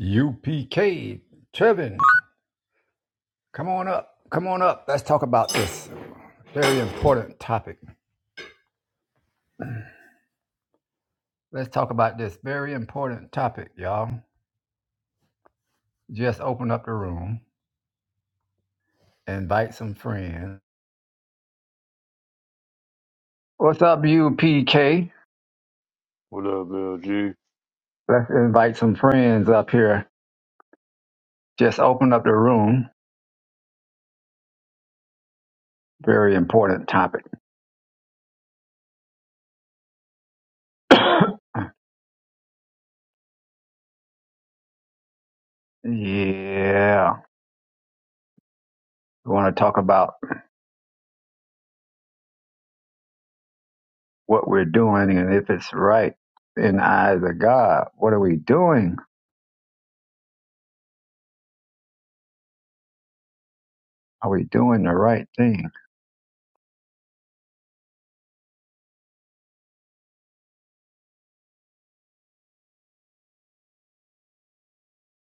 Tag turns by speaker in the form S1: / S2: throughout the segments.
S1: UPK, Trevin, come on up. Come on up. Let's talk about this very important topic. Let's talk about this very important topic, y'all. Just open up the room, invite some friends. What's up, UPK?
S2: What up, LG?
S1: Let's invite some friends up here. Just open up the room. Very important topic. yeah. We want to talk about what we're doing and if it's right in the eyes of God. What are we doing? Are we doing the right thing?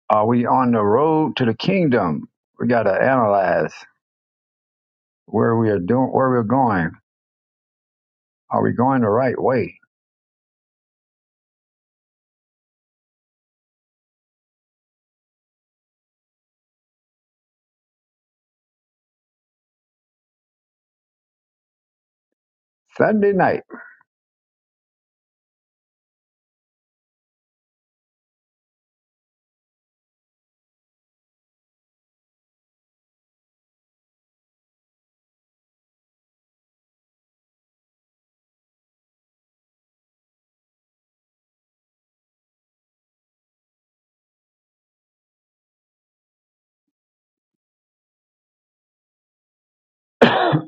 S1: Are we on the road to the kingdom? We got to analyze where we are doing, where we're going. Are we going the right way? Sunday night,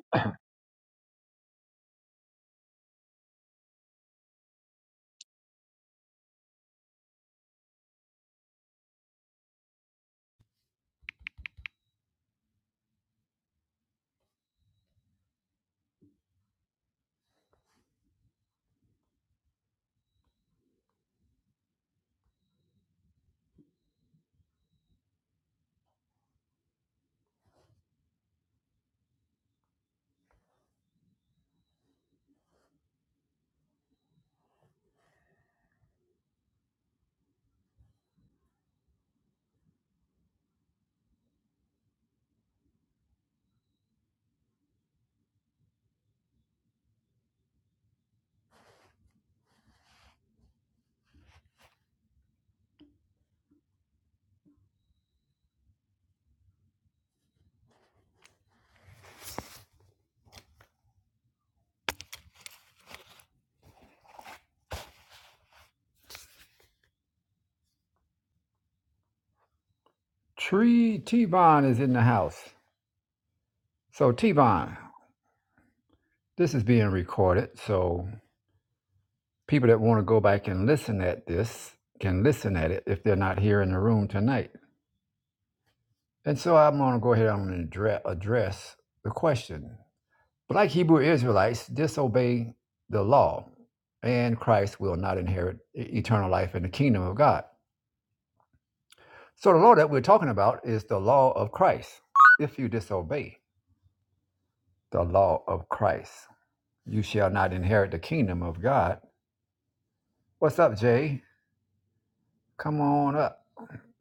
S1: Tree T Bond is in the house. So T Bond, this is being recorded. So people that want to go back and listen at this can listen at it if they're not here in the room tonight. And so I'm going to go ahead. and I'm going to address the question. But like Hebrew Israelites, disobey the law, and Christ will not inherit e- eternal life in the kingdom of God. So the law that we're talking about is the law of Christ. If you disobey the law of Christ, you shall not inherit the kingdom of God. What's up, Jay? Come on up.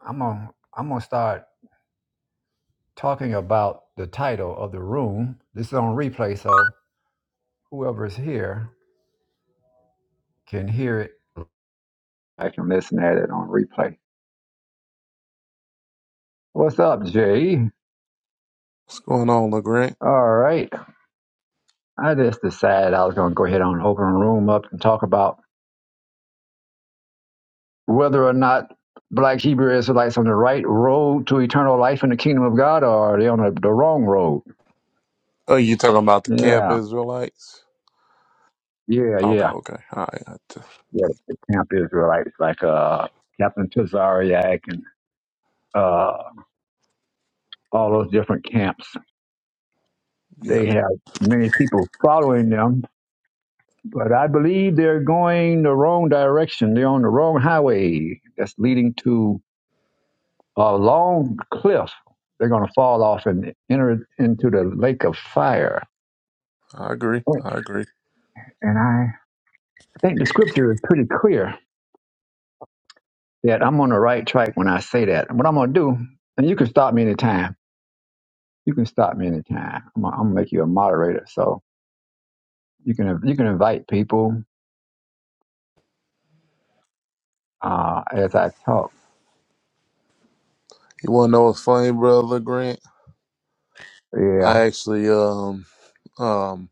S1: I'm gonna I'm gonna start talking about the title of the room. This is on replay, so whoever's here can hear it. I can listen at it on replay. What's up, Jay?
S3: What's going on, LeGrant?
S1: All right. I just decided I was going to go ahead and open the room up and talk about whether or not black Hebrew Israelites on the right road to eternal life in the kingdom of God or are they on the, the wrong road?
S3: Oh, you talking about the camp
S1: Yeah,
S3: Israelites?
S1: yeah,
S3: Okay,
S1: yeah.
S3: okay. All right. I t-
S1: Yeah, the camp Israelites like uh, Captain Tazariak and uh, all those different camps.
S3: Yeah,
S1: They have many people following them, but I believe they're going the wrong direction. They're on the wrong highway that's leading to a long cliff. They're going to fall off and enter into the lake of fire.
S3: I agree. I agree.
S1: And I think the scripture is pretty clear that I'm on the right track when I say that. And what I'm going to do, and you can stop me anytime. You can stop me anytime. I'm going to make you a moderator, so you can you can invite people uh, as I talk.
S3: You want to know what's funny, bro, LeGrant? I
S1: Yeah,
S3: actually um um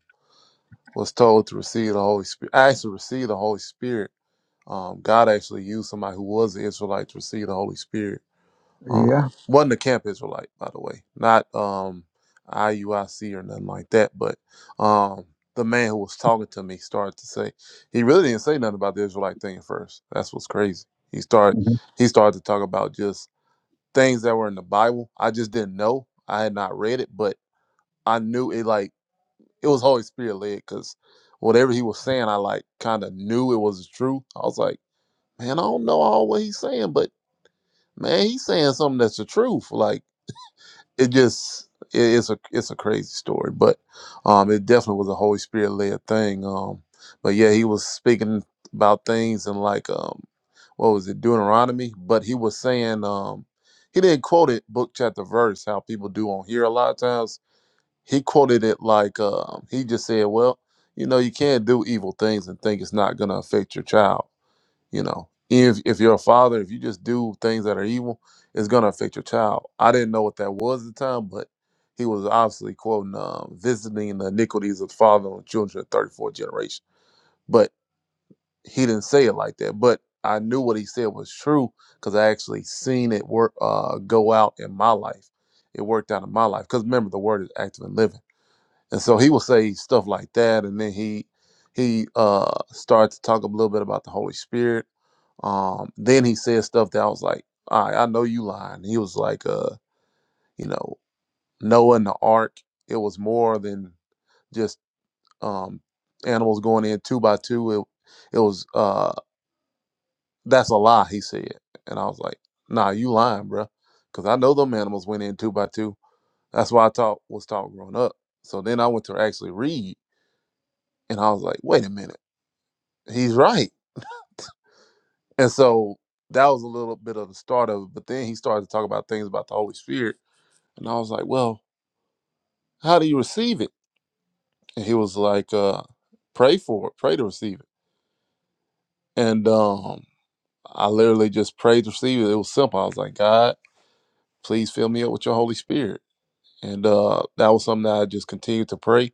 S3: was told to receive the Holy Spirit. I actually received the Holy Spirit. Um, God actually used somebody who was an Israelite to receive the Holy Spirit.
S1: yeah,
S3: Um, wasn't a camp Israelite, by the way, not um, IUIC or nothing like that. But um, the man who was talking to me started to say he really didn't say nothing about the Israelite thing at first. That's what's crazy. He started
S1: Mhm.
S3: he started to talk about just things that were in the Bible. I just didn't know. I had not read it, but I knew it like it was Holy Spirit led because whatever he was saying, I like kind of knew it was true. I was like, man, I don't know all what he's saying, but man, he's saying something that's the truth. Like it just it, it's a it's a crazy story, but um, it definitely was a Holy Spirit led thing. Um, but yeah, he was speaking about things and like um, what was it Deuteronomy? But he was saying um, he didn't quote it book chapter verse how people do on here a lot of times. He quoted it like um, he just said, well, you know, you can't do evil things and think it's not gonna affect your child you know if if you're a father if you just do things that are evil it's going to affect your child i didn't know what that was at the time but he was obviously quoting um, visiting the iniquities of the father on children of 34th generation but he didn't say it like that but i knew what he said was true because i actually seen it work uh, go out in my life it worked out in my life because remember the word is active and living and so he will say stuff like that and then he he uh starts to talk a little bit about the holy spirit um then he said stuff that i was like all right i know you lying he was like uh you know noah and the ark it was more than just um animals going in two by two it, it was uh that's a lie he said and i was like nah you lying bruh. 'Cause because i know them animals went in two by two that's why i taught was taught growing up so then i went to actually read and I was like, wait a minute. He's right. And so that was a little bit of the start of it. But then he started to talk about things about the Holy Spirit. And I was like, well, how do you receive it? And he was like, uh, pray for it, pray to receive it. And um, I literally just prayed to receive it. It was simple. I was like, God, please fill me up with your Holy Spirit. And uh, that was something that I just continued to pray.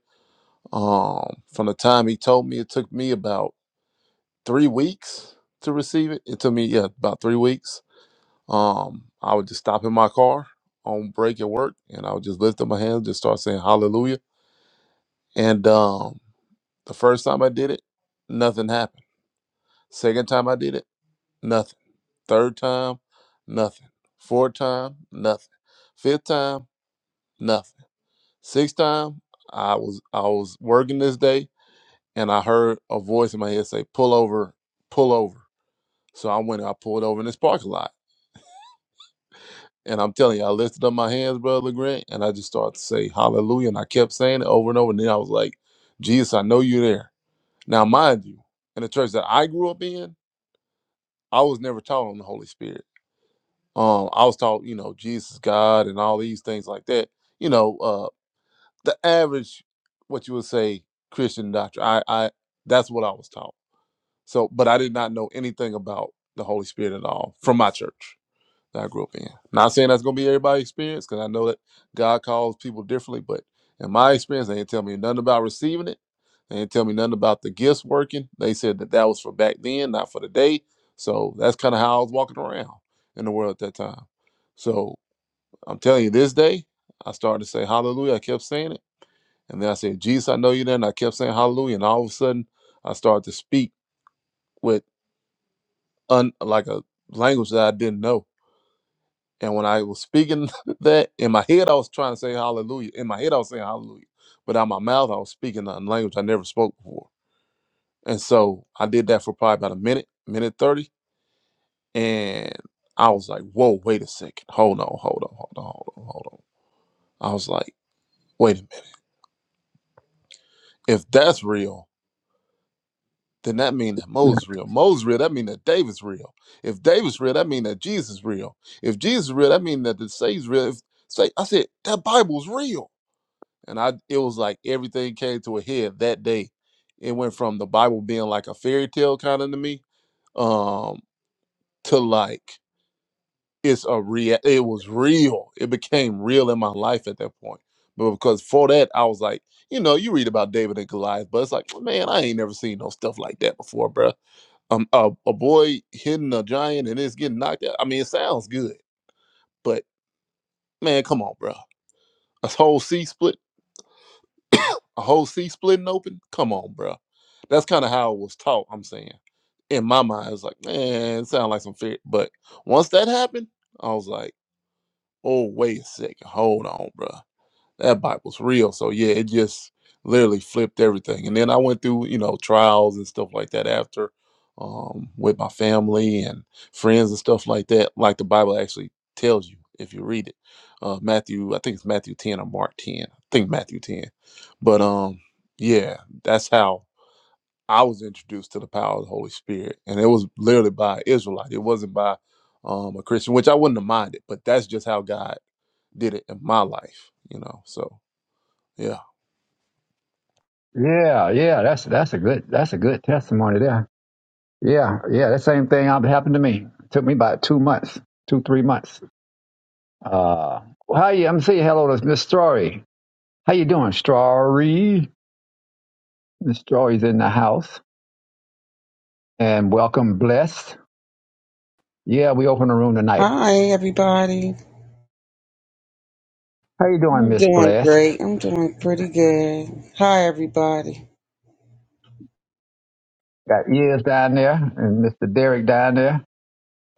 S3: Um, from the time he told me, it took me about three weeks to receive it. It took me, yeah, about three weeks Um, I would just stop in my car on break at work, and I would just lift up my hands, just start saying Hallelujah. And um, the first time I did it, nothing happened. Second time I did it, nothing. Third time, nothing. Fourth time, nothing. Fifth time, nothing. Sixth time, I was I was working this day, and I heard a voice in my head say, "Pull over, pull over." So I went. and I pulled over in this parking lot And I'm telling you, I lifted up my hands, Brother Grant, and I just started to say hallelujah. And I kept saying it over and over. And then I was like, Jesus, I know you're there. Now, mind you, in the church that I grew up in, I was never taught on the Holy Spirit. Um, I was taught, you know, Jesus, God, and all these things like that. You know, uh, the average, what you would say, Christian doctrine. I, I, that's what I was taught. So, but I did not know anything about the Holy Spirit at all from my church. that I grew up in. Not saying that's gonna be everybody's experience, because I know that God calls people differently, but in my experience, they didn't tell me nothing about receiving it. They didn't tell me nothing about the gifts working. They said that that was for back then, not for today. So that's kind of how I was walking around in the world at that time. So I'm telling you, this day, I started to say hallelujah. I kept saying it. And then I said, Jesus, I know you there. And I kept saying hallelujah. And all of a sudden, I started to speak with un- like a language that I didn't know And when I was speaking that in my head, I was trying to say hallelujah. In my head, I was saying hallelujah. But out my mouth, I was speaking a language I never spoke before. And so I did that for probably about a minute, minute 30. And I was like, whoa, wait a second. Hold on, hold on, hold on, hold on, hold on. I was like, wait a minute. If that's real, then that means that Moses real. Moses real, that means that David's real. If David's real, that means that Jesus real. If Jesus real, that means that the Savior's real. If, say, I said, that Bible's real And I it was like everything came to a head that day. It went from the Bible being like a fairy tale kind of to me, um, to like it's a real it was real. It became real in my life at that point. But because for that I was like, you know, you read about David and Goliath, but it's like, "Well, man, I ain't never seen no stuff like that before, bruh. Um a, a boy hitting a giant and it's getting knocked out. I mean, it sounds good, but man, come on, bruh. A whole sea split. A whole sea splitting open? Come on, bro. That's kind of how it was taught, I'm saying. In my mind, it's like, man, it sounds like some fear. But once that happened, I was like, oh, wait a second. Hold on, bro that Bible's real. So yeah, it just literally flipped everything. And then I went through, you know, trials and stuff like that after um with my family and friends and stuff like that, like the Bible actually tells you if you read it. Uh Matthew, I think it's Matthew 10 or Mark 10. I think Matthew 10. But um yeah, that's how I was introduced to the power of the Holy Spirit. And it was literally by an Israelite. It wasn't by um a Christian, which I wouldn't have minded, but that's just how God did it in my life, you know. So yeah.
S1: yeah, yeah. That's that's a good that's a good testimony there. Yeah, yeah. That same thing happened to me. It took me about two months, two three months Uh, well, how you? I'm saying hello to Miss Story. How you doing, Story? Miss Story's in the house, and welcome, Blessed. Yeah, we open the room tonight.
S4: Hi, everybody.
S1: How you doing,
S4: I'm
S1: Miss
S4: doing
S1: Blessed?
S4: great. I'm doing pretty good. Hi, everybody.
S1: Got ears down there, and Mr. Derek down there.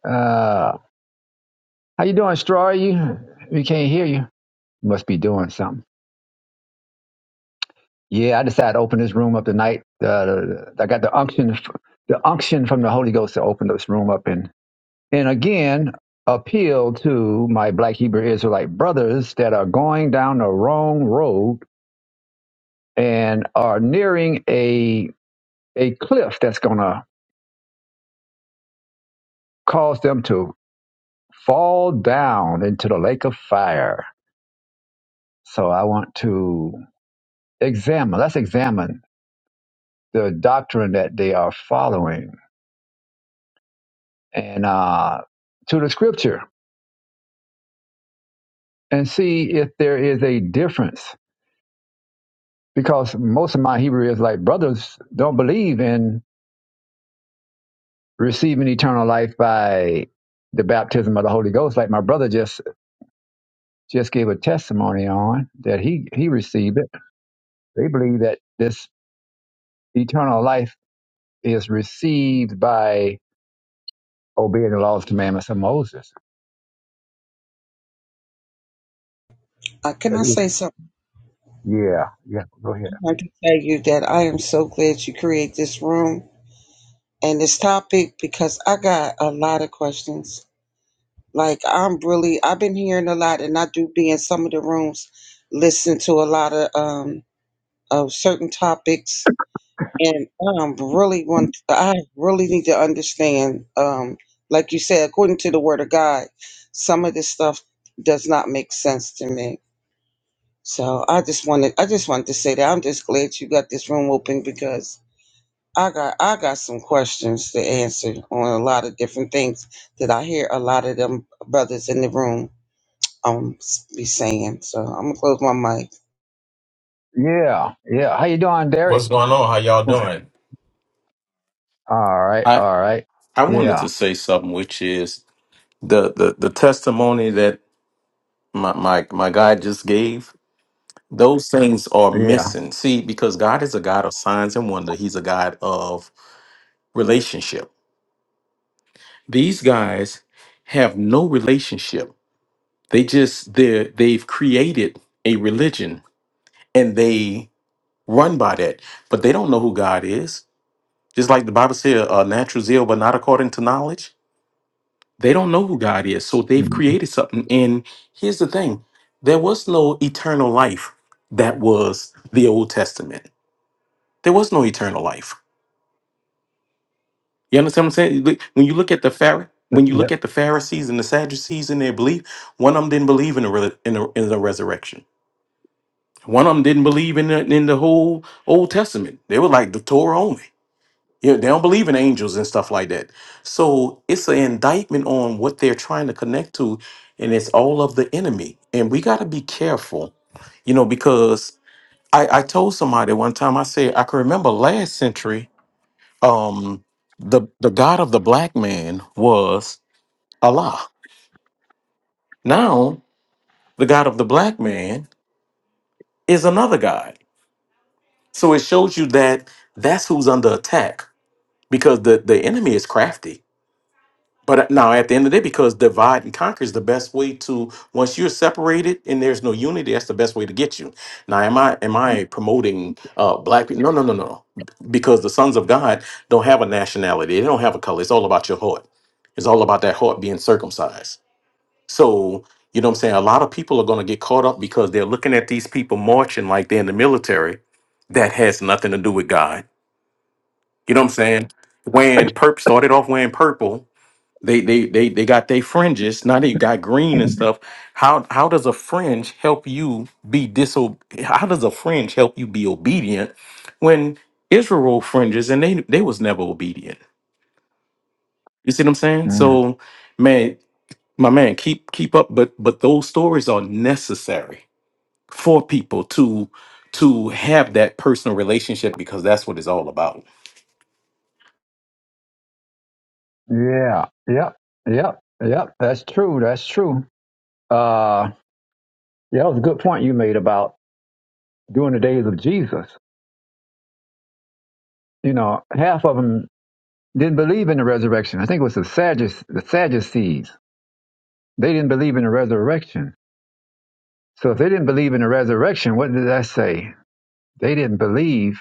S1: Uh, how you doing, Story? You, we can't hear you. must be doing something. Yeah, I decided to open this room up tonight. Uh, I got the unction, the unction from the Holy Ghost to open this room up, and and again appeal to my black Hebrew Israelite brothers that are going down the wrong road and are nearing a a cliff that's gonna cause them to fall down into the lake of fire. So I want to examine, let's examine the doctrine that they are following and uh, to the scripture and see if there is a difference. Because most of my Hebrew Israelite brothers don't believe in receiving eternal life by the baptism of the Holy Ghost, like my brother just just gave a testimony on that he he received it. They believe that this eternal life is received by obeying the laws and commandments of Moses.
S4: Uh, can
S1: But
S4: I
S1: it's,
S4: say something?
S1: yeah, yeah, go
S4: i
S1: ahead.
S4: can tell you that I am so glad you create this room and this topic because I got a lot of questions. Like, I'm really, I've been hearing a lot and I do be in some of the rooms, listen to a lot of, um, of certain topics And um, really want I really need to understand, um, like you said, according to the Word of God, some of this stuff does not make sense to me. So I just wanted I just wanted to say that I'm just glad you got this room open because I got I got some questions to answer on a lot of different things that I hear a lot of them brothers in the room um s- be saying. So I'm gonna close my mic.
S1: Yeah, yeah. How you doing, Derek?
S5: What's going on? How
S1: How
S5: y'all
S1: you doing?
S5: doing?
S1: All right,
S5: I
S1: all right.
S5: I wanted
S1: Yeah,
S5: to say something, which is the the, the testimony that my, my my guy just gave. Those things are
S1: yeah.
S5: missing. See, because God is a God of signs and wonder. He's a God of relationship. These guys have no relationship. They just they they've created a religion and they run by that, but they don't know who God is. Just like the Bible said, uh, "Natural zeal, but not according to knowledge." They don't know who God is. So they've
S1: Mm.
S5: created something. And here's the thing there was no eternal life that was the Old Testament. There was no eternal life. You understand what I'm saying? Like, When you look at the Pharaoh, when you
S1: Yep.
S5: look at the Pharisees and the Sadducees and their belief, one of them didn't believe in the, re- in the, in the resurrection. One of them didn't believe in the, in the whole Old Testament. They were like the Torah only. You know, they don't believe in angels and stuff like that. So it's an indictment on what they're trying to connect to, and it's all of the enemy. And we got to be careful, you know, because I, I told somebody one time, I said, I can remember last century, um, the, the God of the black man was Allah. Now, the God of the black man is another God. So it shows you that that's who's under attack because the, the enemy is crafty But uh, now, at the end of the day, because divide and conquer is the best way to once you're separated and there's no unity, that's the best way to get you. Now, am I am I promoting uh, black people? No, no, no, no. Because the sons of God don't have a nationality; they don't have a color. It's all about your heart. It's all about that heart being circumcised. So you know what I'm saying. A lot of people are going to get caught up because they're looking at these people marching like they're in the military. That has nothing to do with God. You know what I'm saying? When Perp started off wearing purple they they they they got their fringes. Now they got green and stuff. How how does a fringe help you be diso how does a fringe help you be obedient when Israel fringes and they they was never obedient? You see what I'm saying?
S1: Mm.
S5: So man, my man, keep keep up, but but those stories are necessary for people to to have that personal relationship because that's what it's all about.
S1: Yeah. Yep. Yep. Yep. That's true. That's true. Uh. Yeah, that was a good point you made about during the days of Jesus. You know, half of them didn't believe in the resurrection. I think it was the Sadducees. The Sadducees. They didn't believe in the resurrection. So if they didn't believe in the resurrection, what did that say? They didn't believe.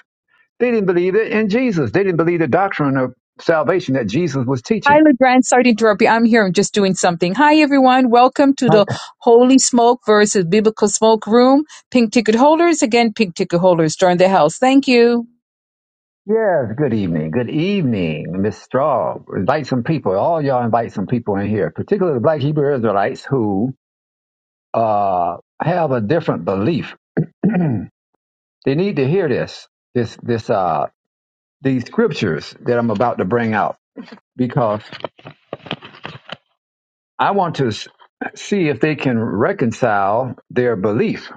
S1: They didn't believe it in Jesus. They didn't believe the doctrine of salvation that Jesus was
S6: Hi,
S1: teaching.
S6: Legrand. Sorry to interrupt you. I'm here. I'm just doing something. Hi, everyone. Welcome to
S1: Right.
S6: the Holy Smoke versus Biblical Smoke Room. Pink ticket holders. Again, pink ticket holders. Join the house. Thank you.
S1: Yes. Good evening. Good evening, Miss Straw. Invite some people. All y'all invite some people in here, particularly the Black Hebrew Israelites who uh, have a different belief They need to hear this, this, this, uh, these scriptures that I'm about to bring out because I want to s- see if they can reconcile their belief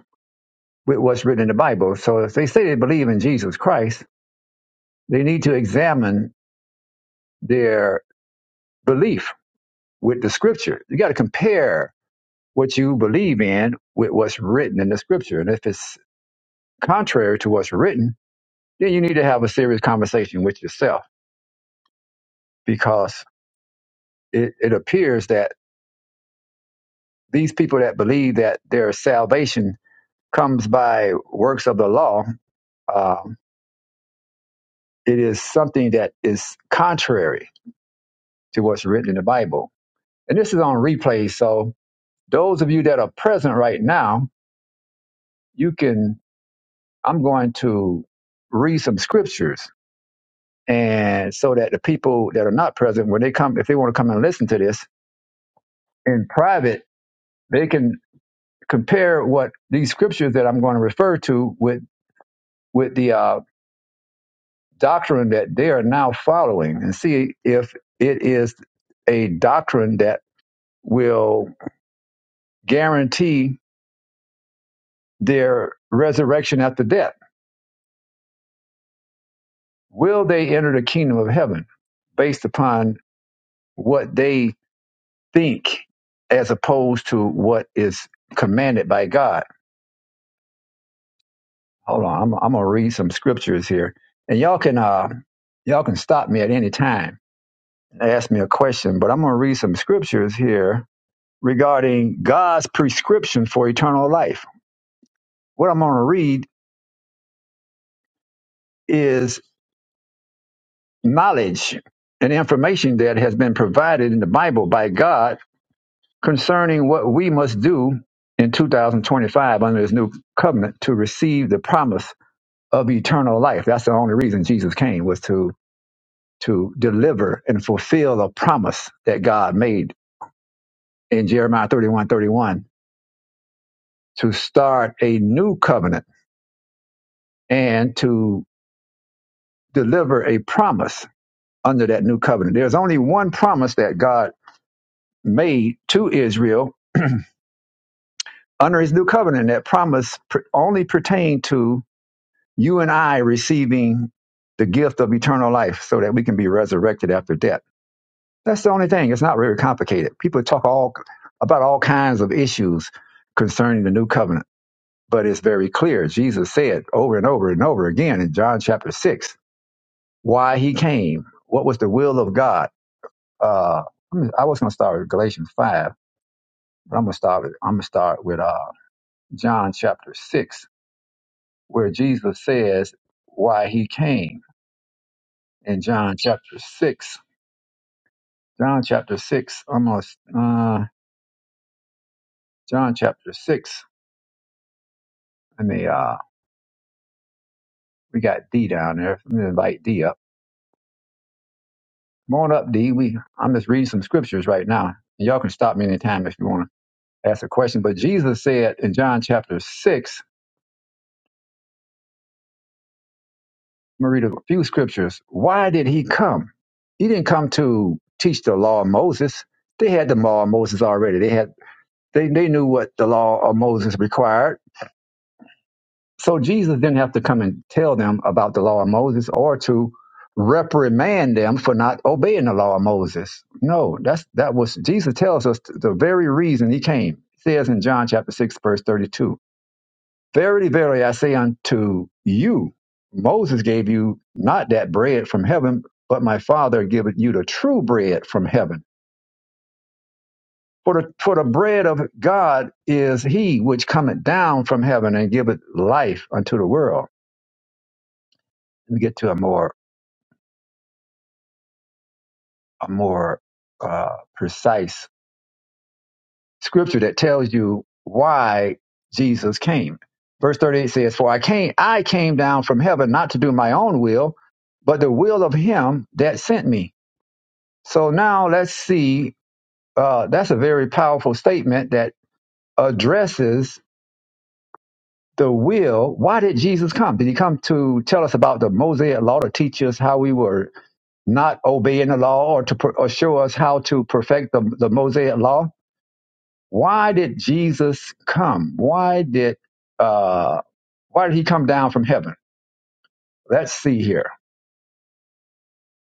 S1: with what's written in the Bible. So if they say they believe in Jesus Christ, they need to examine their belief with the scripture. You got to compare what you believe in with what's written in the scripture. And if it's contrary to what's written, then you need to have a serious conversation with yourself because it, it appears that these people that believe that their salvation comes by works of the law, um, it is something that is contrary to what's written in the Bible. And this is on replay. So, those of you that are present right now, you can, I'm going to read some scriptures. And so that the people that are not present, when they come, if they want to come and listen to this in private, they can compare what these scriptures that I'm going to refer to with with the uh, doctrine that they are now following and see if it is a doctrine that will guarantee their resurrection after death. Will they enter the kingdom of heaven based upon what they think as opposed to what is commanded by God? Hold on, I'm, I'm gonna read some scriptures here, and y'all can uh, y'all can stop me at any time and ask me a question, but I'm gonna read some scriptures here regarding God's prescription for eternal life. What I'm going to read is knowledge and information that has been provided in the Bible by God concerning what we must do in 2025 under his new covenant to receive the promise of eternal life. That's the only reason Jesus came was to to deliver and fulfill a promise that God made in Jeremiah 31:31 to start a new covenant and to deliver a promise under that new covenant. There's only one promise that God made to Israel under his new covenant. and That promise per- only pertained to you and I receiving the gift of eternal life so that we can be resurrected after death. That's the only thing. It's not very complicated. People talk all about all kinds of issues concerning the new covenant, but it's very clear. Jesus said over and over and over again in John chapter 6 why he came, what was the will of God. Uh, I was going to start with Galatians 5 But I'm gonna start. With, I'm gonna start with uh, John chapter six, where Jesus says why he came. In John chapter six, John chapter six, almost uh, John chapter six. Let me. Uh, we got D down there. Let me invite D up. Come on up, D. We. I'm just reading some scriptures right now. And y'all can stop me anytime if you want to ask a question. But Jesus said in John chapter six I'm going to read a few scriptures. Why did he come? He didn't come to teach the law of Moses. They had the law of Moses already. They had they, they knew what the law of Moses required. So Jesus didn't have to come and tell them about the law of Moses or to reprimand them for not obeying the law of Moses. No, that's that was Jesus tells us the very reason he came. It says in John chapter 6, verse 32. Verily, verily, I say unto you, Moses gave you not that bread from heaven, but my Father giveth you the true bread from heaven. For the, for the bread of God is he which cometh down from heaven and giveth life unto the world. Let me get to a more a more uh, precise scripture that tells you why Jesus came. Verse 38 says, For I came I came down from heaven not to do my own will, but the will of him that sent me. So now let's see. Uh, that's a very powerful statement that addresses the will. Why did Jesus come? Did he come to tell us about the Mosaic law to teach us how we were not obeying the law or to per- or show us how to perfect the, the Mosaic law? Why did Jesus come? Why did uh, why did he come down from heaven? Let's see here.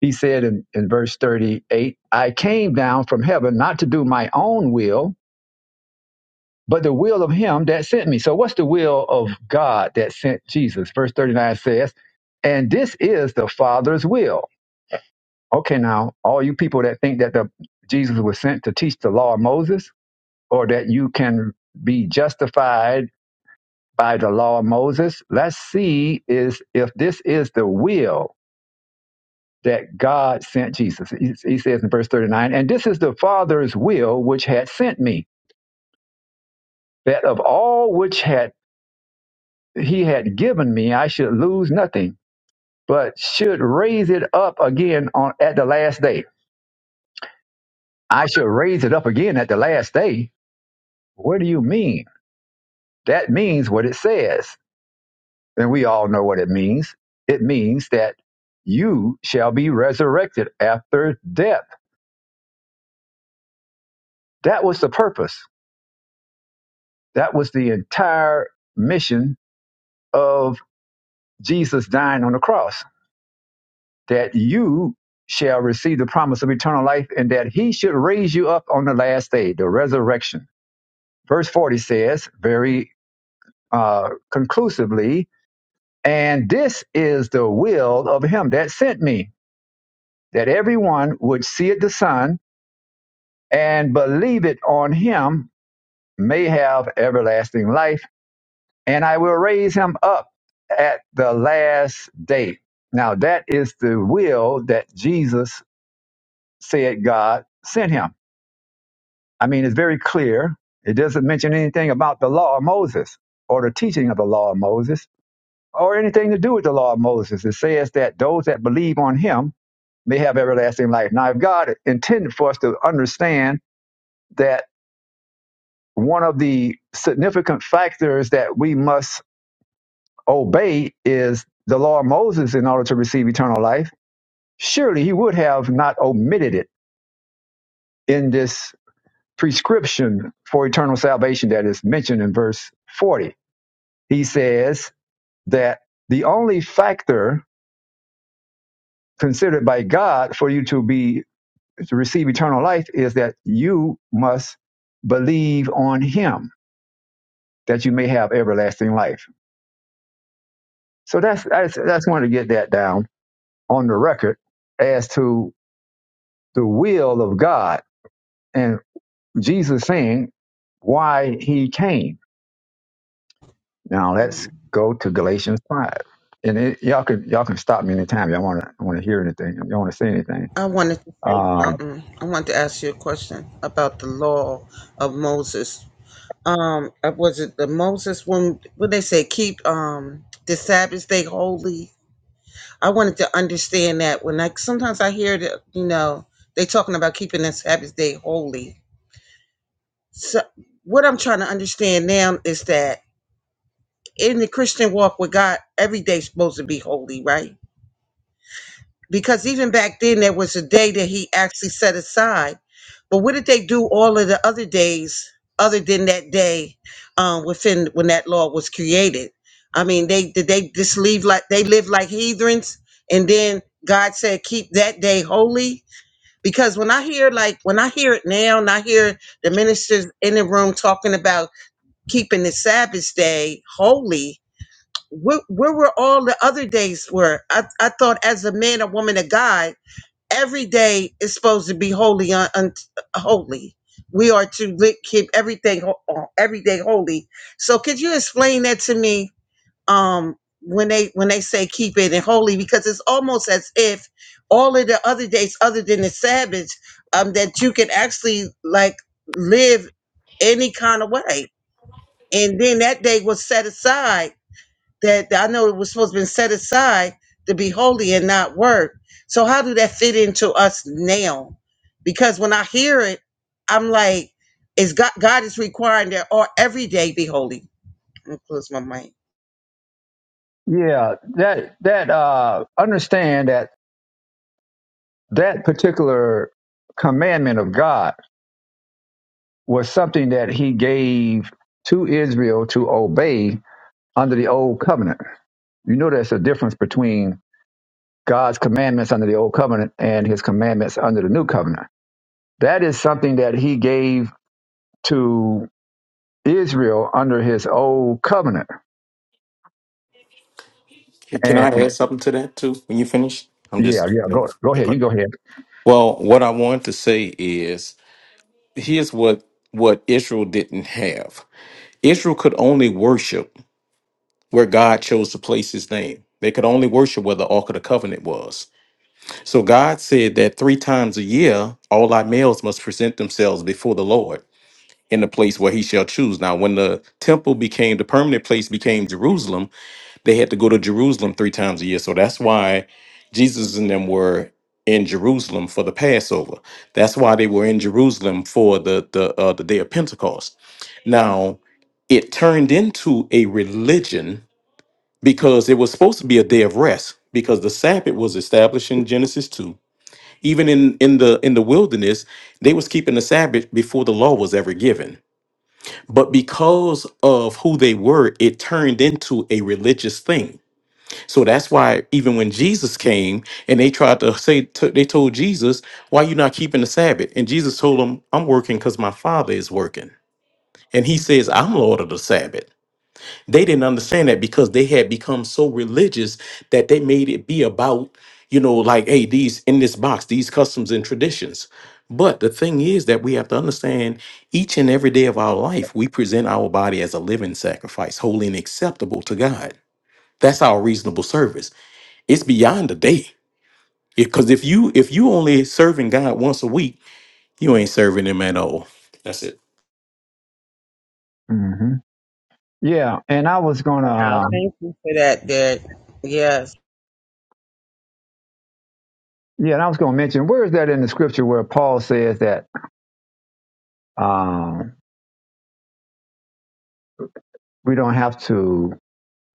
S1: He said in, in verse 38, I came down from heaven not to do my own will, but the will of him that sent me. So, what's the will of God that sent Jesus? Verse 39 says, and this is the Father's will. Okay, now, all you people that think that the, Jesus was sent to teach the law of Moses or that you can be justified by the law of Moses, let's see is if this is the will that God sent Jesus. He, he says in verse 39, and this is the Father's will which had sent me, that of all which had he had given me, I should lose nothing, but should raise it up again on at the last day. I should raise it up again at the last day. What do you mean? That means what it says. And we all know what it means. It means that you shall be resurrected after death. That was the purpose. That was the entire mission of Jesus dying on the cross that you shall receive the promise of eternal life and that he should raise you up on the last day, the resurrection. Verse 40 says very uh, conclusively, and this is the will of him that sent me, that everyone which seeth the Son and believe it on him may have everlasting life, and I will raise him up at the last day. Now, that is the will that Jesus said God sent him I mean, it's very clear. It doesn't mention anything about the law of Moses or the teaching of the law of Moses or anything to do with the law of Moses. It says that those that believe on him may have everlasting life. Now, if God intended for us to understand that one of the significant factors that we must obey is the law of Moses in order to receive eternal life, surely he would have not omitted it in this prescription for eternal salvation that is mentioned in verse 40 he says that the only factor considered by God for you to be to receive eternal life is that you must believe on him that you may have everlasting life. So that's that's that's wanted to get that down on the record as to the will of God and Jesus saying why he came. Now let's go to Galatians five. And it, y'all can y'all can stop me anytime y'all want to want to hear anything. Y'all want to say anything.
S4: I wanted to say
S1: Uh,
S4: something. I wanted to ask you a question about the law of Moses um uh, was it the moses one when they say keep um the sabbath day holy i wanted to understand that when i sometimes i hear that you know they talking about keeping the sabbath day holy so what i'm trying to understand now is that in the christian walk with god every day's supposed to be holy right because even back then there was a day that he actually set aside. But what did they do all of the other days other than that day um, within when that law was created? I mean, they did they just leave like they lived like heathens, and then God said keep that day holy. Because when I hear like when I hear it now, and I hear the ministers in the room talking about keeping the Sabbath day holy, where, where were all the other days? Were I, I thought as a man, a woman, of God every day is supposed to be holy un, un, holy we are to li- keep everything ho- uh, every day holy so could you explain that to me um when they when they say keep it and holy because it's almost as if all of the other days other than the sabbath um that you can actually like live any kind of way and then that day was set aside that that I know it was supposed to be set aside to be holy and not work. So how do that fit into us now? Because when I hear it, I'm like, is God God is requiring that or every day be holy. I'm gonna close my mic.
S1: Yeah, that that uh understand that that particular commandment of God was something that he gave to Israel to obey under the old covenant. You know there's a difference between God's commandments under the old covenant and his commandments under the new covenant. That is something that he gave to Israel under his old covenant.
S5: Can I
S1: And
S5: add something to that too when you finish? I'm
S1: yeah,
S5: just
S1: yeah, go go
S5: okay,
S1: ahead.
S5: go
S1: You
S5: ahead.
S1: go ahead.
S5: Well, what I want to say is here's what what Israel didn't have. Israel could only worship where God chose to place his name. They could only worship where the Ark of the Covenant was. So God said that three times a year, all our males must present themselves before the Lord in the place where he shall choose. Now, when the temple became the permanent place became Jerusalem, they had to go to Jerusalem three times a year. So that's why Jesus and them were in Jerusalem for the Passover. That's why they were in Jerusalem for the the uh, the day of Pentecost. Now, it turned into a religion because it was supposed to be a day of rest because the Sabbath was established in Genesis 2. Even in in the in the wilderness, they was keeping the Sabbath before the law was ever given. But because of who they were, it turned into a religious thing so that's why even when Jesus came and they tried to say, to- they told Jesus, why you not keeping the Sabbath? And Jesus told them, I'm working because my father is working. And he says, I'm Lord of the Sabbath. They didn't understand that because they had become so religious that they made it be about, you know, like, hey, these in this box, these customs and traditions. But the thing is that we have to understand each and every day of our life, we present our body as a living sacrifice, holy and acceptable to God. That's our reasonable service. It's beyond a day. Because if you if you only serving God once a week, you ain't serving Him at all.
S1: hmm Yeah, and I was gonna. uh,
S4: Wow, thank you for that, Dad. Yes.
S1: Yeah, and I was going to mention where is that in the scripture where Paul says that um, we don't have to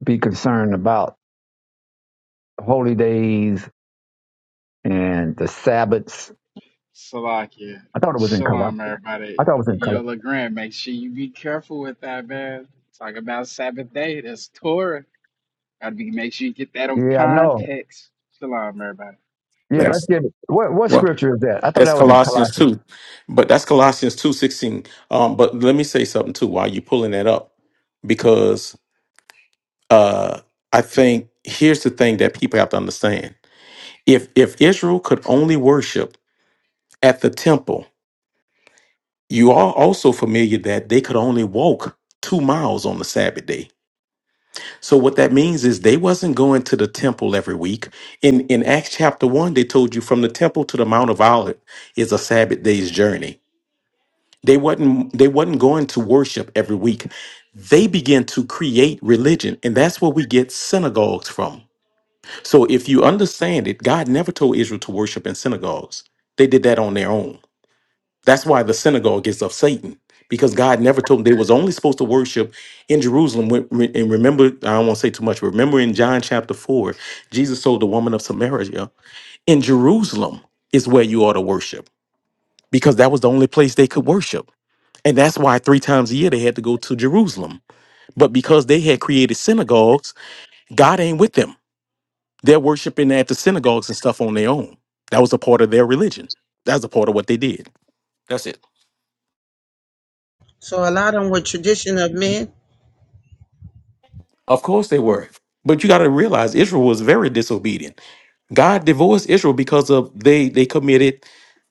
S1: be concerned about holy days and the Sabbaths.
S7: Salakia.
S1: I thought it was in Colossians.
S7: Shalom,
S1: I
S7: everybody.
S1: thought it was in
S7: Yo,
S1: Colossians.
S7: LeGrand, make sure you be careful with that, man. Talk about Sabbath day. That's Torah. Gotta be make sure you get that on
S1: Yeah, I know.
S7: context. Shalom, everybody.
S1: Yeah, let's
S5: That's
S1: get it. What what
S5: well,
S1: scripture is that? I thought
S5: that's
S1: that was in
S5: Colossians
S1: Colossians.
S5: two, but that's Colossians two sixteen. Um, but let me say something too while you pulling that up, because uh, I think here's the thing that people have to understand: if if Israel could only worship at the temple, you are also familiar that they could only walk two miles on the Sabbath day So what that means is they wasn't going to the temple every week. In in Acts chapter 1, they told you from the temple to the Mount of Olives is a Sabbath day's journey. They wasn't they wasn't going to worship every week. They began to create religion, and that's where we get synagogues from. So if you understand it, God never told Israel to worship in synagogues. They did that on their own. That's why the synagogue is of Satan, because God never told them they was only supposed to worship in Jerusalem. When- when- And remember, I don't want to say too much. but Remember in John chapter four, Jesus told the woman of Samaria, "In Jerusalem is where you ought to worship, because that was the only place they could worship." And that's why three times a year they had to go to Jerusalem. But because they had created synagogues, God ain't with them. They're worshiping at the synagogues and stuff on their own. That was a part of their religion. That's a part of what they did. That's it.
S4: So a lot of them were tradition of men.
S5: Of course they were. But you got to realize Israel was very disobedient. God divorced Israel because of they they committed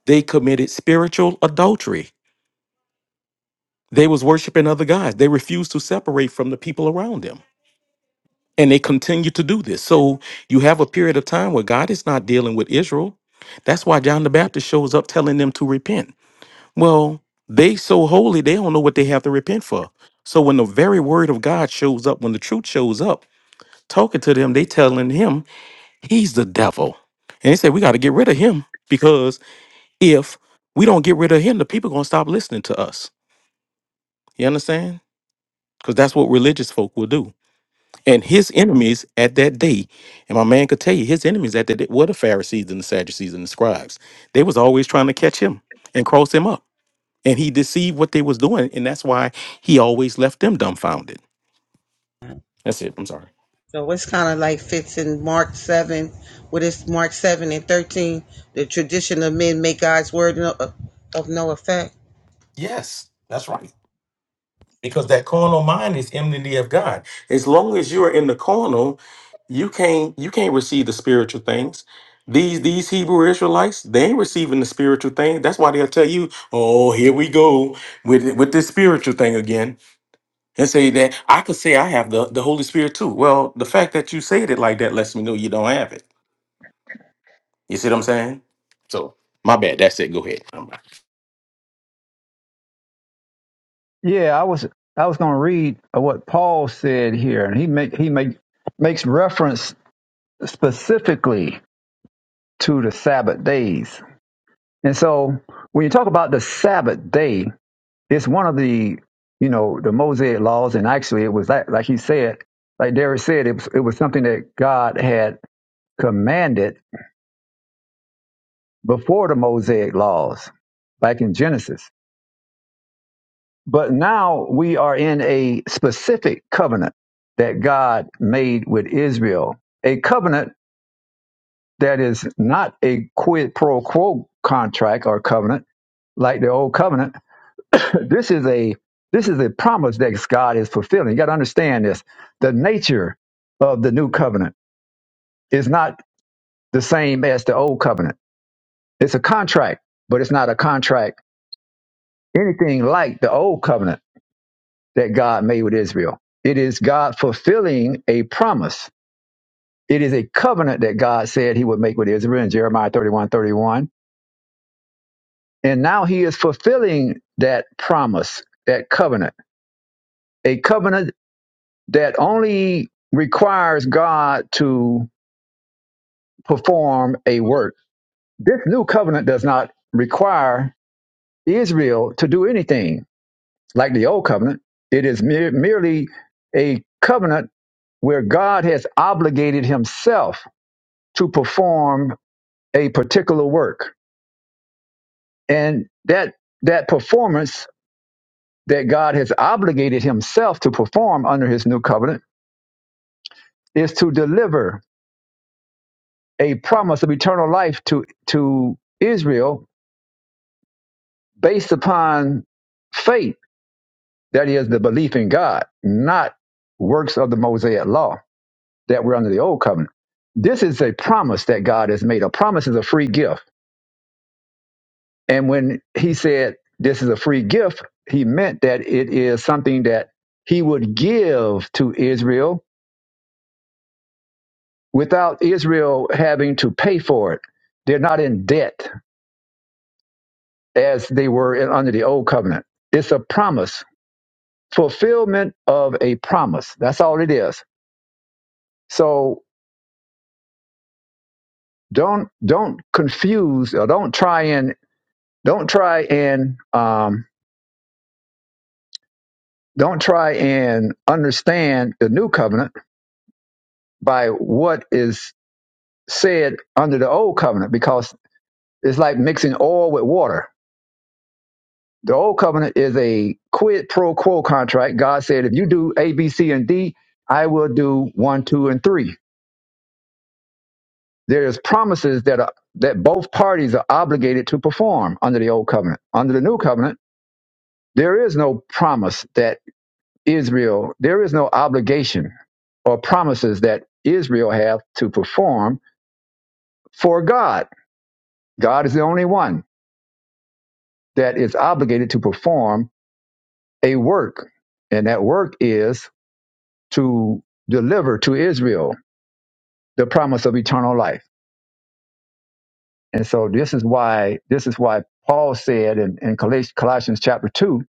S5: they committed spiritual adultery. They was worshiping other gods. They refused to separate from the people around them. And they continue to do this. So you have a period of time where God is not dealing with Israel. That's why John the Baptist shows up telling them to repent. Well, they so holy, they don't know what they have to repent for. So when the very word of God shows up, when the truth shows up, talking to them, they telling him He's the devil. And they said, we got to get rid of him because if we don't get rid of him, the people going to stop listening to us. You understand? Because that's what religious folk will do. And his enemies at that day, and my man could tell you, his enemies at that day were the Pharisees and the Sadducees and the scribes. They was always trying to catch him and cross him up. And he deceived what they was doing. And that's why he always left them dumbfounded. That's it. I'm sorry.
S4: So it's kind of like fits in Mark seven, what is Mark seven and thirteen? The tradition of men make God's word no, of no effect.
S5: Yes, that's right. because that carnal mind is enmity of God. As long as you are in the carnal, you can't you can't receive the spiritual things. These these Hebrew Israelites, they ain't receiving the spiritual thing. That's why they'll tell you, "Oh, here we go with with this spiritual thing again," and say that I could say I have the the Holy Spirit too. Well, the fact that you said it like that lets me know you don't have it. You see what I'm saying? So my bad. That's it. Go ahead. I'm-
S1: Yeah, I was I was going to read what Paul said here, and he make he make makes reference specifically to the Sabbath days. And so when you talk about the Sabbath day, It's one of the, you know, the Mosaic laws, and actually, it was like, like he said, like Derek said, it was it was something that God had commanded before the Mosaic laws, back in Genesis. But now we are in a specific covenant that God made with Israel, a covenant that is not a quid pro quo contract or covenant like the old covenant this is a this is a promise that God is fulfilling. You got to understand this. The nature of the new covenant is not the same as the old covenant. It's a contract, but it's not a contract anything like the old covenant that God made with Israel. It is God fulfilling a promise. It is a covenant that God said he would make with Israel in Jeremiah 31 31, And now he is fulfilling that promise, that covenant. A covenant that only requires God to perform a work. This new covenant does not require Israel to do anything like the old covenant. It is mere, merely a covenant where God has obligated himself to perform a particular work. And that that performance that God has obligated himself to perform under his new covenant is to deliver a promise of eternal life to to Israel based upon faith, that is the belief in God, not works of the Mosaic law that were under the old covenant. This is a promise that God has made. A promise is a free gift. And when he said this is a free gift, he meant that it is something that he would give to Israel without Israel having to pay for it. They're not in debt as they were in, under the old covenant. It's a promise, fulfillment of a promise. That's all it is So don't don't confuse or don't try and don't try and um, don't try and understand the new covenant by what is said under the old covenant because it's like mixing oil with water. The old covenant is a quid pro quo contract. God said, if you do A, B, C, and D, I will do one, two, and three. There's promises that are, that both parties are obligated to perform under the old covenant. Under the new covenant There is no promise that Israel, there is no obligation or promises that Israel have to perform for God. God is the only one that is obligated to perform a work, and that work is to deliver to Israel the promise of eternal life. And so this is why this is why Paul said in, in Colossians chapter two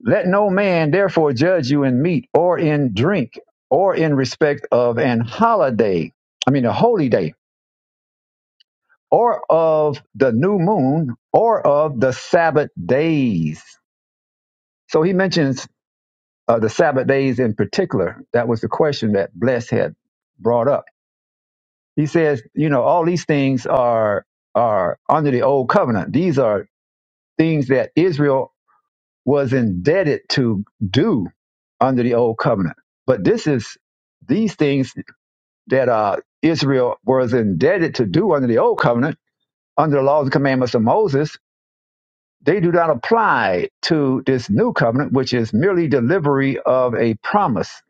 S1: Let no man therefore judge you in meat or in drink or in respect of an holiday, I mean a holy day, or of the new moon or of the Sabbath days. So he mentions uh, the Sabbath days in particular. That was the question that Bless had brought up. He says, you know, all these things are are under the old covenant. These are things that Israel was indebted to do under the old covenant. But this is these things that uh, Israel was indebted to do under the old covenant, under the laws and commandments of Moses, they do not apply to this new covenant, which is merely delivery of a promise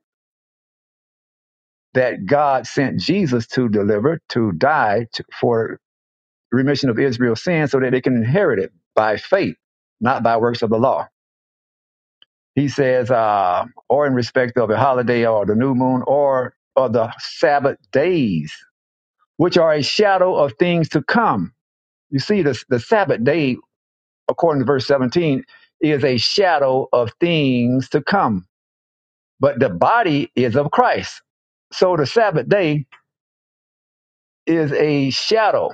S1: that God sent Jesus to deliver, to die to, for remission of Israel's sins so that they can inherit it by faith, not by works of the law. He says, uh, or in respect of a holiday or the new moon or, or the Sabbath days, which are a shadow of things to come. You see, the, the Sabbath day, according to verse 17, is a shadow of things to come, but the body is of Christ. So the Sabbath day is a shadow.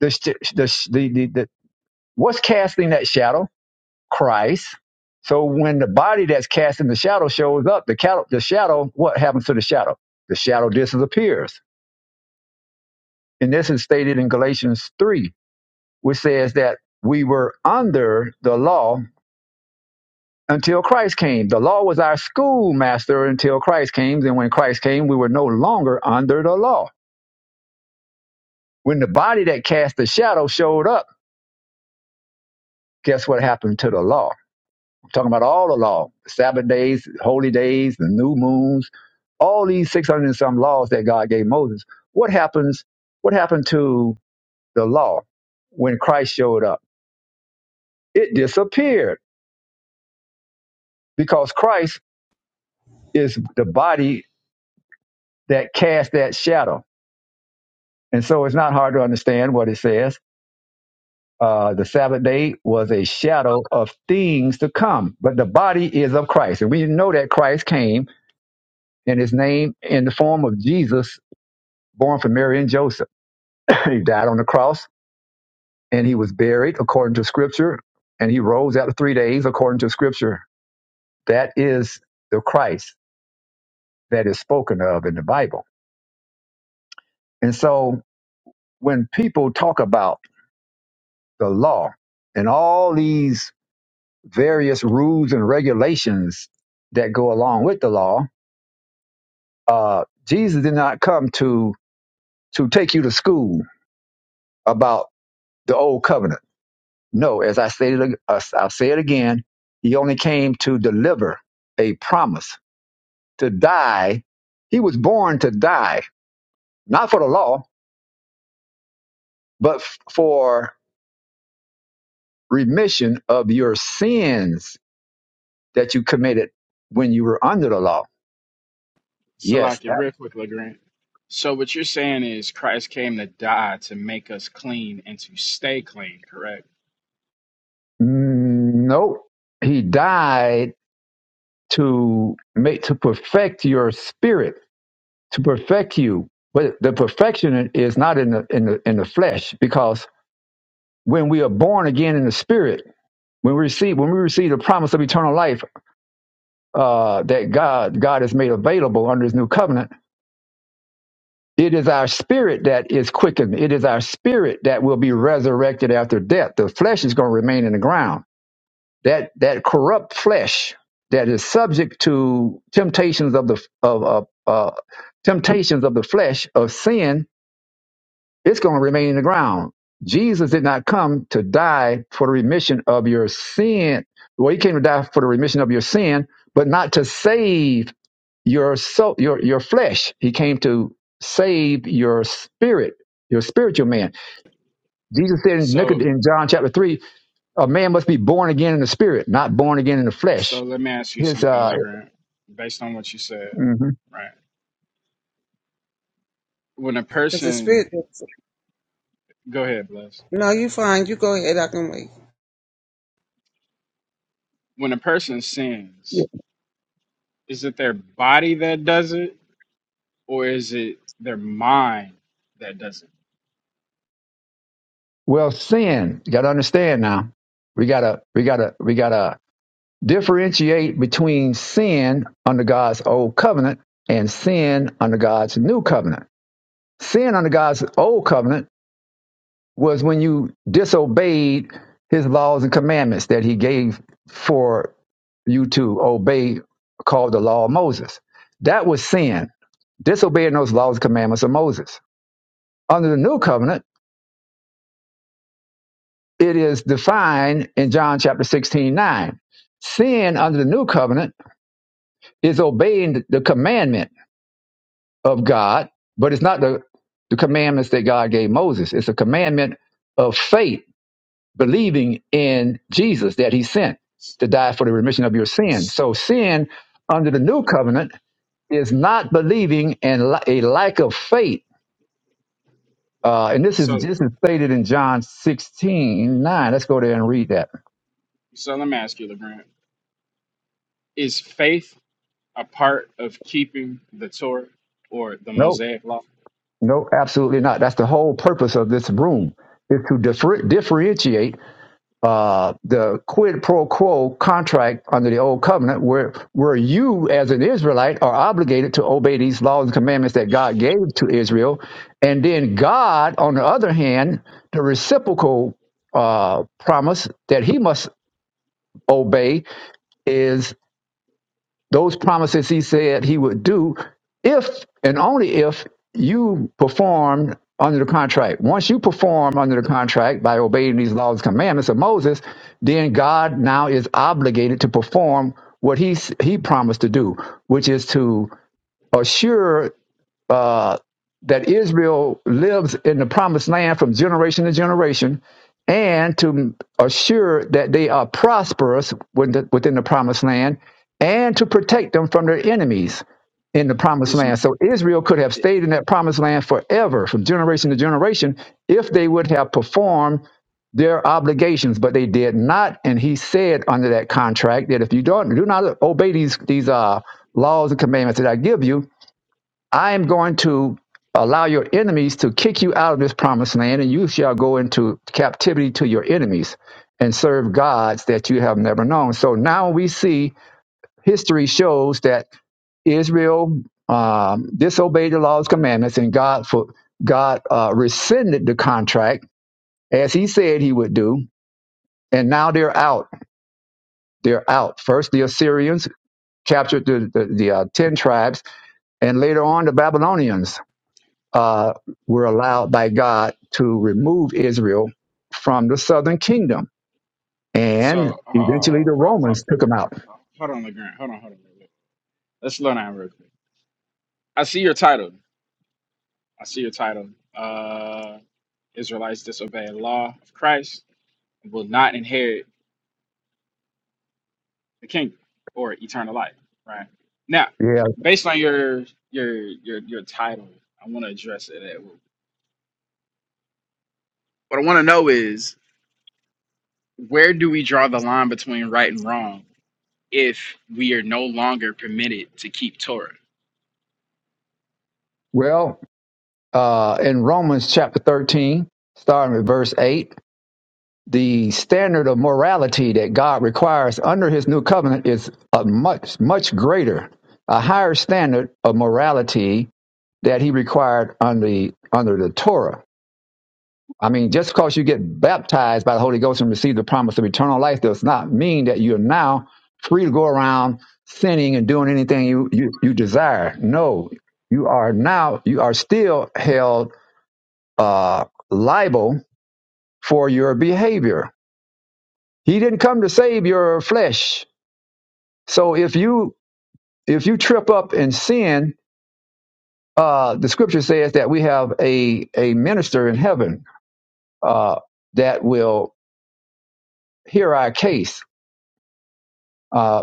S1: The, the, the, the, the, what's casting that shadow? Christ. So when the body that's cast in the shadow shows up, the, cal- the shadow, what happens to the shadow? The shadow disappears. And this is stated in Galatians 3, which says that we were under the law until Christ came. The law was our schoolmaster until Christ came. And when Christ came, we were no longer under the law. When the body that cast the shadow showed up, guess what happened to the law? Talking about all the law, Sabbath days, holy days, the new moons, all these 600 and some laws that God gave Moses. What happens? What happened to the law when Christ showed up? It disappeared because Christ is the body that cast that shadow. And so it's not hard to understand what it says. Uh, the Sabbath day was a shadow of things to come, but the body is of Christ. And we know that Christ came in his name in the form of Jesus, born from Mary and Joseph He died on the cross and he was buried according to scripture and he rose after three days according to scripture. That is the Christ that is spoken of in the Bible. And so when people talk about the law and all these various rules and regulations that go along with the law, uh, Jesus did not come to, to take you to school about the old covenant No, as I stated, uh, I'll say it again. He only came to deliver a promise to die. He was born to die, not for the law, but f- for remission of your sins that you committed when you were under the law. Yes,
S7: Salakia,
S1: that.
S7: real quick, LeGrand. So what you're saying is Christ came to die to make us clean and to stay clean, correct?
S1: Mm, Nope. He died to make to perfect your spirit, to perfect you. But the perfection is not in the in the in the flesh, because when we are born again in the spirit, when we receive when we receive the promise of eternal life uh, that God God has made available under His new covenant, it is our spirit that is quickened. It is our spirit that will be resurrected after death. The flesh is going to remain in the ground. That that corrupt flesh that is subject to temptations of the of, of uh, temptations of the flesh of sin It's going to remain in the ground. Jesus did not come to die for the remission of your sin. Well, he came to die for the remission of your sin, but not to save your soul, your, your flesh. He came to save your spirit, your spiritual man. Jesus said in, Nicod-
S7: So
S1: in John chapter 3, a man must be born again in the spirit, not born again in the
S7: so
S1: flesh.
S7: let me ask you
S1: His
S7: something,
S1: uh,
S7: LeGrand, based on what you said,
S1: mhm.
S7: right? When a
S4: Because the
S7: person
S4: spirit,
S7: go ahead, bless.
S4: no, you fine. You go ahead. I can wait.
S7: When a person sins, Is it their body that does it, or is it their mind that does it?
S1: Well, sin. You got to understand now. We gotta, we gotta, we gotta. differentiate between sin under God's old covenant and sin under God's new covenant. Sin under God's old covenant was when you disobeyed his laws and commandments that he gave for you to obey, called the law of Moses. That was sin, disobeying those laws and commandments of Moses. Under the new covenant, it is defined in John chapter 16 9. Sin under the new covenant is obeying the commandment of God, but it's not the, the commandments that God gave Moses. It's a commandment of faith, believing in Jesus that he sent to die for the remission of your sin. So sin under the new covenant is not believing and li- a lack of faith. Uh, and this is
S7: So,
S1: this is stated in John sixteen nine. Let's go there and read that.
S7: so let me ask you, LeGrand. Is faith a part of keeping the Torah or the
S1: Nope,
S7: Mosaic Law?
S1: nope, absolutely not. That's the whole purpose of this room is to differ, differentiate uh, the quid pro quo contract under the old covenant, where where you as an Israelite are obligated to obey these laws and commandments that God gave to Israel, and then God, on the other hand, the reciprocal uh, promise that He must obey is those promises he said he would do if and only if you perform under the contract. Once you perform under the contract by obeying these laws and commandments of Moses, then God now is obligated to perform what he he promised to do, which is to assure uh, that Israel lives in the promised land from generation to generation, and to assure that they are prosperous within the, within the promised land, and to protect them from their enemies in the promised
S7: Is
S1: land. So Israel could have
S7: it,
S1: stayed in that promised land forever, from generation to generation, if they would have performed their obligations, but they did not. And he said under that contract that if you don't do not obey these these uh, laws and commandments that I give you, I am going to allow your enemies to kick you out of this promised land, and you shall go into captivity to your enemies and serve gods that you have never known. So now we see history shows that Israel um, disobeyed the law's commandments, and God for God uh, rescinded the contract as He said He would do, and now they're out. They're out. First, the Assyrians captured the the, the uh, ten tribes, and later on the Babylonians uh, were allowed by God to remove Israel from the southern kingdom.
S7: so?
S1: And
S7: Uh,
S1: eventually the
S7: hold
S1: Romans took them out.
S7: on, LeGrand. Hold on, hold on. Let's slow down real quick. I see your title. I see your title. Uh, Israelites disobey the law of Christ and will not inherit the kingdom or eternal life, right? Now,
S1: Yeah.
S7: based on your your your your title, I want to address it. At, what I want to know is where do we draw the line between right and wrong if we are no longer permitted to keep Torah?
S1: Well, uh, in Romans chapter 13, starting with verse 8, the standard of morality that God requires under his new covenant is a much, much greater, a higher standard of morality that he required under, under the Torah. I mean, just because you get baptized by the Holy Ghost and receive the promise of eternal life does not mean that you're now free to go around sinning and doing anything you, you, you desire. No, you are now, you are still held uh, liable for your behavior. He didn't come to save your flesh. So if you if you trip up and sin, uh, the scripture says that we have a, a minister in heaven uh, that will hear our case Uh,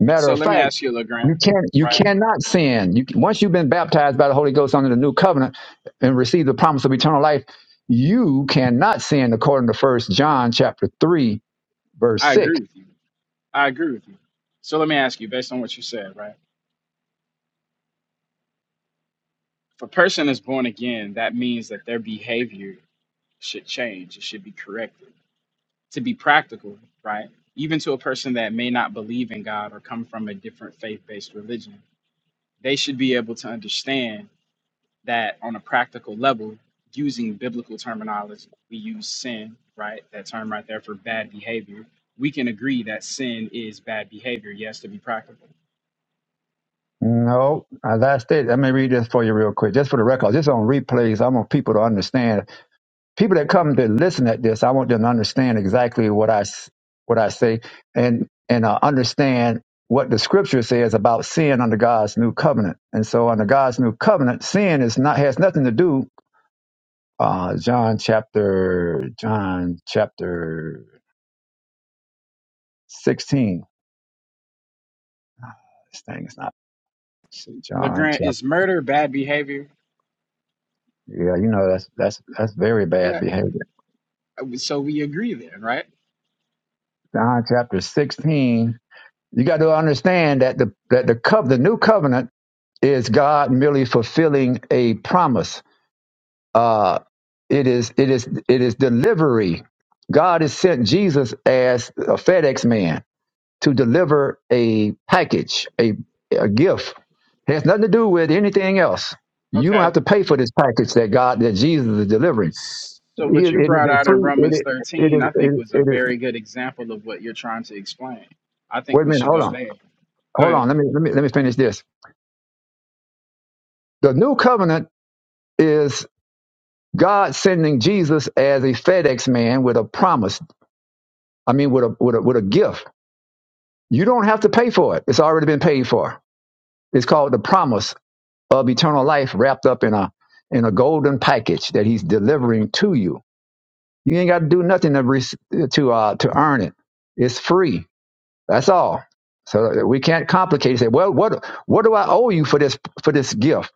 S1: Matter
S7: So
S1: of
S7: let me
S1: fact,
S7: ask you, LeGrant,
S1: you can't you
S7: right?
S1: cannot sin. You, once you've been baptized by the Holy Ghost under the new covenant and received the promise of eternal life, you cannot sin according to First John chapter three verse
S7: I agree
S1: six.
S7: with you. I agree with you. So let me ask you, based on what you said, right? If a person is born again, that means that their behavior should change. It should be corrected to be practical, right? Even to a person that may not believe in God or come from a different faith based religion, they should be able to understand that on a practical level, using biblical terminology, we use sin, right? That term right there for bad behavior. We can agree that sin is bad behavior, yes, to be practical.
S1: No, uh, that's it. Let me read this for you real quick, just for the record. Just on replays, I want people to understand people that come to listen at this, I want them to understand exactly what I s- what I say and and uh, understand what the scripture says about sin under God's new covenant. And so, under God's new covenant, sin is not has nothing to do. Uh, John chapter John chapter sixteen. This thing is not see, John
S7: LeGrand,
S1: chapter.
S7: is murder bad behavior?
S1: Yeah, you know that's that's that's very bad
S7: Yeah,
S1: behavior.
S7: so we agree then, right?
S1: John chapter sixteen. You got to understand that the that the cov the new covenant is God merely fulfilling a promise. Uh, it is it is it is delivery. God has sent Jesus as a FedEx man to deliver a package, a a gift. It has nothing to do with anything else. You don't
S7: Okay,
S1: have to pay for this package that God that Jesus is delivering.
S7: So
S1: It,
S7: what
S1: is
S7: you
S1: it
S7: brought
S1: is a
S7: out in
S1: free. It
S7: Romans
S1: is it
S7: 13,
S1: is
S7: I
S1: it
S7: think
S1: is.
S7: was a
S1: It is
S7: very good example of what you're trying to explain. I think
S1: Wait a
S7: we
S1: minute.
S7: should
S1: Hold
S7: go
S1: on.
S7: there. Go
S1: Hold
S7: ahead.
S1: on. Let me let me let me finish this. The new covenant is God sending Jesus as a FedEx man with a promise. I mean, with a, with a, with a gift. You don't have to pay for it. It's already been paid for. It's called the promise of eternal life wrapped up in a, in a golden package that he's delivering to you. You ain't got to do nothing to, re- to, uh, to earn it. It's free. That's all. So we can't complicate it. Say, well, what, what do I owe you for this, for this gift?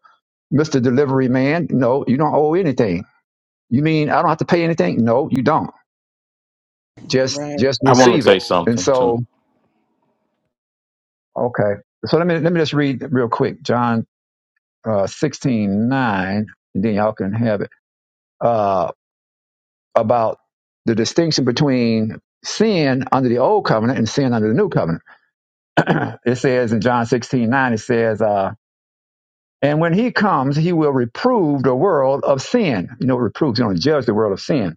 S1: Mr. Delivery Man, no, you don't owe anything. You mean I don't have to pay anything? No, you don't Just
S4: Right.
S1: just
S5: I want to
S1: receive
S5: say
S1: it. And
S5: something
S1: so,
S5: too.
S1: okay. So let me let me just read real quick John uh, sixteen nine, and then y'all can have it uh, about the distinction between sin under the old covenant and sin under the new covenant. it says in John sixteen nine, it says. Uh, and when he comes, he will reprove the world of sin. You know, reprove, he's going to judge the world of sin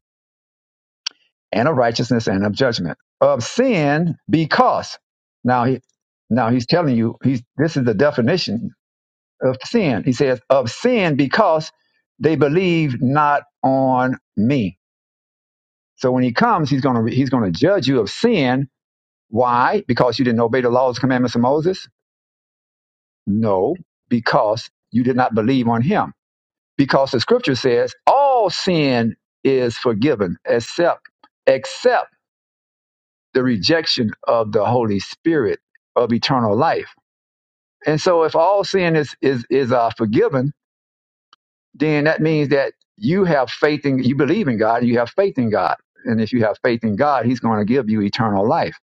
S1: and of righteousness and of judgment of sin because now he now he's telling you he's this is the definition of sin he says of sin because they believe not on me so when he comes he's going to he's going to judge you of sin why because you didn't obey the laws commandments of moses no because you did not believe on him because the scripture says all sin is forgiven except except the rejection of the Holy Spirit of eternal life. And so if all sin is is is uh, forgiven, then that means that you have faith in you believe in God, and you have faith in God. And if you have faith in God, he's going to give you eternal life,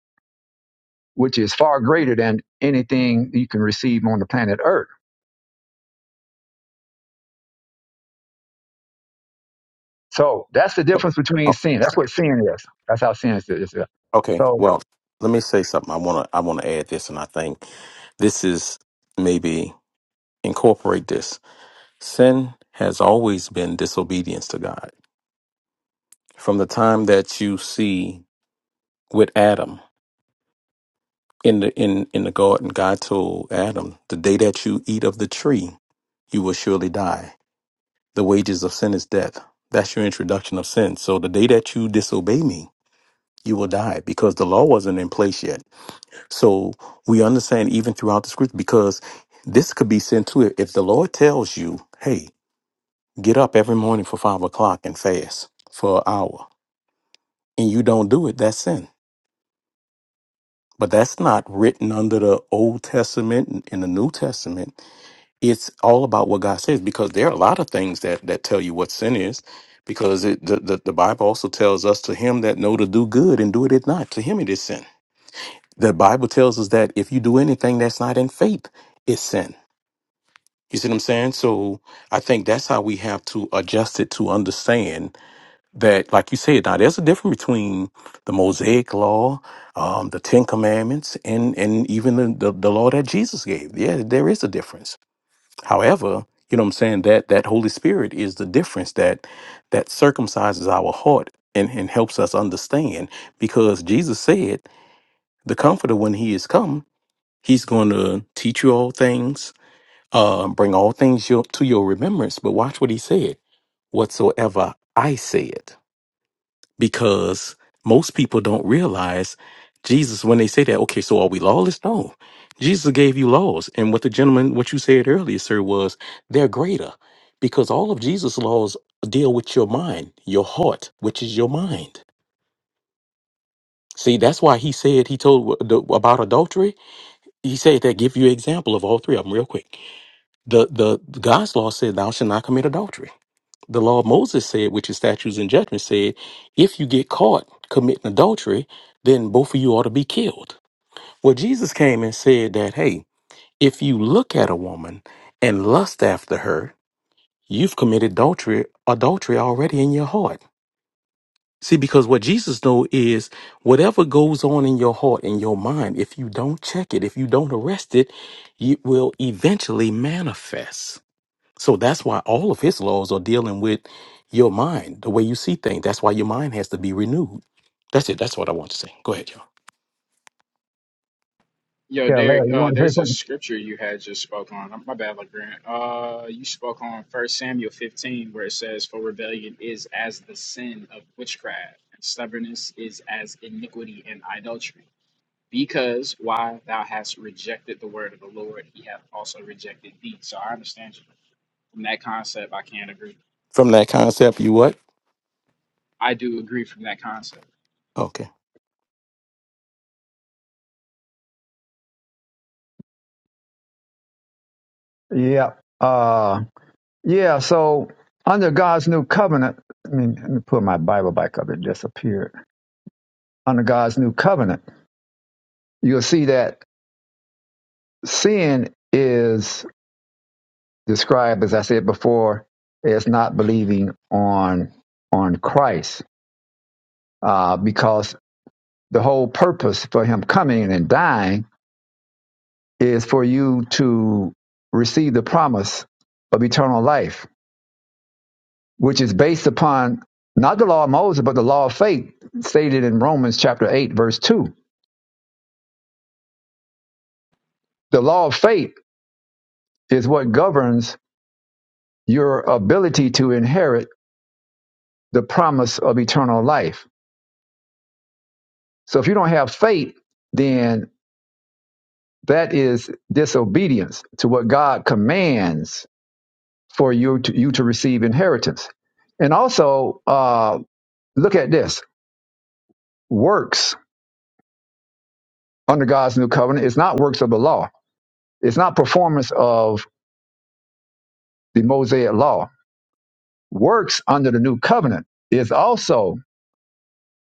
S1: which is far greater than anything you can receive on the planet Earth. So that's the
S5: Oh,
S1: difference between
S5: oh,
S1: sin. That's what sin is. That's how sin is.
S5: okay.
S1: So
S5: Well, let me say something. I want to. I want to add this, and I think this is maybe incorporate this. Sin has always been disobedience to God. From the time that you see with Adam in the in in the garden, God told Adam, "The day that you eat of the tree, you will surely die. The wages of sin is death." That's your introduction of sin. So the day that you disobey me, you will die because the law wasn't in place yet. So we understand even throughout the scripture because this could be sin too. If the Lord tells you, hey, get up every morning for five o'clock and fast for an hour, and you don't do it, that's sin. But that's not written under the Old Testament and in the New Testament. It's all about what God says because there are a lot of things that, that tell you what sin is because it, the, the, the Bible also tells us to him that know to do good and do it at not, to him it is sin. The Bible tells us that if you do anything that's not in faith, it's sin. You see what I'm saying? So I think that's how we have to adjust it to understand that, like you said, now there's a difference between the Mosaic law, um, the Ten Commandments, and and even the, the the law that Jesus gave. Yeah, there is a difference. However, you know what I'm saying that that Holy Spirit is the difference that that circumcises our heart and and helps us understand because Jesus said the Comforter when He is come He's going to teach you all things, uh, bring all things your, to your remembrance. But watch what he said whatsoever I said, because most people don't realize Jesus when they say that. Okay, so are we lawless? No. Jesus gave you laws. And what the gentleman, what you said earlier, sir, was they're greater because all of Jesus' laws deal with your mind, your heart, which is your mind. See, that's why he said he told w- the, about adultery. He said that give you an example of all three of them real quick. The the the God's law said, "Thou shalt not commit adultery." The law of Moses said, which is statutes and judgments, said, "If you get caught committing adultery, then both of you ought to be killed." Well, Jesus came and said that, "Hey, if you look at a woman and lust after her, you've committed adultery adultery already in your heart." See, because what Jesus know is whatever goes on in your heart, in your mind, if you don't check it, if you don't arrest it, it will eventually manifest. So that's why all of his laws are dealing with your mind, the way you see things. That's why your mind has to be renewed. That's it. That's what I want to say. Go ahead, y'all.
S7: Yo,
S1: yeah,
S7: Derek,
S1: Larry, you
S7: uh,
S1: want to say
S7: there's a
S1: something?
S7: scripture you had just spoke on. My bad, LeGrand. Uh, you spoke on First Samuel 15, where it says, For rebellion is as the sin of witchcraft, and stubbornness is as iniquity and idolatry. Because why thou hast rejected the word of the Lord, he hath also rejected thee. So I understand you. From that concept, I can't agree.
S5: From that concept, you what?
S7: I do agree from that concept.
S5: Okay.
S1: Yeah. Uh, Yeah, so under God's new covenant, I mean, let me put my Bible back up. It disappeared. Under God's new covenant, you'll see that sin is described, as I said before, as not believing on on Christ, uh, because the whole purpose for Him coming and dying is for you to receive the promise of eternal life which is based upon not the law of Moses, but the law of faith stated in Romans chapter 8, verse 2. The law of faith is what governs your ability to inherit the promise of eternal life. So if you don't have faith, then that is disobedience to what God commands for you to, you to receive inheritance. And also, uh, look at this works under God's new covenant is not works of the law, it's not performance of the Mosaic law Works under the new covenant is also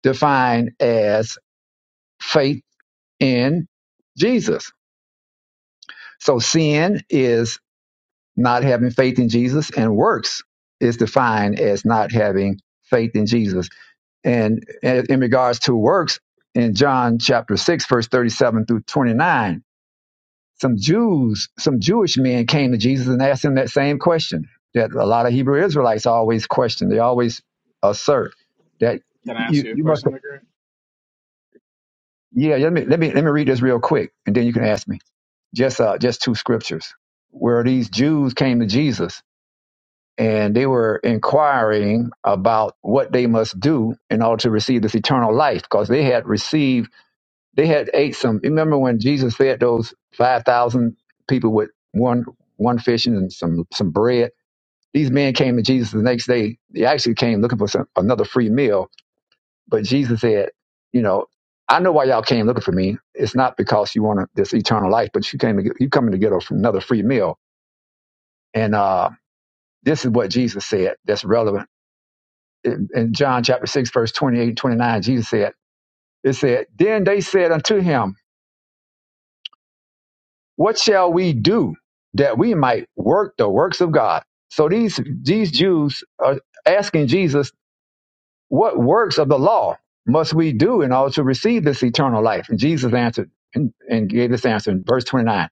S1: defined as faith in Jesus. So sin is not having faith in Jesus, and works is defined as not having faith in Jesus. And in regards to works, in John chapter 6, verse 37 through 29, some Jews, some Jewish men came to Jesus and asked him that same question that a lot of Hebrew Israelites always question. They always assert that
S7: Can I ask
S1: you,
S7: you a
S1: you must
S7: question, McGregor?
S1: Yeah, let me let me let me read this real quick, and then you can ask me. Just uh, just two scriptures where these Jews came to Jesus and they were inquiring about what they must do in order to receive this eternal life, because they had received they had ate some. Remember when Jesus fed those five thousand people with one one fish and some some bread? These men came to Jesus the next day. They actually came looking for some, another free meal, but Jesus said, you know, I know why y'all came looking for me. It's not because you want to this eternal life, but you came to get, you coming to get a- another free meal. And uh, this is what Jesus said that's relevant. In, in John chapter 6, verse 28 and 29, Jesus said, it said, Then they said unto him, What shall we do that we might work the works of God? So these these Jews are asking Jesus What works of the law must we do in order to receive this eternal life? And Jesus answered and, and gave this answer in verse 29.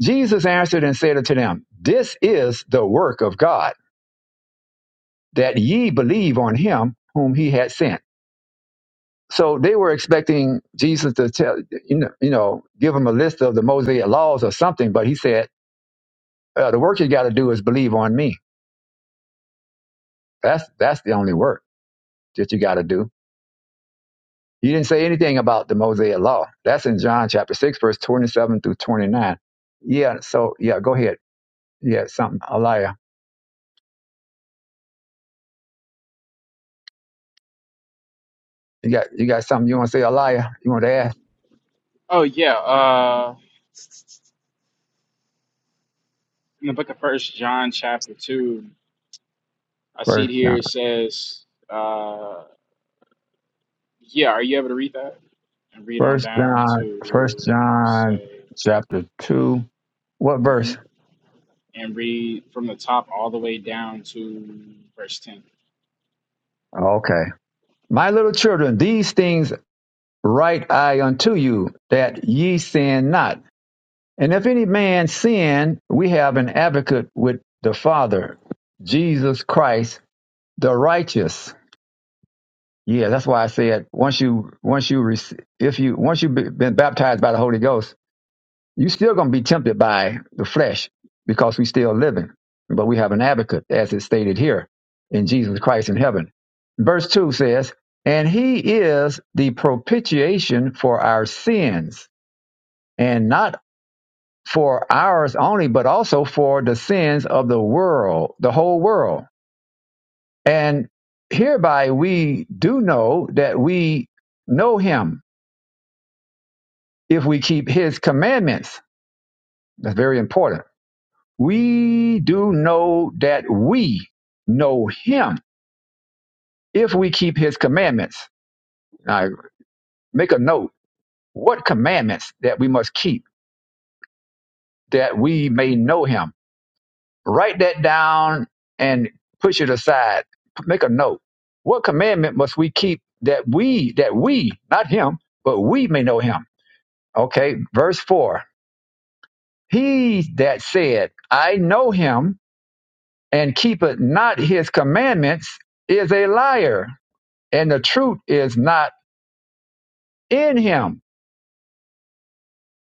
S1: Jesus answered and said unto them, This is the work of God, that ye believe on him whom he had sent. So they were expecting Jesus to tell, you know, you know give them a list of the Mosaic laws or something, but he said, uh, The work you got to do is believe on me. That's, that's the only work that you got to do You didn't say anything about the Mosaic law. That's in John chapter 6, verse 27 through 29. Yeah, so yeah, go ahead. Yeah, something, Elia. You got you got something you want to say, Elia? You want to ask?
S7: Oh yeah. Uh, in the book of First John, chapter two, I see it
S1: First
S7: here.
S1: John,
S7: It says, uh, "Yeah, are you able to read that and read on
S1: First
S7: down
S1: John, First
S7: to
S1: John
S7: say,
S1: chapter 2. What
S7: hmm
S1: verse?
S7: and read from the top all the way down to verse ten."
S1: Okay. My little children, these things write I unto you, that ye sin not. And if any man sin, we have an advocate with the Father, Jesus Christ, the righteous. Yeah, that's why I said once you once you rec- if you once you've be- been baptized by the Holy Ghost, you're still going to be tempted by the flesh because we still living, but we have an advocate, as is stated here, in Jesus Christ in heaven. Verse two says, "And He is the propitiation for our sins, and not for ours only, but also for the sins of the world, the whole world." And hereby we do know that we know Him if we keep his commandments. That's very important. We do know that we know him if we keep his commandments. Now, make a note what commandments that we must keep that we may know him. Write that down and push it aside. Make a note. What commandment must we keep that we, that we, not him, but we may know him? Okay, verse 4. He that said, I know him and keepeth not his commandments is a liar, and the truth is not in him.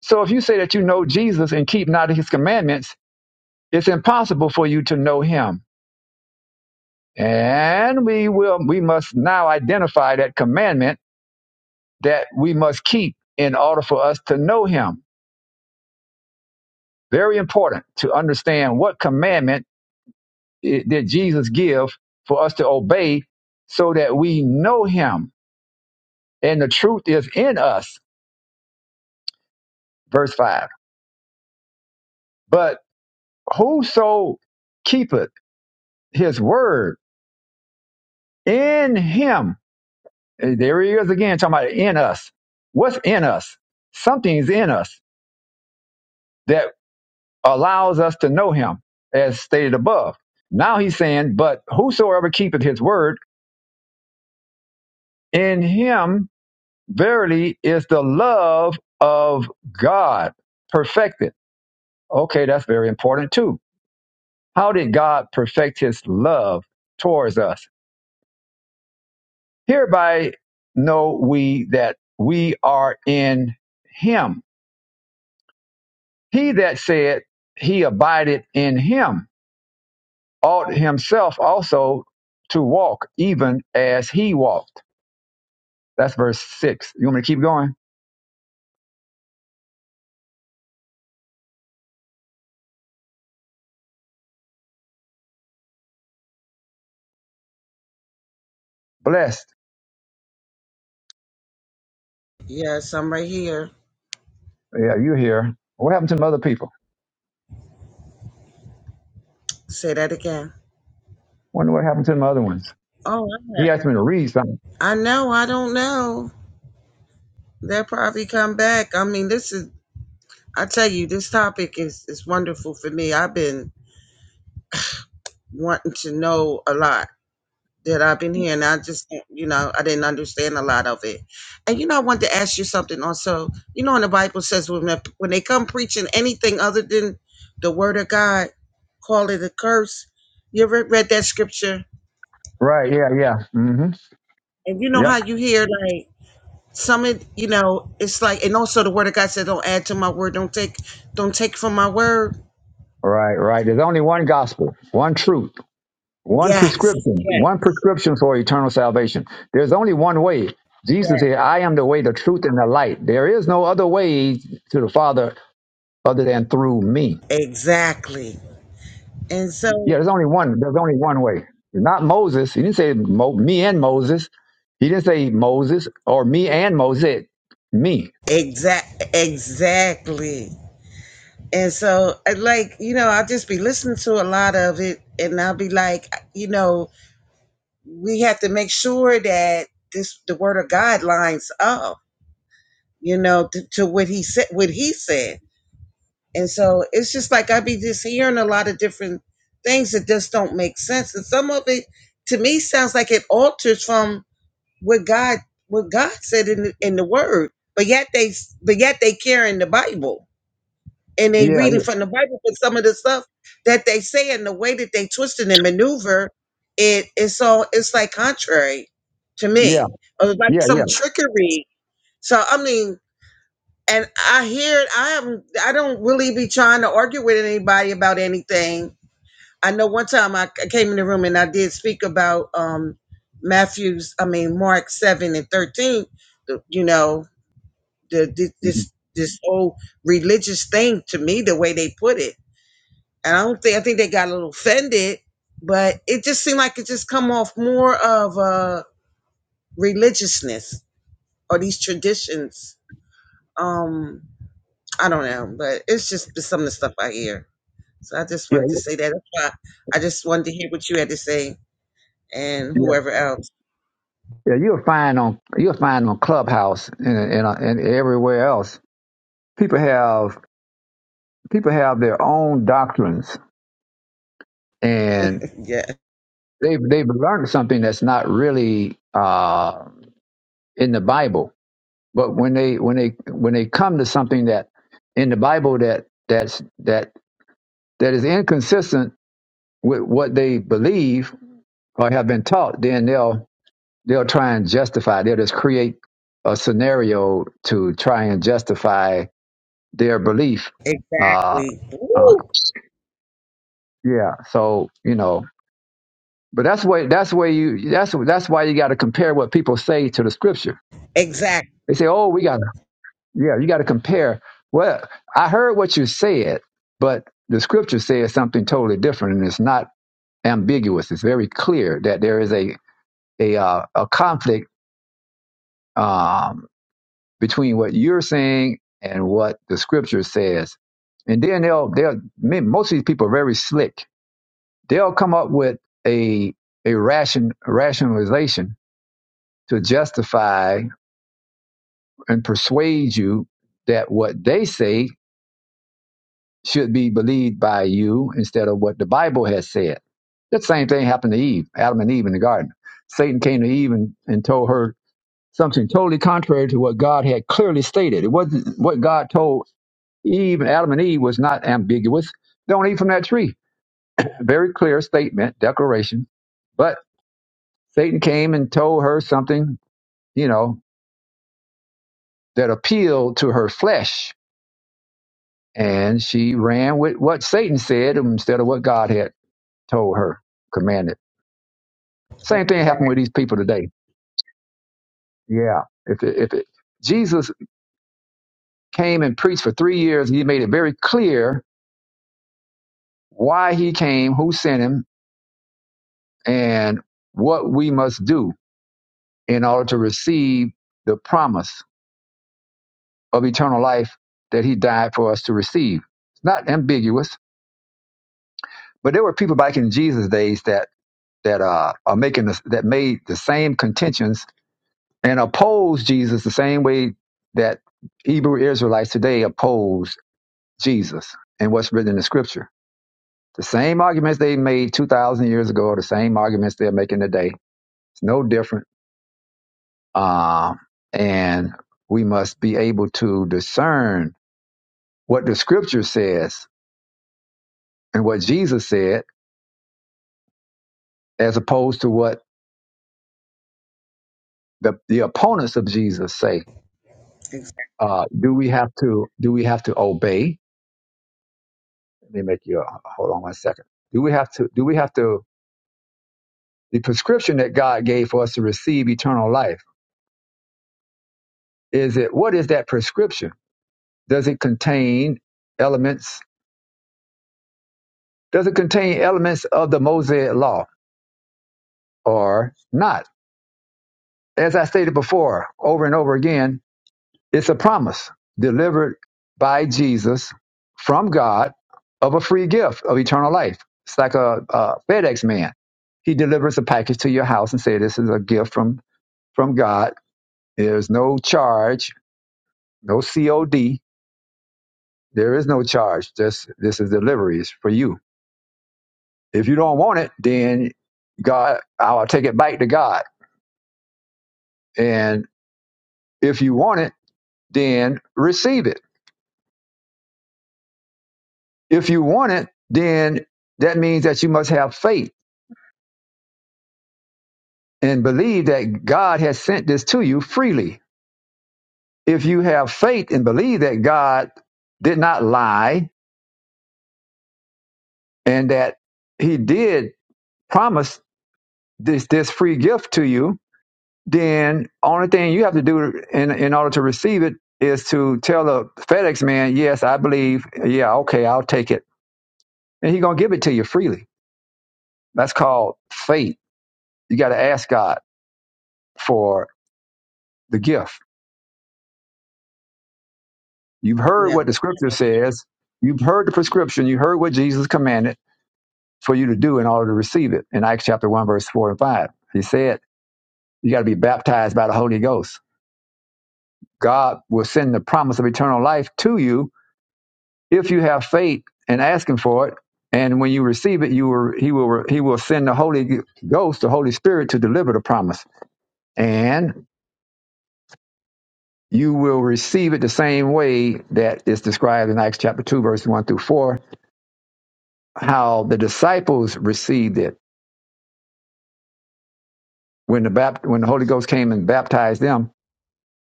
S1: So if you say that you know Jesus and keep not his commandments, it's impossible for you to know him. And we will we must now identify that commandment that we must keep in order for us to know him. Very important to understand what commandment i- did Jesus give for us to obey so that we know him and the truth is in us. Verse 5. But whoso keepeth his word in him, and there he is again talking about in us. What's in us? Something's in us that allows us to know him, as stated above. Now he's saying, But whosoever keepeth his word, in him verily is the love of God perfected. Okay, that's very important too. How did God perfect his love towards us? Hereby know we that we are in him. He that said he abideth in him ought himself also to walk even as he walked. That's verse six. You want me to keep going? Blessed.
S4: Yes, I'm right here.
S1: Yeah, you here. What happened to the other people?
S4: Say that again.
S1: Wonder what happened to the other ones.
S4: Oh, I
S1: He asked me to read something.
S4: I know. I don't know. They'll probably come back. I mean, this is, I tell you, this topic is, is wonderful for me. I've been wanting to know a lot. that I've been here, and I just, don't- you know, I didn't understand a lot of it. And you know, I wanted to ask you something also. You know, in the Bible says when they, when they come preaching anything other than the Word of God, call it a curse. You ever read that scripture?
S1: Right, yeah, yeah. hmm
S4: And you know
S1: Yep.
S4: how you hear like some, of- you know, it's like, and also the Word of God said, "Don't add to my word. Don't take, don't take from my word."
S1: Right, right. There's only one
S4: And
S1: gospel, one truth. One
S4: yes,
S1: prescription,
S4: yes,
S1: one prescription for eternal salvation. There's only one way. Jesus
S4: yes,
S1: said, I am the way, the truth, and the light. There is no other way to the Father other than through me.
S4: exactly. And
S1: Yeah,
S4: so,
S1: there's only one. There's only one way. Not Moses. He didn't say Mo, me and Moses. He didn't say Moses or me and Moses. Me.
S4: exact, exactly. And so, I like, you know, I'll just be listening to a lot of it and I'll be like, you know, we have to make sure that this, the word of God lines up, you know, to, to what he said, what he said. And so it's just like, I be just hearing a lot of different things that just don't make sense. And some of it to me sounds like it alters from what God, what God said in the, in the word, but yet they, but yet they care in the Bible and they
S1: Yeah,
S4: reading from the Bible, but some of the stuff that they say and the way that they twist it and maneuver, it is so it's like contrary to me.
S1: yeah,
S4: Or it's like
S1: yeah,
S4: some
S1: yeah.
S4: trickery. So I mean, and I hear it, I am I don't really be trying to argue with anybody about anything. I know one time I, c- came in the room and I did speak about um Matthew's, I mean Mark seven and thirteen, the- you know, the, the
S1: Yeah,
S4: this this whole religious thing to me, the way they put it and I don't think I think they got a little offended, but it just seemed like it just come off more of uh religiousness or these traditions. Um, I don't know, but it's just been some of the stuff I hear. So I just wanted to say that. That's why I just wanted to hear what you had to say and
S1: yeah,
S4: whoever else.
S1: yeah. You'll find on you'll find on Clubhouse and and, and everywhere else. People have people have their own doctrines and
S4: Yeah,
S1: they've they've learned something that's not really uh, in the Bible. But when they when they when they come to something that in the Bible that that's that that is inconsistent with what they believe or have been taught, then they'll they'll try and justify. They'll just create a scenario to try and justify their belief. Uh,
S4: exactly.
S1: uh,
S4: Woo!
S1: yeah. So you know, But that's why that's where you that's that's why you got to compare what people say to the scripture.
S4: Exactly.
S1: They say, "Oh, we got to yeah, you got to compare." Well, I heard what you said, but the scripture says something totally different, and it's not ambiguous. It's very clear that there is a a uh, a conflict um, between what you're saying and what the scripture says. And then they'll they'll ma- most of these people are very slick. They'll come up with a a ration rationalization to justify and persuade you that what they say should be believed by you instead of what the Bible has said. That same thing happened to Eve, Adam and Eve in the garden. Satan came to Eve and, and told her something totally contrary to what God had clearly stated. It wasn't what God told Eve and Adam and Eve was not ambiguous. Don't eat from that tree. Very clear statement, declaration. But Satan came and told her something, you know, that appealed to her flesh and she ran with what Satan said instead of what God had told her, commanded. Same thing happened with these people today. Yeah, if it, if it, Jesus came and preached for three years, he made it very clear why he came, who sent him, and what we must do in order to receive the promise of eternal life that he died for us to receive. It's not ambiguous, but there were people back in Jesus' days that that uh, are making this, that made the same contentions and opposed Jesus the same way that Hebrew Israelites today oppose Jesus and what's written in the scripture. The same arguments they made 2,000 years ago are the same arguments they're making today. It's no different. Um, and we must be able to discern what the scripture says and what Jesus said as opposed to what the, the opponents of Jesus say.
S4: Exactly.
S1: Uh, do we have to do we have to obey? Let me make you uh, hold on one second. Do we have to do we have to the prescription that God gave for us to receive eternal life. Is it what is that prescription? Does it contain elements? Does it contain elements of the Mosaic law or not? As I stated before, over and over again, it's a promise delivered by Jesus from God of a free gift of eternal life. It's like a, a FedEx man. He delivers a package to your house and says, "This is a gift from from God. There's no charge, no COD There is no charge. This this is deliveries for you. If you don't want it, then God, I'll take it back to God. And if you want it, then receive it. If you want it, then that means that you must have faith and believe that God has sent this to you freely. If you have faith and believe that God did not lie and that He did promise this this free gift to you, then only thing you have to do in in order to receive it is to tell the FedEx man, yes, I believe, yeah, okay, I'll take it, and he's gonna give it to you freely. That's called faith. You got to ask God for the gift. You've heard
S4: That's
S1: what the
S4: the
S1: Scripture
S4: point.
S1: says. You've heard the prescription. You heard what Jesus commanded for you to do in order to receive it. In Acts chapter one, verse four and five, he said you got to be baptized by the Holy Ghost. God will send the promise of eternal life to you if you have faith and ask him for it and when you receive it you will he will he will send the holy ghost the holy spirit to deliver the promise and you will receive it the same way that is described in acts chapter 2 verse 1 through 4 how the disciples received it when the bapt- when the holy ghost came and baptized them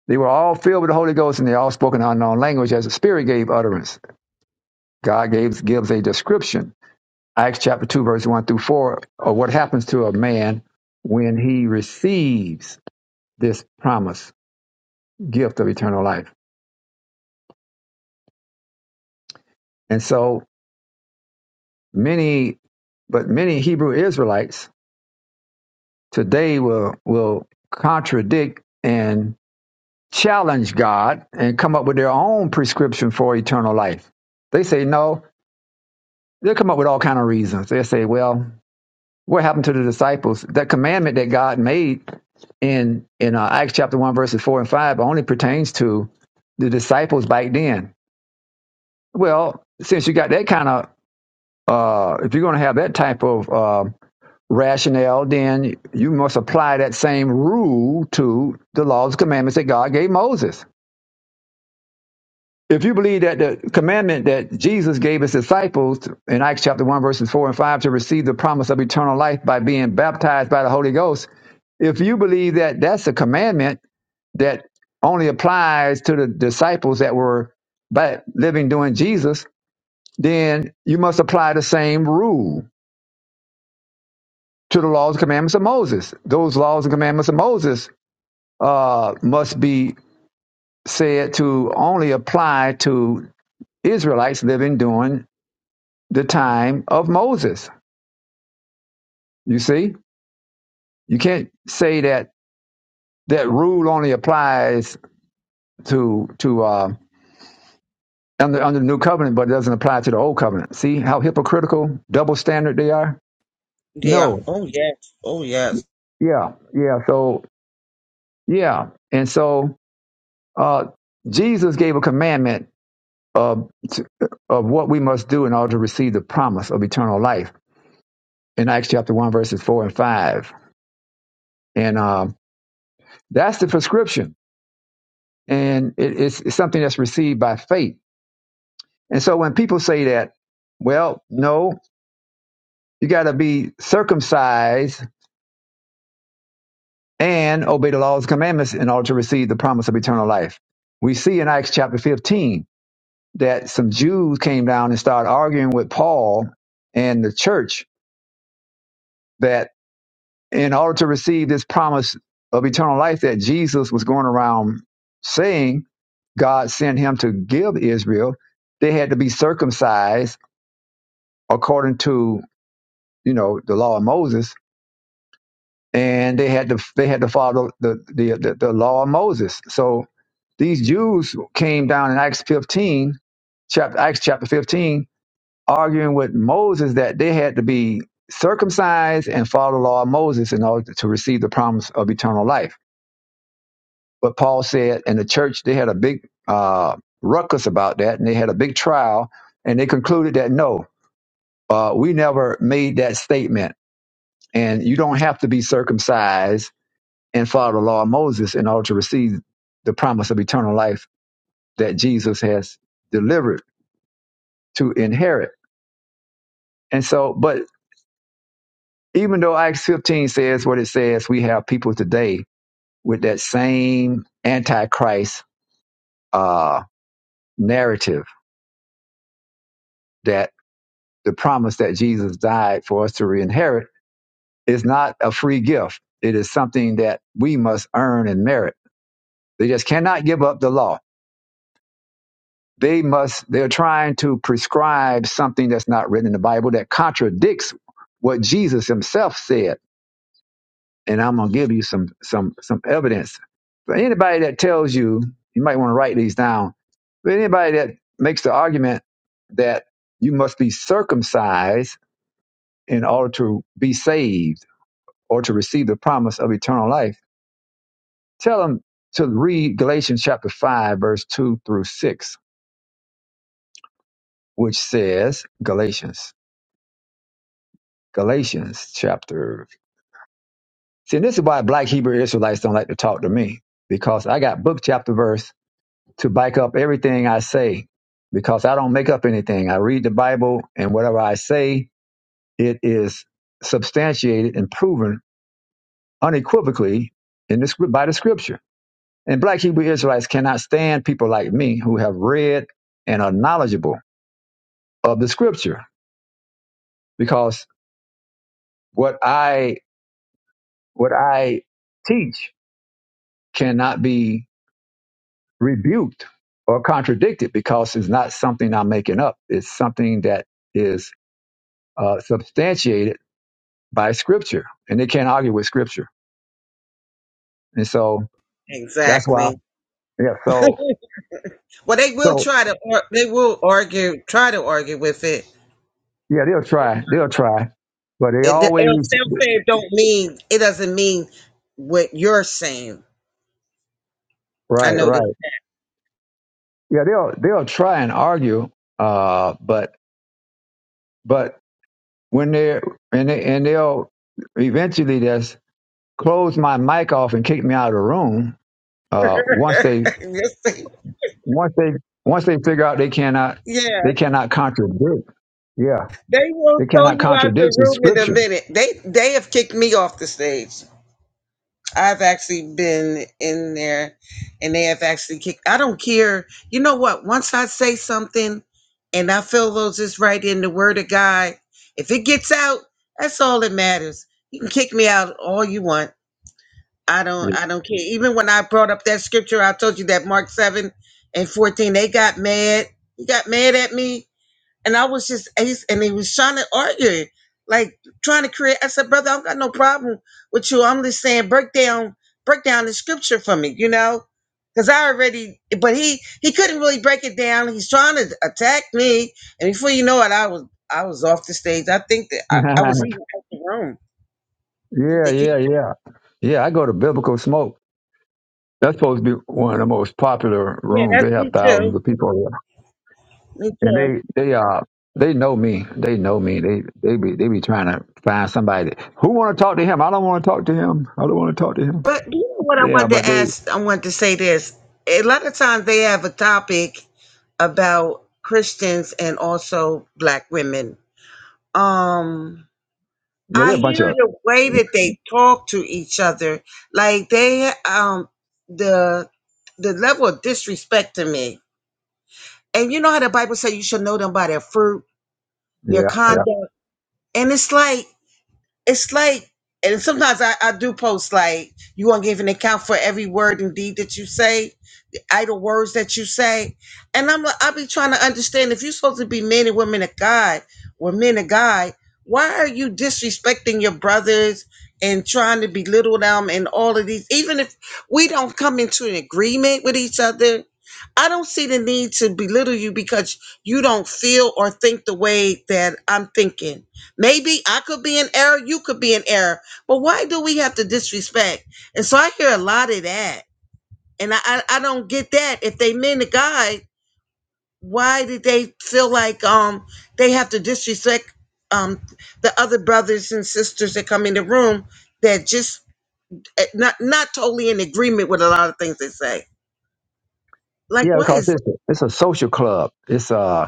S1: they were all filled with the holy ghost and they all spoke an unknown language as the spirit gave utterance god gives gives a description Acts chapter 2, verse 1 through 4, or what happens to a man when he receives this promise, gift of eternal life. And so many, but many Hebrew Israelites today will, will contradict and challenge God and come up with their own prescription for eternal life. They say, no, they'll come up with all kind of reasons. They'll say, well, What happened to the disciples? That commandment that God made in in uh, Acts chapter one verses four and five only pertains to the disciples back then. Well, since you got that kind of uh, if you're going to have that type of uh, rationale, then you must apply that same rule to the laws and commandments that God gave Moses. If you believe that the commandment that Jesus gave his disciples in Acts chapter 1, verses 4 and 5, to receive the promise of eternal life by being baptized by the Holy Ghost, If you believe that that's a commandment that only applies to the disciples that were back living during Jesus, then you must apply the same rule to the laws and commandments of Moses. Those laws and commandments of Moses uh, must be said to only apply to Israelites living during the time of Moses. You see, you can't say that that rule only applies to to uh, under, under the new covenant, but it doesn't apply to the old covenant. See how hypocritical, double standard they are?
S4: Yeah.
S1: No.
S4: Oh yes. Oh yes.
S1: Yeah. Yeah. So, yeah. And so, uh, Jesus gave a commandment of, of what we must do in order to receive the promise of eternal life in Acts chapter 1, verses 4 and 5. And um, that's the prescription. And it, it's, it's something that's received by faith. And so when people say that, well, no, you got to be circumcised and obey the laws and commandments in order to receive the promise of eternal life. We see in Acts chapter 15 that some Jews came down and started arguing with Paul and the church that in order to receive this promise of eternal life that Jesus was going around saying God sent him to give Israel, they had to be circumcised according to, you know, the law of Moses and they had to they had to follow the the, the, the law of Moses. So these Jews came down in Acts 15, chapter Acts chapter 15, arguing with Moses that they had to be circumcised and follow the law of Moses in order to receive the promise of eternal life. But Paul said, and the church they had a big uh, ruckus about that, and they had a big trial, and they concluded that no, uh, we never made that statement, and you don't have to be circumcised and follow the law of Moses in order to receive the promise of eternal life that Jesus has delivered to inherit. And so, but even though Acts 15 says what it says, we have people today with that same antichrist uh, narrative that the promise that Jesus died for us to inherit is not a free gift. It is something that we must earn and merit. They just cannot give up the law They must, they're trying to prescribe something that's not written in the Bible that contradicts what Jesus himself said. And I'm going to give you some, some, some evidence. But anybody that tells you, you might want to write these down. But anybody that makes the argument that you must be circumcised in order to be saved or to receive the promise of eternal life, tell them to read Galatians chapter 5, verse 2 through 6, which says, Galatians. Galatians chapter. See, this is why black Hebrew Israelites don't like to talk to me because I got book, chapter, verse to back up everything I say because I don't make up anything. I read the Bible and whatever I say, it is substantiated and proven unequivocally in the, scrip- by the scripture. And black Hebrew Israelites cannot stand people like me who have read and are knowledgeable of the scripture because what I, what I teach cannot be rebuked or contradicted because it's not something I'm making up. It's something that is uh, substantiated by Scripture, and they can't argue with Scripture. And so that's why,
S4: Exactly.
S1: yeah. So,
S4: Well, they will
S1: so
S4: try to. Or, they will argue. Try to argue with it.
S1: yeah, they'll try, they'll try, but they
S4: it the el
S1: always
S4: self-fame don't mean. It doesn't mean what you're saying. I
S1: right,
S4: know this.
S1: right. Yeah, they'll they'll try and argue, uh, but but when they're and they and they'll eventually just close my mic off and kick me out of the room uh, once they
S4: Yes, they-
S1: once they once they figure out they cannot
S4: yeah,
S1: they cannot contradict yeah
S4: they will
S1: they
S4: throw
S1: cannot
S4: you out the
S1: contradict the
S4: room in a
S1: scripture
S4: minute. They they have kicked me off the stage. I've actually been in there and they have actually kicked. I don't care. You know what? Once I say something and I feel those is right in the word of God, if it gets out, that's all that matters. You can kick me out all you want. I don't I don't care. Even when I brought up that scripture, I told you that Mark 7 and 14, they got mad. You got mad at me. And I was just ace, and they was trying to argue, like trying to create. I said, brother, I've got no problem with you. I'm just saying, break down, break down the scripture for me, you know, because I already. But he he couldn't really break it down. He's trying to attack me, and before you know it, I was I was off the stage. I think that I, I
S1: yeah
S4: was even out the room. I think they kicked.
S1: yeah yeah yeah i go to biblical smoke that's supposed to be one of the most popular
S4: Yeah,
S1: rooms
S4: that's
S1: they have
S4: me too.
S1: thousands of people
S4: Me
S1: there and
S4: too.
S1: they they uh they know me they know me they they be they be trying to find somebody that- who want to talk to him i don't want to talk to him i don't want to talk to him
S4: But you know what I
S1: yeah
S4: wanted
S1: but
S4: to
S1: they
S4: ask, I wanted to say this. A lot of times they have a topic about Christians and also black women. Um
S1: yeah
S4: I
S1: they're a bunch
S4: hear
S1: of
S4: the way that they talk to each other, like they um the the level of disrespect to me. And you know how the Bible says you should know them by their fruit, their
S1: yeah yeah
S4: conduct. And it's like it's like and sometimes I, I do post like you gonna give an account for every word and deed that you say the idle words that you say. And I'm like, I be trying to understand if you're supposed to be men and women of God or men of God, why are you disrespecting your brothers and trying to belittle them and all of these? Even if we don't come into an agreement with each other, I don't see the need to belittle you because you don't feel or think the way that I'm thinking. Maybe I could be in error, you could be in error, but why do we have to disrespect? And so I hear a lot of that and I, I, I don't get that. If they meant to God, why did they feel like um they have to disrespect um the other brothers and sisters that come in the room that just eh, not not totally in agreement with a lot of things they say? Like,
S1: yeah
S4: why
S1: because
S4: is
S1: it's a, it's a social club it's uh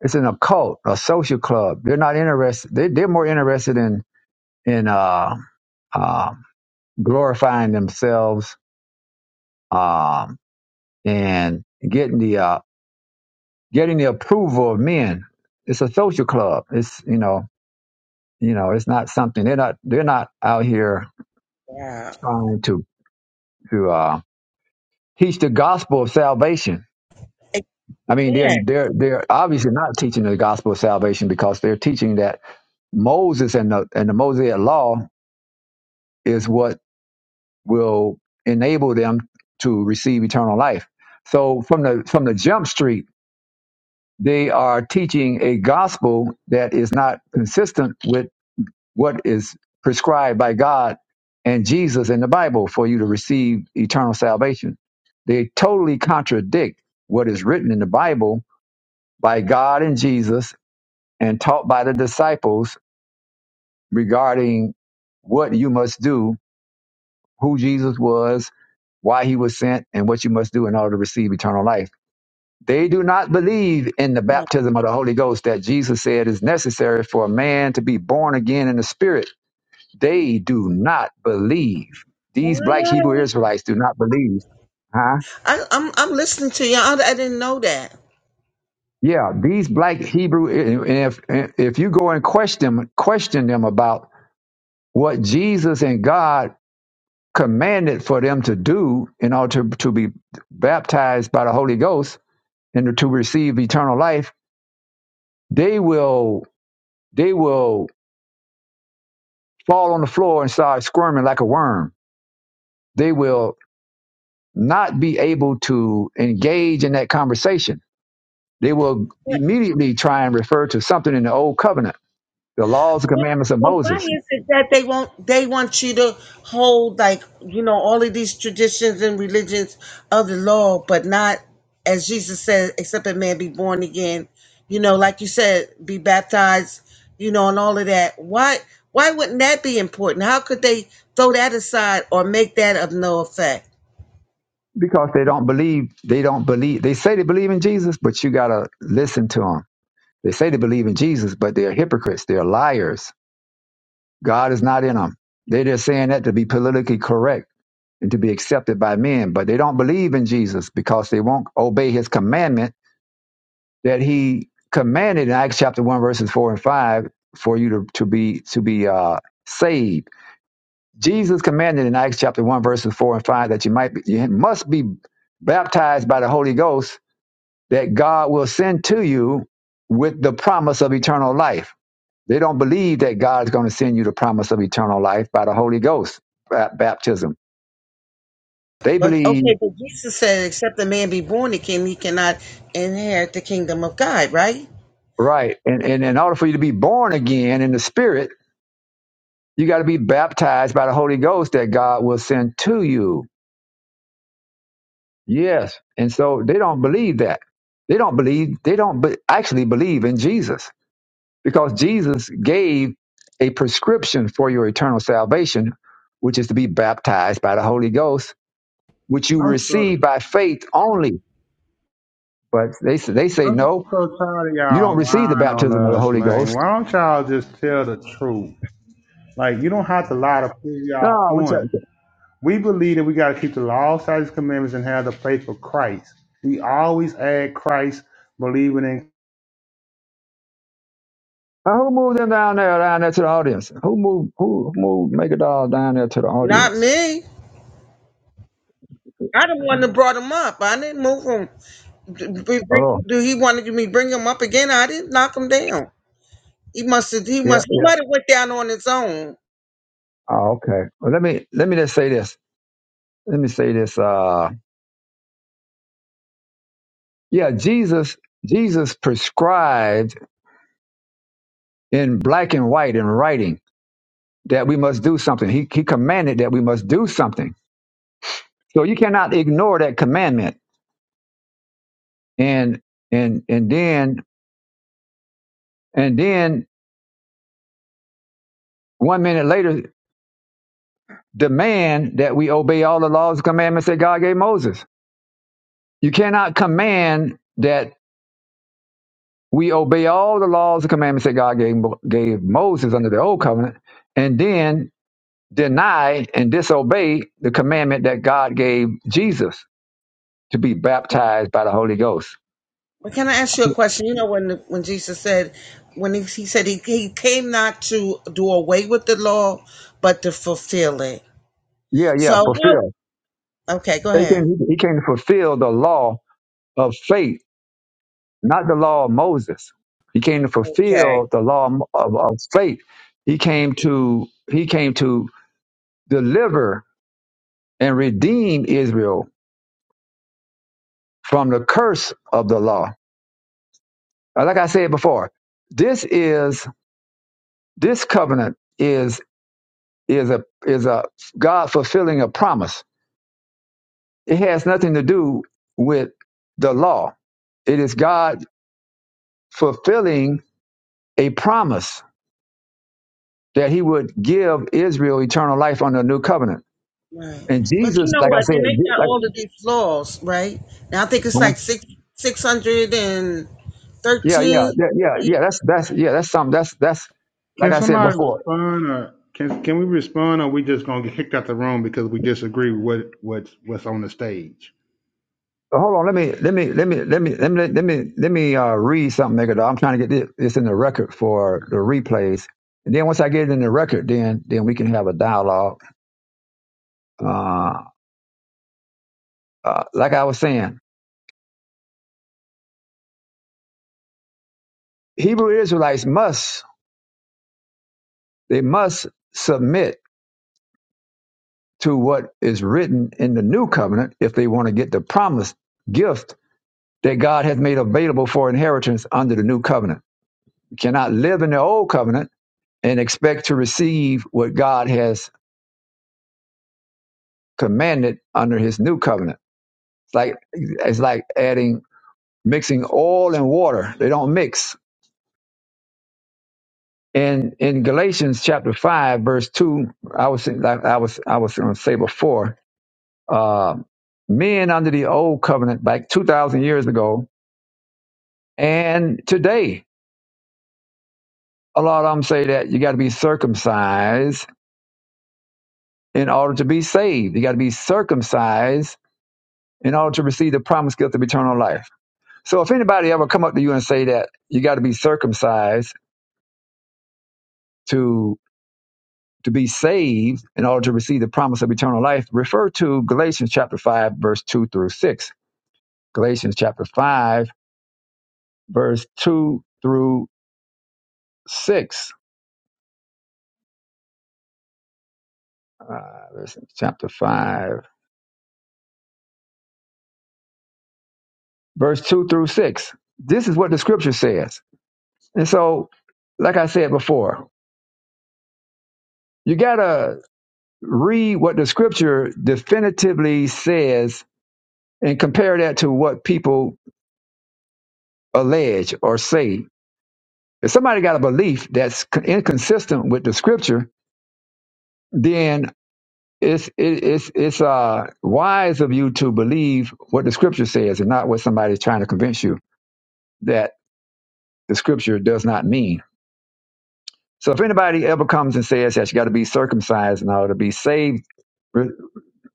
S1: It's an occult, a social club. They're not interested. They, they're more interested in in uh, uh, glorifying themselves um, and getting the uh, getting the approval of men. It's a social club. It's you know you know it's not something they're not they're not out here
S4: that?
S1: trying to to uh, teach the gospel of salvation. I mean
S4: Yeah.
S1: they're they're they're obviously not teaching the gospel of salvation because they're teaching that Moses and the and the Mosaic law is what will enable them to receive eternal life. So from the from the jump street, they are teaching a gospel that is not consistent with what is prescribed by God and Jesus in the Bible for you to receive eternal salvation. They totally contradict what is written in the Bible by God and Jesus and taught by the disciples regarding what you must do who Jesus was, why he was sent, and what you must do in order to receive eternal life. They do not believe in the
S4: Why?
S1: baptism of the Holy Ghost that Jesus said is necessary for a man to be born again in the Spirit. They do not believe. These black Hebrew Israelites do not believe. Huh?
S4: I, I'm I'm listening to you. I, I didn't know that.
S1: Yeah, these black Hebrew. And if if you go and question them, question them about what Jesus and God commanded for them to do in order to, to be baptized by the Holy Ghost, and to receive eternal life, they will they will fall on the floor and start squirming like a worm. They will not be able to engage in that conversation. They will immediately try and refer to something in the old covenant, the laws and commandments of
S4: Well, why
S1: Moses,
S4: is it that they won't? They want you to hold like you know all of these traditions and religions of the law, but not as Jesus said, except a man be born again. You know, like you said, be baptized. You know, and all of that. Why? Why wouldn't that be important? How could they throw that aside or make that of no effect?
S1: because they don't believe they don't believe they say they believe in Jesus, but you gotta listen to them. They say they believe in Jesus, but they're hypocrites, they're liars. God is not in them. They're just saying that to be politically correct and to be accepted by men, but they don't believe in Jesus because they won't obey his commandment that he commanded in Acts chapter one verses four and five for you to, to be to be uh, saved. Jesus commanded in Acts chapter one verses four and five that you might be, you must be baptized by the Holy Ghost that God will send to you with the promise of eternal life. They don't believe that God is going to send you the promise of eternal life by the Holy Ghost ba- baptism. They
S4: But
S1: believe
S4: okay, but Jesus said, except a man be born again, he cannot inherit the kingdom of God, right?
S1: Right. And, and in order for you to be born again in the spirit, you got to be baptized by the Holy Ghost that God will send to you. Yes. And so they don't believe that. They don't believe, they don't be, actually believe in Jesus because Jesus gave a prescription for your eternal salvation, which is to be baptized by the Holy Ghost, which you
S8: I'm so
S1: receive by faith only. But they, say- they say,
S8: I'm
S1: no,
S8: so tired of
S1: you don't
S8: y'all
S1: receive the
S8: lying on
S1: baptism of the
S8: us,
S1: Holy
S8: man.
S1: Ghost.
S8: Why don't y'all just tell the truth? Like you don't have to lie to prove
S1: No,
S8: y'all
S1: what's that?
S8: point. We believe that we gotta keep the law, statutes, commandments, and have the faith of Christ. We always add Christ, believing in.
S1: Now, who moved them down there, down there to the audience? Who moved, who, who moved Make a Doll down there to the
S4: Not
S1: audience?
S4: me. I the one that
S1: Yeah.
S4: brought him up. I didn't move him. D- b- bring-
S1: Oh,
S4: Do he wanted me to bring him up again? I didn't knock him down. He must have. He
S1: yeah,
S4: must. He
S1: yeah.
S4: might have went down on his own.
S1: Oh, okay. Well, let me, let me just say this. Let me say this. Uh, yeah, Jesus, Jesus prescribed in black and white in writing that we must do something. He, he commanded that we must do something. So you cannot ignore that commandment. And, and, and then, and then one minute later, demand that we obey all the laws and commandments that God gave Moses. You cannot command that we obey all the laws and commandments that God gave, Mo- gave Moses under the old covenant and then deny and disobey the commandment that God gave Jesus to be baptized by the Holy Ghost.
S4: But can I ask you a question? You know when the, when Jesus said when he, he said he, he came not to do away with the law, but to fulfill it.
S1: Yeah,
S4: So
S1: yeah,
S4: how-
S1: fulfill.
S4: okay, go
S1: He
S4: ahead.
S1: came, he came to fulfill the law of faith, not the law of Moses. He came to
S4: Okay.
S1: fulfill the law of, of faith. He came to he came to deliver and redeem Israel from the curse of the law. Uh, Like I said before, this is this covenant is is a is a God fulfilling a promise. It has nothing to do with the law. It is God fulfilling a promise that He would give Israel eternal life under a new covenant.
S4: Right.
S1: And
S4: But you
S1: Jesus,
S4: know
S1: like I
S4: what?
S1: said,
S4: Then they got
S1: like
S4: all of these laws, right? Now I think it's like six six hundred and
S1: yeah, yeah,
S4: thirteen.
S1: yeah,
S4: I
S1: yeah, yeah.
S4: believe.
S1: That's that's yeah, that's something. That's that's like
S8: Can
S1: I said
S8: somebody
S1: before.
S8: respond, or can can we respond, or we just gonna get kicked out the room because we disagree with what what's what's on the stage?
S1: So hold on. Let me let me let me let me let me let me let me uh, read something, Megadol. I'm trying to get this, this in the record for the replays, and then once I get it in the record, then then we can have a dialogue. Uh, uh, like I was saying, Hebrew Israelites must they must submit to what is written in the New Covenant if they want to get the promised gift that God has made available for inheritance under the New Covenant. You cannot live in the Old Covenant and expect to receive what God has commanded under his new covenant. It's like it's like adding mixing oil and water. They don't mix. And in Galatians chapter five, verse two, I was like I was I was going to say before, uh, men under the old covenant back two thousand years ago, and today a lot of them say that you got to be circumcised in order to be saved. You got to be circumcised in order to receive the promised gift of eternal life So if anybody ever come up to you and say that you got to be circumcised to to be saved in order to receive the promise of eternal life, refer to Galatians chapter five, verse two through six. Galatians chapter five, verse two through six. Uh, chapter five, verse two through six. This is what the scripture says. And so, like I said before, you gotta read what the scripture definitively says and compare that to what people allege or say. If somebody got a belief that's con- inconsistent with the scripture, then it's it, it's it's uh wise of you to believe what the scripture says and not what somebody's trying to convince you that the scripture does not mean. So if anybody ever comes and says that you got to be circumcised in order to be saved, re-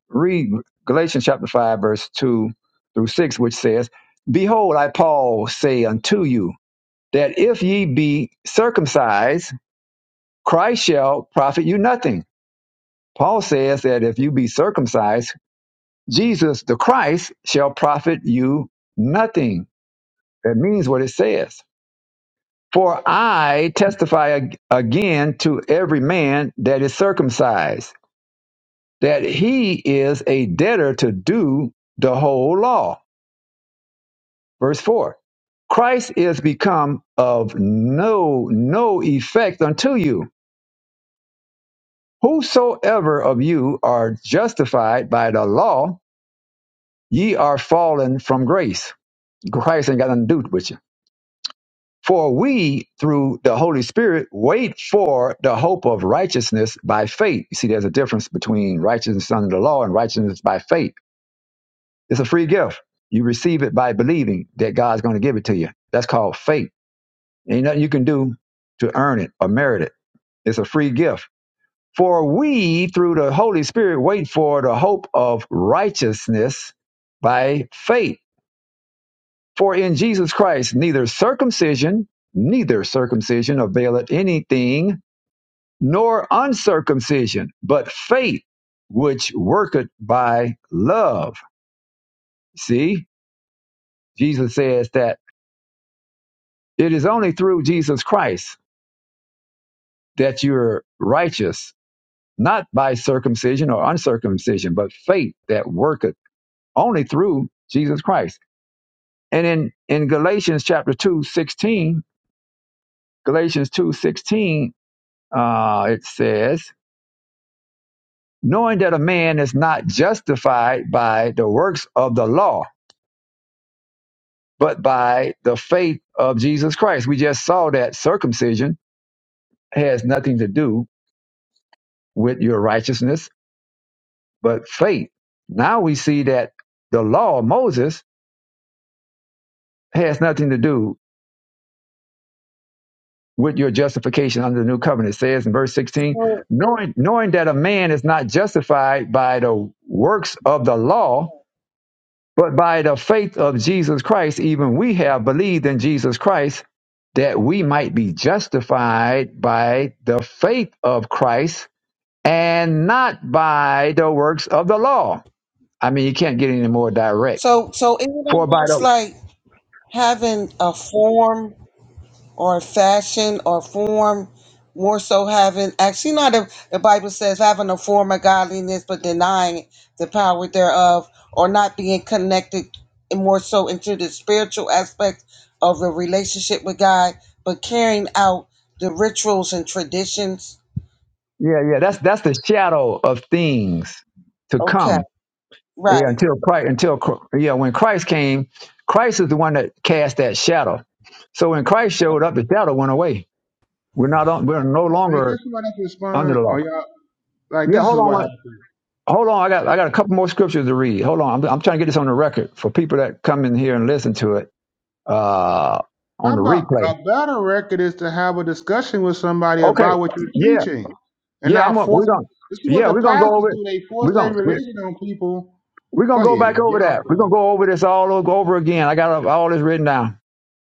S1: read Galatians chapter five verse two through six, which says, "Behold, I Paul say unto you that if ye be circumcised." Christ shall profit you nothing. Paul says that if you be circumcised, Jesus the Christ shall profit you nothing. That means what it says. For I testify ag- again to every man that is circumcised, that he is a debtor to do the whole law. Verse 4 Christ is become of no, no effect unto you. Whosoever of you are justified by the law, Ye are fallen from grace. Christ ain't got nothing to do with you. For we, through the Holy Spirit, wait for the hope of righteousness by faith. You see, there's a difference between righteousness under the law and righteousness by faith. It's a free gift. You receive it by believing that God's going to give it to you. That's called faith. Ain't nothing you can do to earn it or merit it. It's a free gift. For we, through the Holy Spirit, wait for the hope of righteousness by faith. For in Jesus Christ neither circumcision, neither circumcision availeth anything, nor uncircumcision, but faith which worketh by love. See, Jesus says that it is only through Jesus Christ that you're righteous, not by circumcision or uncircumcision, but faith that worketh only through Jesus Christ. And in, in Galatians chapter 2 16, Galatians 2 16, uh, it says, knowing that a man is not justified by the works of the law, but by the faith of Jesus Christ. We just saw that circumcision has nothing to do with your righteousness, but faith. Now we see that the law of Moses has nothing to do with your justification under the new covenant. It says in verse 16, knowing, knowing that a man is not justified by the works of the law, But by the faith of Jesus Christ, even we have believed in Jesus Christ that we might be justified by the faith of Christ and not by the works of the law. I mean, you can't get any more direct.
S4: So, so is it was
S1: For by
S4: almost
S1: the
S4: like having a form or a fashion or form, more so having actually not the, the Bible says having a form of godliness but denying the power thereof, or not being connected and more so into the spiritual aspect of the relationship with God, but carrying out the rituals and traditions.
S1: yeah, yeah, that's that's the shadow of things to
S4: Okay,
S1: come. Yeah,
S4: right.
S1: until Christ, until Chr- yeah, when Christ came, Christ is the one that cast that shadow. So when Christ showed up, the shadow went away. We're not on, we're no
S8: Man,
S1: longer
S8: can somebody
S1: under
S8: respond?
S1: the law.
S8: Or y'all like
S1: Yeah,
S8: this is
S1: hold on.
S8: what
S1: one-
S8: happened.
S1: Hold on. I got I got a couple more scriptures to read. Hold on. I'm, I'm trying to get this on the record for people that come in here and listen to it uh, on
S8: How
S1: the
S8: about
S1: replay.
S8: a better record is to have a discussion with somebody
S1: Okay.
S8: about what you're
S1: Yeah.
S8: teaching and
S1: Yeah. I'm.
S8: not
S1: Gonna, we're
S8: forcing.
S1: gonna.
S8: This is what
S1: Yeah,
S8: the
S1: we're gonna go
S8: pastors
S1: over it.
S8: do. They force
S1: We're
S8: their
S1: gonna we're,
S8: religion on people.
S1: we're gonna
S8: Go
S1: go
S8: ahead.
S1: back over
S8: Y'all
S1: that. We're gonna
S8: got it.
S1: go over this all o- over again. I got all this written down.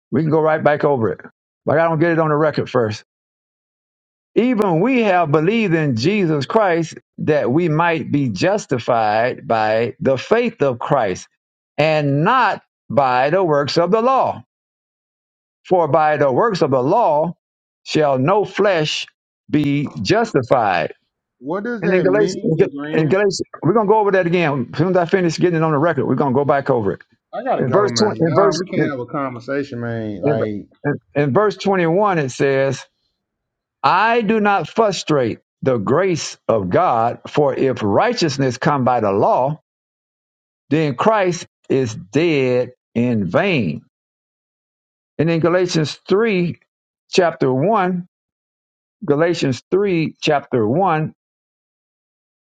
S1: We can go right back over it. But I don't get it on the record first. Even we have believed in Jesus Christ that we might be justified by the faith of Christ and not by the works of the law. For by the works of the law shall no flesh be justified.
S8: What does
S1: And in
S8: that
S1: Galatians,
S8: mean,
S1: in
S8: LeGrand?
S1: Galatians we're going to go over that again. As soon as I finish getting it on the record, we're going to go back over it.
S8: I gotta
S1: In
S8: go,
S1: verse
S8: man.
S1: 20, in
S8: Y'all,
S1: verse,
S8: we can't
S1: in,
S8: have a conversation, man.
S1: in,
S8: Like,
S1: in in verse 21, it says, I do not frustrate the grace of God, for if righteousness come by the law, then Christ is dead in vain. And in Galatians 3, chapter 1, Galatians 3, chapter 1,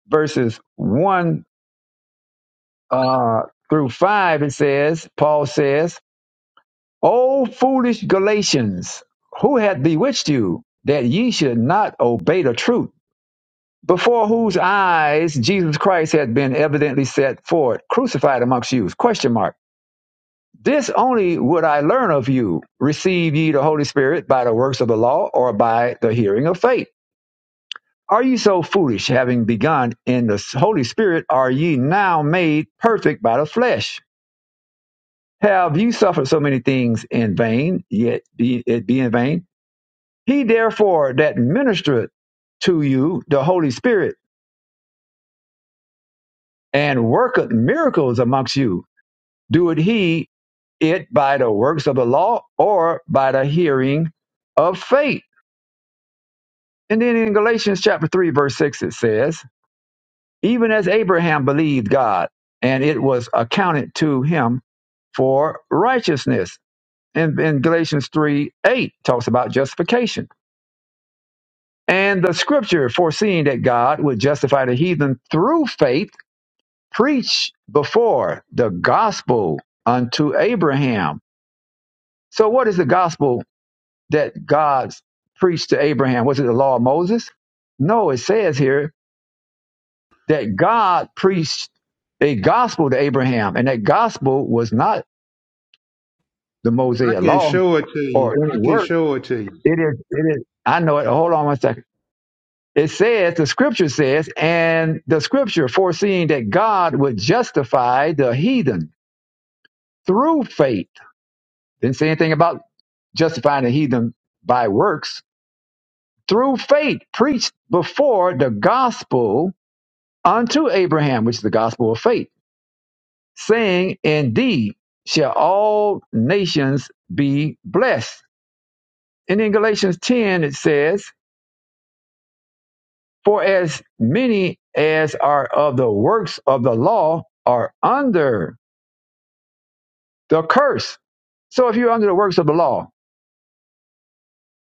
S1: verses 1 uh, through 5, it says, Paul says, O foolish Galatians, who hath bewitched you that ye should not obey the truth? before whose eyes Jesus Christ had been evidently set forth, crucified amongst you? Question mark. This only would I learn of you. Receive ye the Holy Spirit by the works of the law or by the hearing of faith? Are ye so foolish, having begun in the Holy Spirit, are ye now made perfect by the flesh? Have you suffered so many things in vain, yet be it be in vain? He therefore that ministereth to you the Holy Spirit and worketh miracles amongst you Doeth he it by the works of the law or by the hearing of faith? And then in Galatians chapter 3, verse 6, it says, Even as Abraham believed God, and it was accounted to him for righteousness. And in Galatians 3 8 talks about justification. And the scripture foreseeing that God would justify the heathen through faith, preached before the gospel unto Abraham. So, what is the gospel that God preached to Abraham? Was it the law of Moses? No, it says here that God preached a gospel to Abraham, and that gospel was not the
S8: I
S1: Mosaic
S8: can
S1: law
S8: show it to
S1: or
S8: you.
S1: any
S8: I can
S1: work.
S8: show it to you.
S1: It is, it is, I know it. Hold on one second. It says, the scripture says, and the scripture foreseeing that God would justify the heathen through faith. Didn't say anything about justifying the heathen by works. Through faith, preached before the gospel unto Abraham, which is the gospel of faith, saying, Indeed, shall all nations be blessed. And in Galatians 10, it says, For as many as are of the works of the law are under the curse. So if you're under the works of the law,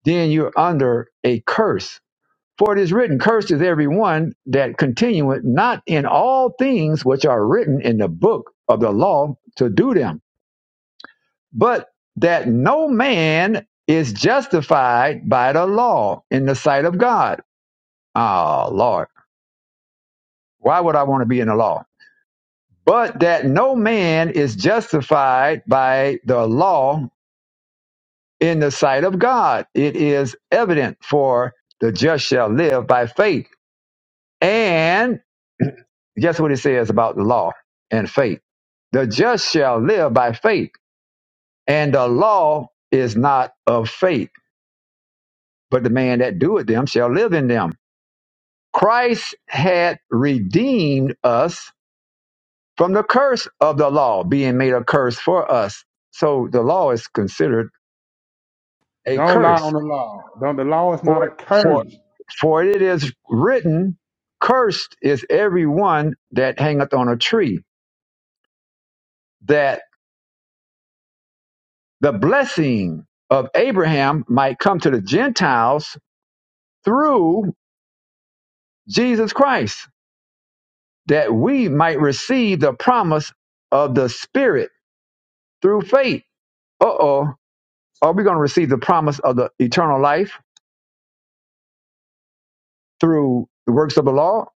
S1: then you're under a curse. For it is written, Cursed is every one that continueth not in all things which are written in the book of the law to do them. but that no man is justified by the law in the sight of God. Ah, Lord, why would I want to be in the law? But that no man is justified by the law in the sight of God. It is evident for the just shall live by faith. And guess what it says about the law and faith? The just shall live by faith, and the law is not of faith, but the man that doeth them shall live in them. Christ had redeemed us from the curse of the law, being made a curse for us. So the law is considered a
S8: Don't lie on
S1: curse.
S8: the law. Don't, the law is not a
S1: For for
S8: curse.
S1: for it is written, Cursed is everyone that hangeth on a tree, that the blessing of Abraham might come to the Gentiles through Jesus Christ, that we might receive the promise of the Spirit through faith. Uh oh Are we going to receive the promise of the eternal life through the works of the law?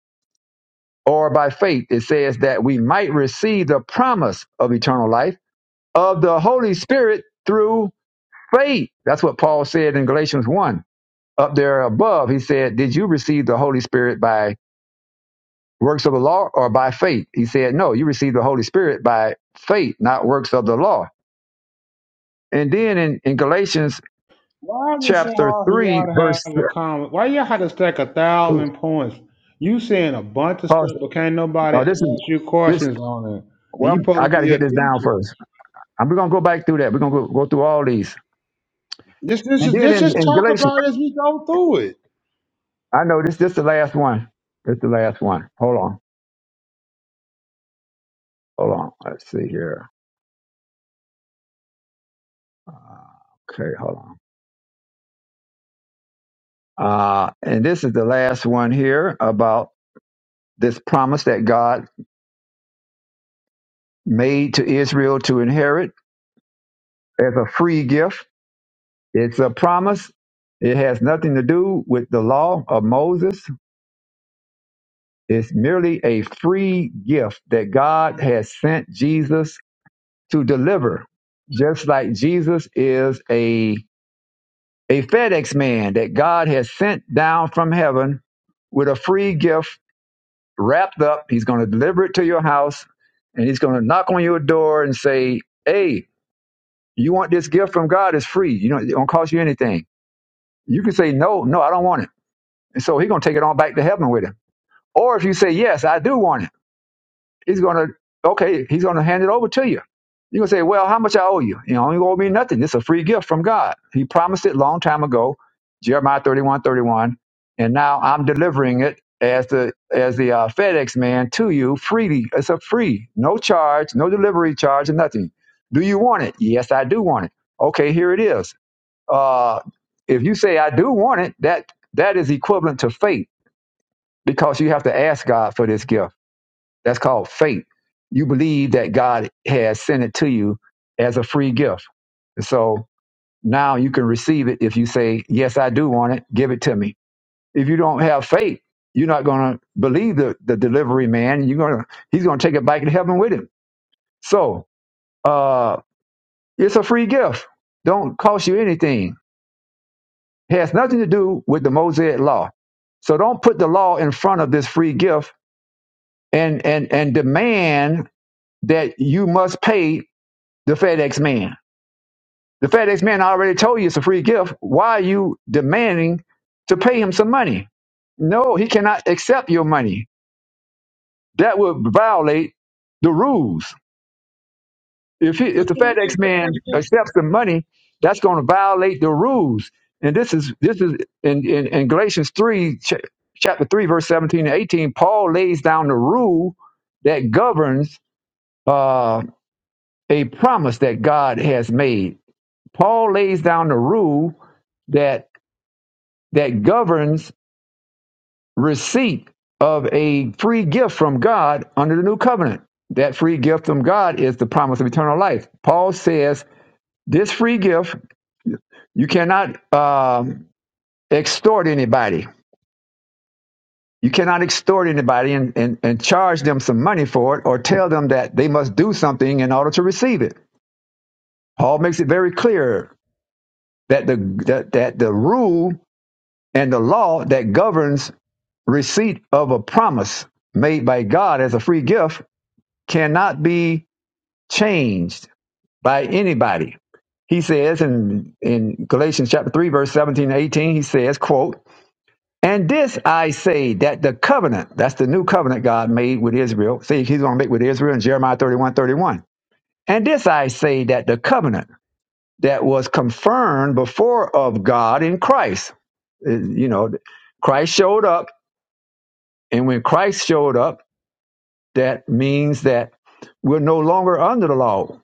S1: Or by faith, it says that we might receive the promise of eternal life of the Holy Spirit through faith. That's what Paul said in Galatians 1. Up there above, he said, Did you receive the Holy Spirit by works of the law or by faith? He said, No, you received the Holy Spirit by faith, not works of the law. And then in, in Galatians
S8: Why is it so
S1: chapter
S8: hard for
S1: 3,
S8: y'all to
S1: verse.
S8: have a comment? Why y'all had to stack a thousand points? You saying a bunch of
S1: Oh,
S8: stuff, but can't nobody ask
S1: this is.
S8: you
S1: this.
S8: questions on it. And
S1: Well,
S8: you
S1: I
S8: supposed to
S1: got to
S8: be a
S1: get this down
S8: teacher.
S1: first. And we're going to go back through that. We're going to go, go through all these.
S8: Just,
S1: And
S8: just,
S1: then
S8: just,
S1: in,
S8: just
S1: in
S8: talk
S1: Galatians,
S8: about it as we go through it.
S1: I know this this the last one. This the last one. Hold on. Hold on. Let's see here. Uh, okay, hold on. Uh, and this is the last one here about this promise that God made to Israel to inherit as a free gift. It's a promise. It has nothing to do with the law of Moses. It's merely a free gift that God has sent Jesus to deliver, just like Jesus is a, a FedEx man that God has sent down from heaven with a free gift wrapped up. He's going to deliver it to your house and he's going to knock on your door and say, Hey, you want this gift from God? It's free. You know, it don't cost you anything. You can say, No, no, I don't want it. And so he's going to take it on back to heaven with him. Or if you say, Yes, I do want it He's gonna okay, he's gonna hand it over to you. You're gonna say, Well, how much I owe you? You know, you owe me nothing. It's a free gift from God. He promised it a long time ago, Jeremiah 31 31, and now I'm delivering it as the as the uh, FedEx man to you freely. It's a free, no charge, no delivery charge, and nothing. Do you want it? Yes, I do want it. Okay, here it is. Uh, if you say I do want it, that that is equivalent to faith because you have to ask God for this gift that's called faith. You believe that God has sent it to you as a free gift. So now you can receive it if you say, Yes, I do want it, give it to me. If you don't have faith, you're not going to believe the, the delivery man. You're going to, he's going to take it back to heaven with him. So, uh, it's a free gift. Don't cost you anything. It has nothing to do with the Mosaic law. So don't put the law in front of this free gift and, and, and demand that you must pay the FedEx man. The FedEx man already told you it's a free gift. Why are you demanding to pay him some money? No, he cannot accept your money. That would violate the rules. If he, if
S4: But
S1: the
S4: can I
S1: FedEx
S4: ask a
S1: man
S4: question?
S1: accepts the money, that's going to violate the rules. And this is this is in in, in Galatians three ch- chapter three verse seventeen and eighteen. Paul lays down the rule that governs uh, a promise that God has made Paul lays down the rule that that governs receipt of a free gift from God under the new covenant. That free gift from God is the promise of eternal life. Paul says this free gift you cannot um, extort anybody. You cannot extort anybody and, and, and charge them some money for it or tell them that they must do something in order to receive it. Paul makes it very clear that the that, that the rule and the law that governs receipt of a promise made by God as a free gift cannot be changed by anybody. He says in, in Galatians chapter 3, verse 17 and 18, he says, quote, And this I say that the covenant, that's the new covenant God made with Israel. See, he's going to make with Israel in Jeremiah 31 31. And this I say that the covenant that was confirmed before of God in Christ, Uh, you know, Christ showed up. And when Christ showed up, That means that we're no longer under the law.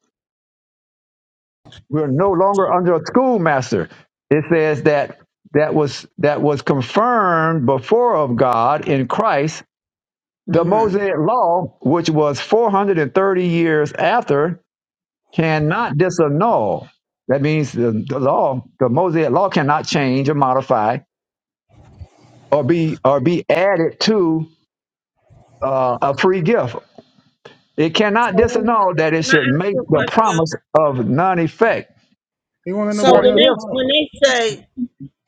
S1: We're no longer under a schoolmaster. It says that that was that was confirmed before of God in Christ. The
S4: hmm
S1: Mosaic law, which was 430 years after, cannot disannul. That means the, the law, the Mosaic law, cannot change or modify or be or be added to uh, a free gift. It cannot disannul that it
S4: Can
S1: should
S4: I ask
S1: make
S4: you a
S1: the
S4: question?
S1: promise of none effect
S8: You won't let
S4: So
S1: For
S8: nobody
S4: when
S8: else
S4: they
S1: if
S8: talk.
S4: when they say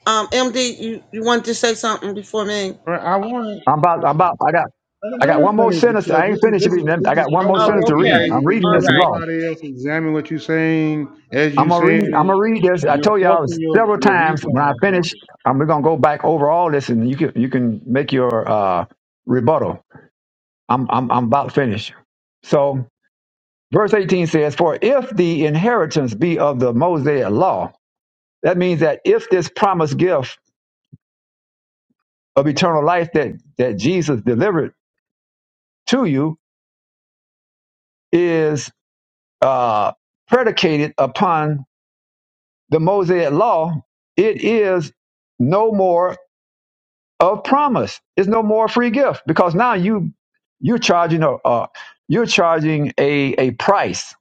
S4: Um, MD, you, you wanted to say something before me?
S8: Right? I want
S1: I'm about, I'm about, I got,
S8: let
S1: I
S8: let
S1: got
S8: us
S1: one more
S8: finish
S1: sentence.
S8: because
S1: I ain't
S8: this is
S1: finished
S8: this
S1: reading.
S8: is
S1: it.
S8: this
S1: I
S8: is
S1: got one more
S8: cold
S1: sentence
S8: like
S4: Oh,
S1: to read.
S4: okay.
S1: I'm
S8: behavior. Where you
S1: reading
S4: All
S1: this
S8: won't let
S4: right.
S1: law.
S8: nobody else examine what you're saying as
S1: I'm
S8: you
S1: gonna read.
S8: saying
S1: I'm
S8: it.
S1: gonna read this. I
S8: You're
S1: told y'all
S8: forcing your
S1: several
S8: your
S1: times when
S8: viewpoint
S1: I
S8: on people.
S1: finish. I'm we're gonna go back over all this, and you can you can make your uh, rebuttal. I'm I'm I'm about to finish. So verse 18 says, "For if the inheritance be of the Mosaic law, that means that if this promised gift of eternal life that that Jesus delivered to you is." uh, predicated upon the Mosaic law, it is no more of promise. It's no more free gift because now you you're charging a uh, you're charging a a price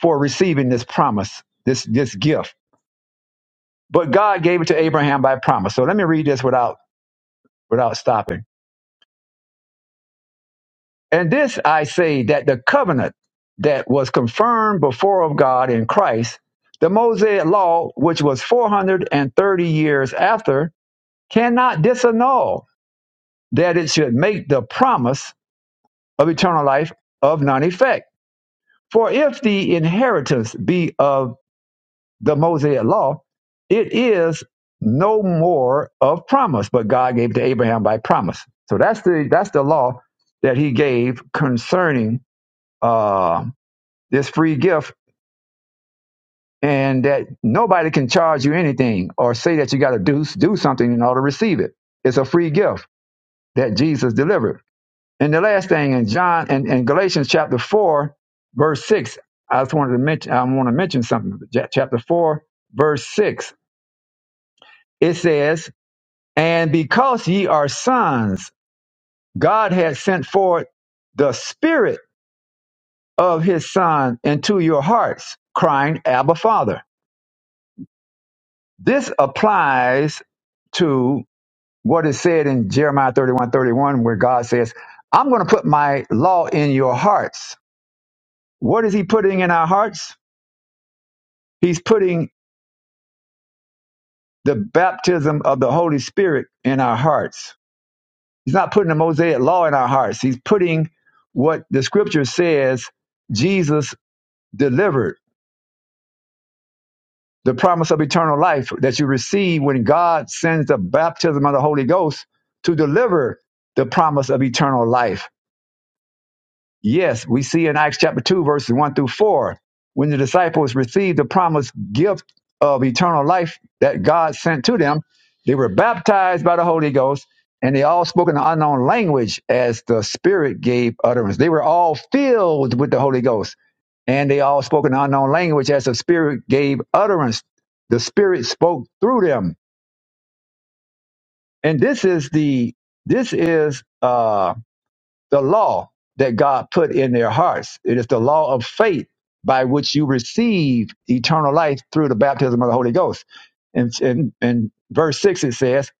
S1: for receiving this promise, this this gift. But God gave it to Abraham by promise. So let me read this without without stopping. And this I say that the covenant that was confirmed before of God in Christ, the Mosaic law, which was 430 years after, cannot disannul that it should make the promise of eternal life of none effect. For if the inheritance be of the Mosaic law, it is no more of promise, but God gave it to Abraham by promise. So that's the that's the law that He gave concerning uh, this free gift and that nobody can charge you anything or say that you got to do, do something in order to receive it. It's a free gift that Jesus delivered. And the last thing in John and in, in Galatians chapter four, verse six, I just wanted to mention, I want to mention something. Ja- Chapter four, verse six, it says, and because ye are sons, God has sent forth the spirit of his son into your hearts, crying, Abba Father. This applies to what is said in Jeremiah 31 31, where God says, I'm going to put my law in your hearts. What is He putting in our hearts? He's putting the baptism of the Holy Spirit in our hearts. He's not putting the Mosaic law in our hearts. He's putting what the scripture says Jesus delivered, the promise of eternal life that you receive when God sends the baptism of the Holy Ghost to deliver the promise of eternal life Yes, we see in Acts chapter 2, verses 1 through 4, when the disciples received the promised gift of eternal life that God sent to them, they were baptized by the Holy Ghost and they all spoke in an unknown language as the Spirit gave utterance. They were all filled with the Holy Ghost and they all spoke in an unknown language as the Spirit gave utterance. The Spirit spoke through them. And this is the, this is, uh the law that God put in their hearts. It is the law of faith by which you receive eternal life through the baptism of the Holy Ghost. And in, in verse 6, it says,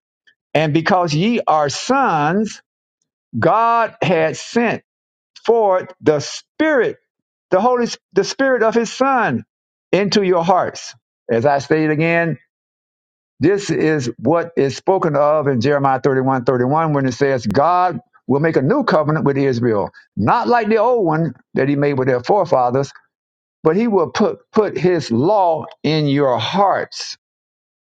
S1: And because ye are sons, God had sent forth the Spirit, the Holy the Spirit of His Son into your hearts. As I stated again, this is what is spoken of in Jeremiah 31, 31, when it says, God will make a new covenant with Israel, not like the old one that he made with their forefathers, but he will put, put his law in your hearts.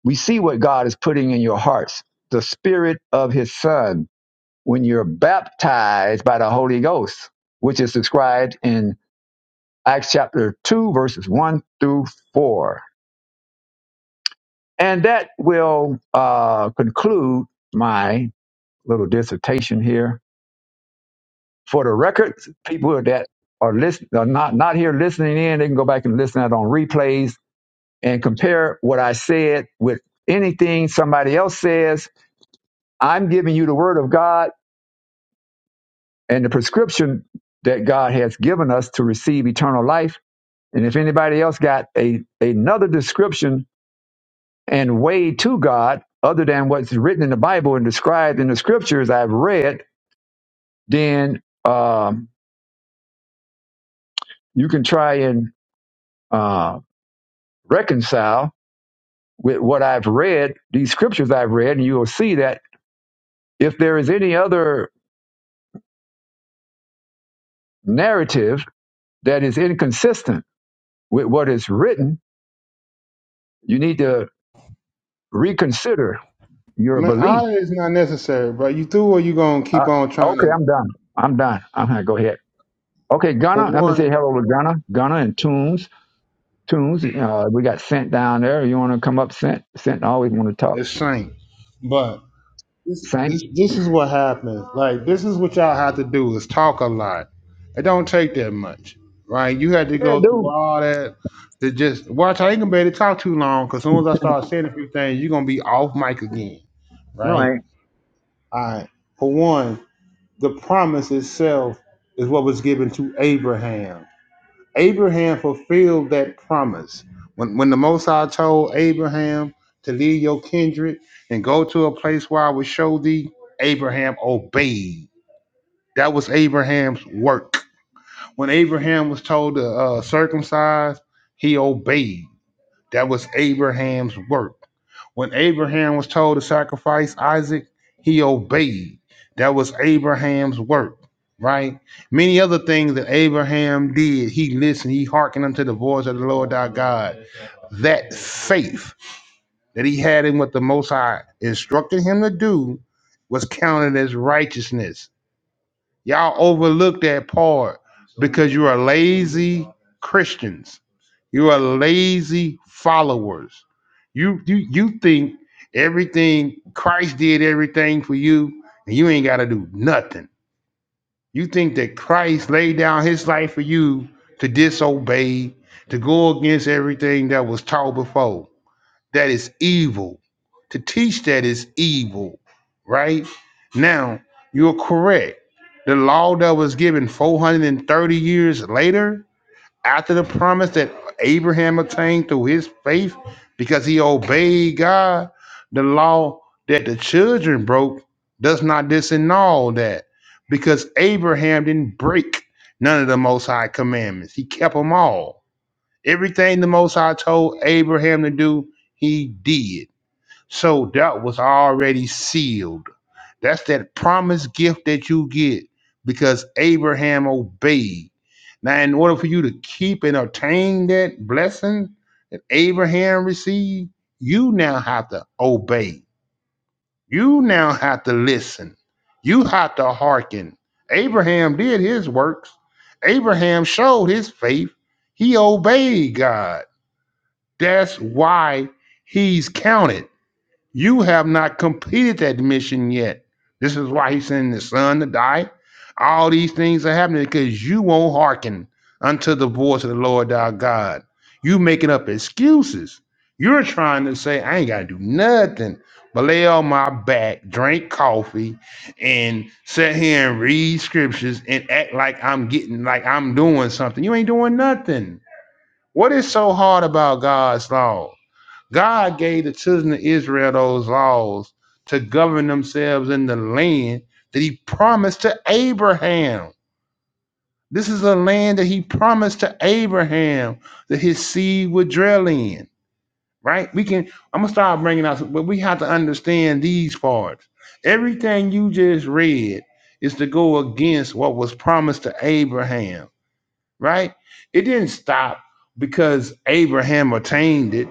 S1: We see what God is putting in your hearts the spirit of his son when you're baptized by the Holy Ghost, which is described in Acts chapter 2, verses 1 through 4. And that will uh, conclude my little dissertation here. For the record, people that are listen are not not here listening in, they can go back and listen out on replays and compare what I said with anything somebody else says. I'm giving you the word of God and the prescription that God has given us to receive eternal life. And if anybody else got a another description and way to God other than what's written in the Bible and described in the scriptures I've read, then um, you can try and uh, reconcile with what I've read, these scriptures I've read, and you will see that if there is any other narrative that is inconsistent with what is written, you need to reconsider your
S8: Man,
S1: belief.
S8: honor is not necessary, bro. You through or you gonna
S1: Uh,
S8: keep on trying
S1: okay,
S8: to?
S1: I'm done. I'm done. I'm gonna go ahead. Okay,
S8: For
S1: Gunner, let me say
S8: one,
S1: hello to Gunner. Gunner and Tunes. Tunes, uh, we got Sent down there. You want to come up, Sent? Sent always want to talk.
S8: it's shame, but this
S1: Saint?
S8: this this is what happens. Like this is what y'all have to do is talk a lot. It don't take that much, right? You had to
S1: Yeah,
S8: go through
S1: dude.
S8: all that to just watch. I ain't gonna be able to talk too long because as soon as I start saying a few things, you are gonna be off mic again,
S1: No, I
S8: right?
S1: ain't.
S8: All right. For one, the promise itself is what was given to Abraham Abraham fulfilled that promise. When, when the Most High told Abraham to leave your kindred and go to a place where I will show thee, Abraham obeyed. That was Abraham's work. When Abraham was told to uh, circumcise, he obeyed. That was Abraham's work. When Abraham was told to sacrifice Isaac, he obeyed. That was Abraham's work, right? Many other things that Abraham did, he listened, he hearkened unto the voice of the Lord our God. That faith that he had in what the Most High instructed him to do was counted as righteousness. Y'all overlooked that part because you are lazy Christians. You are lazy followers. You you you think everything Christ did everything for you, and you ain't got to do nothing. You think that Christ laid down His life for you to disobey, to go against everything that was taught before. That is evil. To teach that is evil, right? Now you're correct. The law that was given 430 years later after the promise that Abraham obtained through his faith because he obeyed God, the law that the children broke does not disannul that because Abraham didn't break none of the Most High commandments. He kept them all. Everything the Most High told Abraham to do, he did. So that was already sealed. That's that promised gift that you get because Abraham obeyed. Now, in order for you to keep and obtain that blessing that Abraham received, you now have to obey. You now have to listen. You have to hearken. Abraham did his works. Abraham showed his faith. He obeyed God. That's why he's counted. You have not completed that mission yet. This is why he's sending the son to die. All these things are happening because you won't hearken unto the voice of the Lord our God. You making up excuses. You're trying to say, I ain't gotta do nothing but lay on my back, drink coffee, and sit here and read scriptures and act like I'm getting like I'm doing something. You ain't doing nothing. What is so hard about God's law? God gave the children of Israel those laws to govern themselves in the land that he promised to Abraham. This is a land that he promised to Abraham that his seed would dwell in, right? We can, I'm going to start bringing out, but we have to understand these parts. Everything you just read is to go against what was promised to Abraham, right? It didn't stop because Abraham attained it.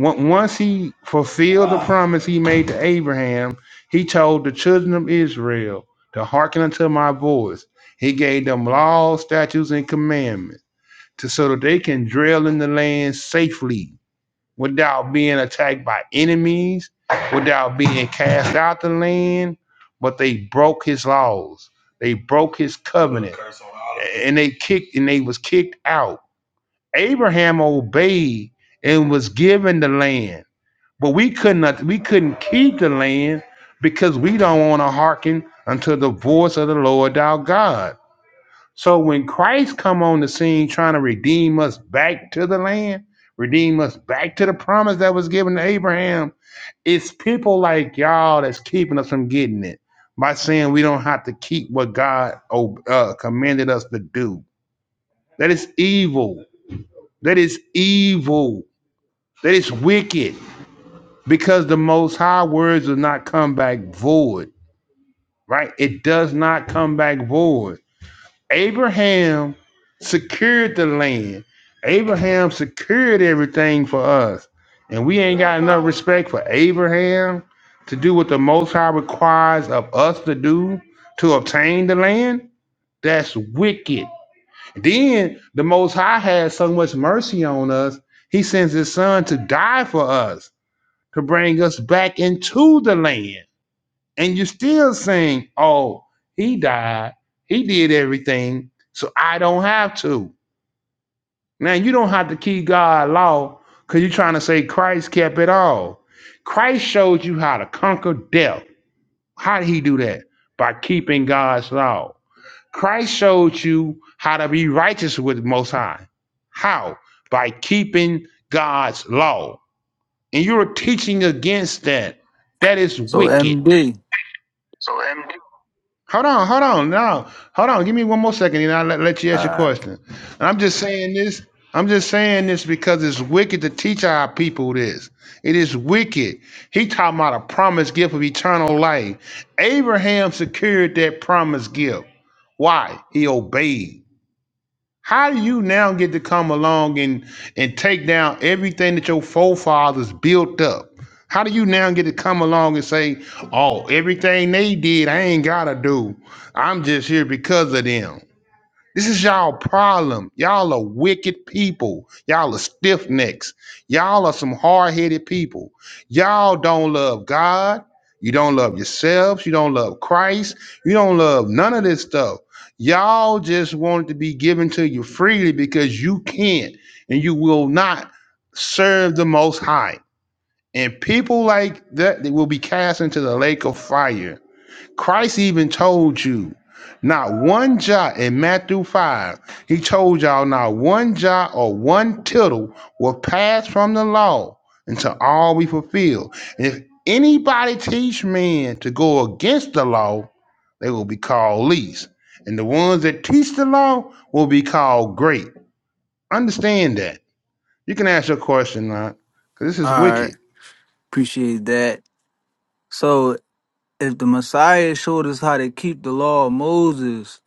S8: Once he fulfilled promise he made to Abraham, he told the children of Israel to hearken unto my voice. He gave them laws, statutes, and commandments to, so that they can dwell in the land safely without being attacked by enemies, without being cast out the land. But they broke his laws. They broke his covenant and they kicked and they was kicked out. Abraham obeyed and was given the land but we could not we couldn't keep the land because we don't want to hearken unto the voice of the Lord our God. So when Christ come on the scene trying to redeem us back to the land, redeem us back to the promise that was given to Abraham, it's people like y'all that's keeping us from getting it by saying we don't have to keep what God uh, commanded us to do. That is evil. That is evil. That is wicked. Because the most high words does not come back void, right? It does not come back void. Abraham secured the land. Abraham secured everything for us. And we ain't got enough respect for Abraham to do what the most high requires of us to do to obtain the land. That's wicked. Then the most high has so much mercy on us, he sends his son to die for us to bring us back into the land. And you're still saying, oh, he died. He did everything. So I don't have to. Now, you don't have to keep God's law because you're trying to say Christ kept it all. Christ showed you how to conquer death. How did he do that? By keeping God's law. Christ showed you how to be righteous with Most High. How? By keeping God's law. And you're teaching against that. That is
S9: So
S8: wicked.
S9: MD.
S8: Hold on, hold on, now, hold on. Give me one more second, and I'll let, let you ask your
S9: Alright.
S8: question. And I'm just saying this. I'm just saying this because it's wicked to teach our people this. It is wicked. He talking about a promised gift of eternal life. Abraham secured that promised gift. Why? He obeyed. How do you now get to come along and and take down everything that your forefathers built up? How do you now get to come along and say, "Oh, everything they did, I ain't gotta do. I'm just here because of them." This is y'all problem. Y'all are wicked people. Y'all are stiff necks. Y'all are some hard headed people. Y'all don't love God. You don't love yourselves. You don't love Christ. You don't love none of this stuff. Y'all just want it to be given to you freely because you can't and you will not serve the Most High. And people like that they will be cast into the lake of fire. Christ even told you not one jot in Matthew 5. He told y'all not one jot or one tittle will pass from the law until all we fulfill. And if anybody teach men to go against the law, they will be called least. And the ones that teach the law will be called great. Understand that. You can ask your question, because this is
S9: Alright.
S8: wicked.
S9: Appreciate that. So if the Messiah showed us how to keep the law of Moses,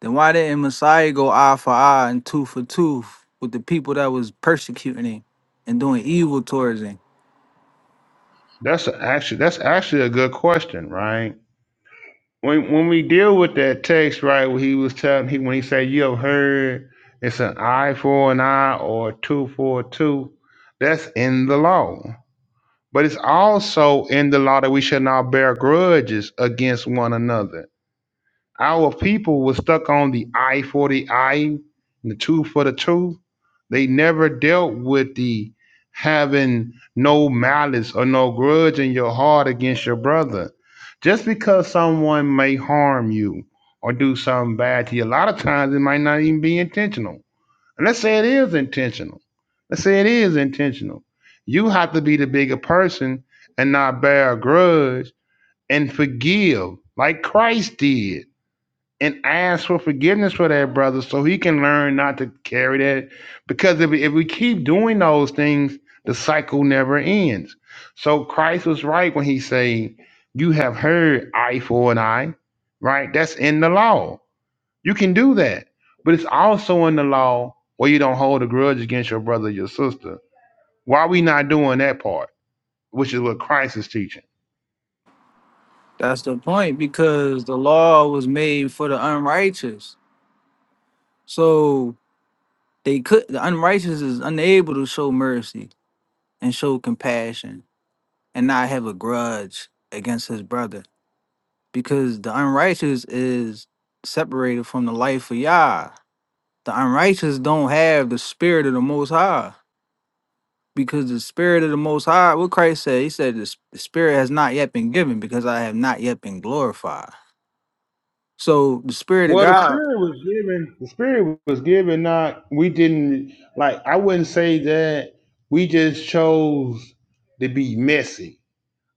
S9: then why didn't Messiah go eye for eye and tooth for tooth with the people that was persecuting him and doing evil towards him?
S8: That's a, actually that's actually a good question, right? when when we deal with that text, right? When he was telling he when he said you have heard it's an eye for an eye or two for a two, that's in the law. But it's also in the law that we should not bear grudges against one another. Our people were stuck on the I for the I, and the two for the two. They never dealt with the having no malice or no grudge in your heart against your brother. Just because someone may harm you or do something bad to you, a lot of times it might not even be intentional. And let's say it is intentional. Let's say it is intentional. You have to be the bigger person and not bear a grudge and forgive like Christ did and ask for forgiveness for that brother so he can learn not to carry that because if, if we keep doing those things the cycle never ends so christ was right when he said, you have heard eye for an eye right that's in the law you can do that but it's also in the law where you don't hold a grudge against your brother or your sister why are we not doing that part which is what christ is teaching
S9: That's the point, because the law was made for the unrighteous. So they could the unrighteous is unable to show mercy and show compassion and not have a grudge against his brother. because the unrighteous is separated from the life of Yah. The unrighteous don't have the spirit of the Most High because the spirit of the Most High, what Christ said, He said, the, s- the spirit has not yet been given because I have not yet been glorified. So the spirit of
S8: Well, the
S9: God,
S8: spirit was given. The spirit was given. Not we didn't like. I wouldn't say that we just chose to be messy.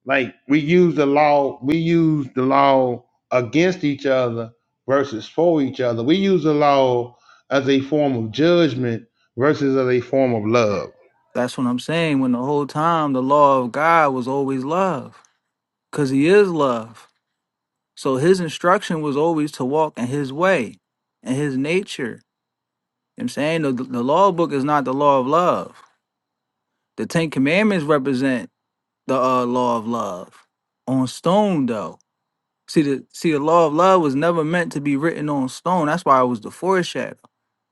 S8: Like we use the law. We use the law against each other versus for each other. We use the law as a form of judgment versus as a form of love.
S9: that's what I'm saying. When the whole time the law of God was always love because He is love. So His instruction was always to walk in His way and His nature. You know what I'm saying the, the law book is not the law of love The Ten Commandments represent the uh, law of love on stone, though. See the see the law of love was never meant to be written on stone. That's why it was the foreshadow.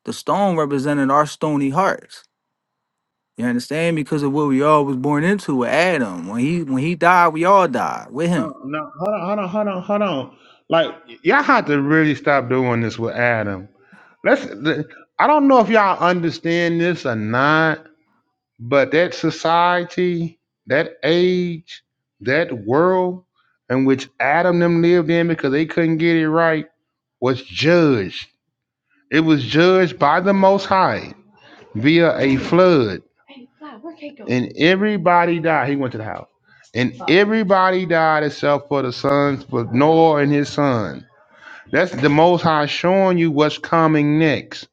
S9: The stone represented our stony hearts. You understand? Because of what we all was born into with Adam. When he when he died, we all died with
S8: Uh,
S9: him.
S8: no, hold on, hold on, hold on, hold on. Like y- y'all have to really stop doing this with Adam. Let's. th- I don't know if y'all understand this or not, but that society, that age, that world in which Adam them lived in because they couldn't get it right was judged. It was judged by the Most High via a flood, and everybody died. He went to the house. Everybody died except for the sons, for Noah and his son. That's the Most High showing you what's coming next,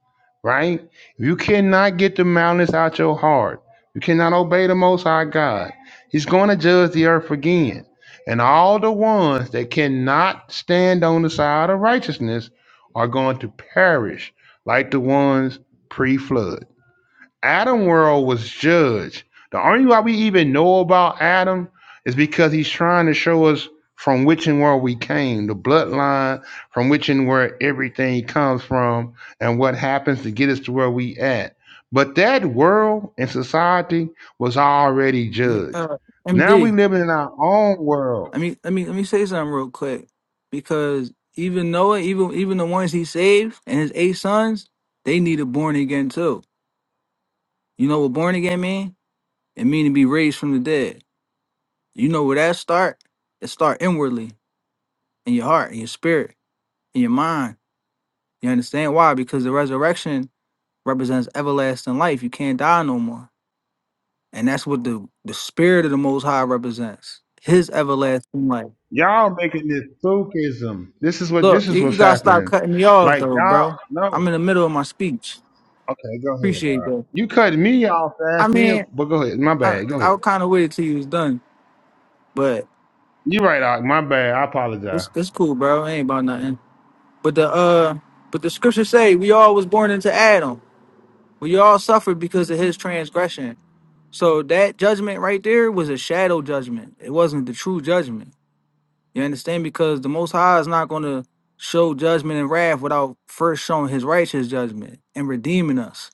S8: right? You cannot get the mountains out your heart. You cannot obey the Most High God. He's going to judge the earth again. And all the ones that cannot stand on the side of righteousness are going to perish like the ones pre flood. Adam world was judged. The only why we even know about Adam is because he's trying to show us from which and where we came, the bloodline from which and where everything comes from, and what happens to get us to where we at. But that world and society was already
S9: Let me,
S8: judged.
S9: uh,
S8: Now we
S9: MD.
S8: living in our own world.
S9: I mean, let me let me say something real quick because even Noah, even even the ones he saved and his eight sons, they needed born again too. You know what born again mean? It mean to be raised from the dead. You know where that start? It start inwardly in your heart, in your spirit, in your mind. You understand why? Because the resurrection represents everlasting life. You can't die no more. And that's what the, the spirit of the most high represents. His everlasting life.
S8: Y'all making this spookism. This is what
S9: Look,
S8: this is
S9: you, you
S8: what's
S9: gotta stop
S8: happening.
S9: cutting me off
S8: Like
S9: though,
S8: y'all
S9: bro.
S8: no.
S9: I'm in the middle of my speech.
S8: Okay, go ahead. All
S9: Appreciate
S8: right.
S9: that.
S8: You cut me off
S9: I
S8: fast, me, a-
S9: mean,
S8: but go ahead. My
S9: I
S8: bad. Go ahead.
S9: I kinda waited till you was done, but
S8: You right, Ark. My bad. I apologize.
S9: it's it's cool, bro. It ain't about nothing. But the uh but the scripture say we all was born into Adam. We all suffered because of his transgression. So that judgment right there was a shadow judgment. It wasn't the true judgment. You understand? Because the most high is not gonna show judgment and wrath without first showing his righteous judgment and redeeming us.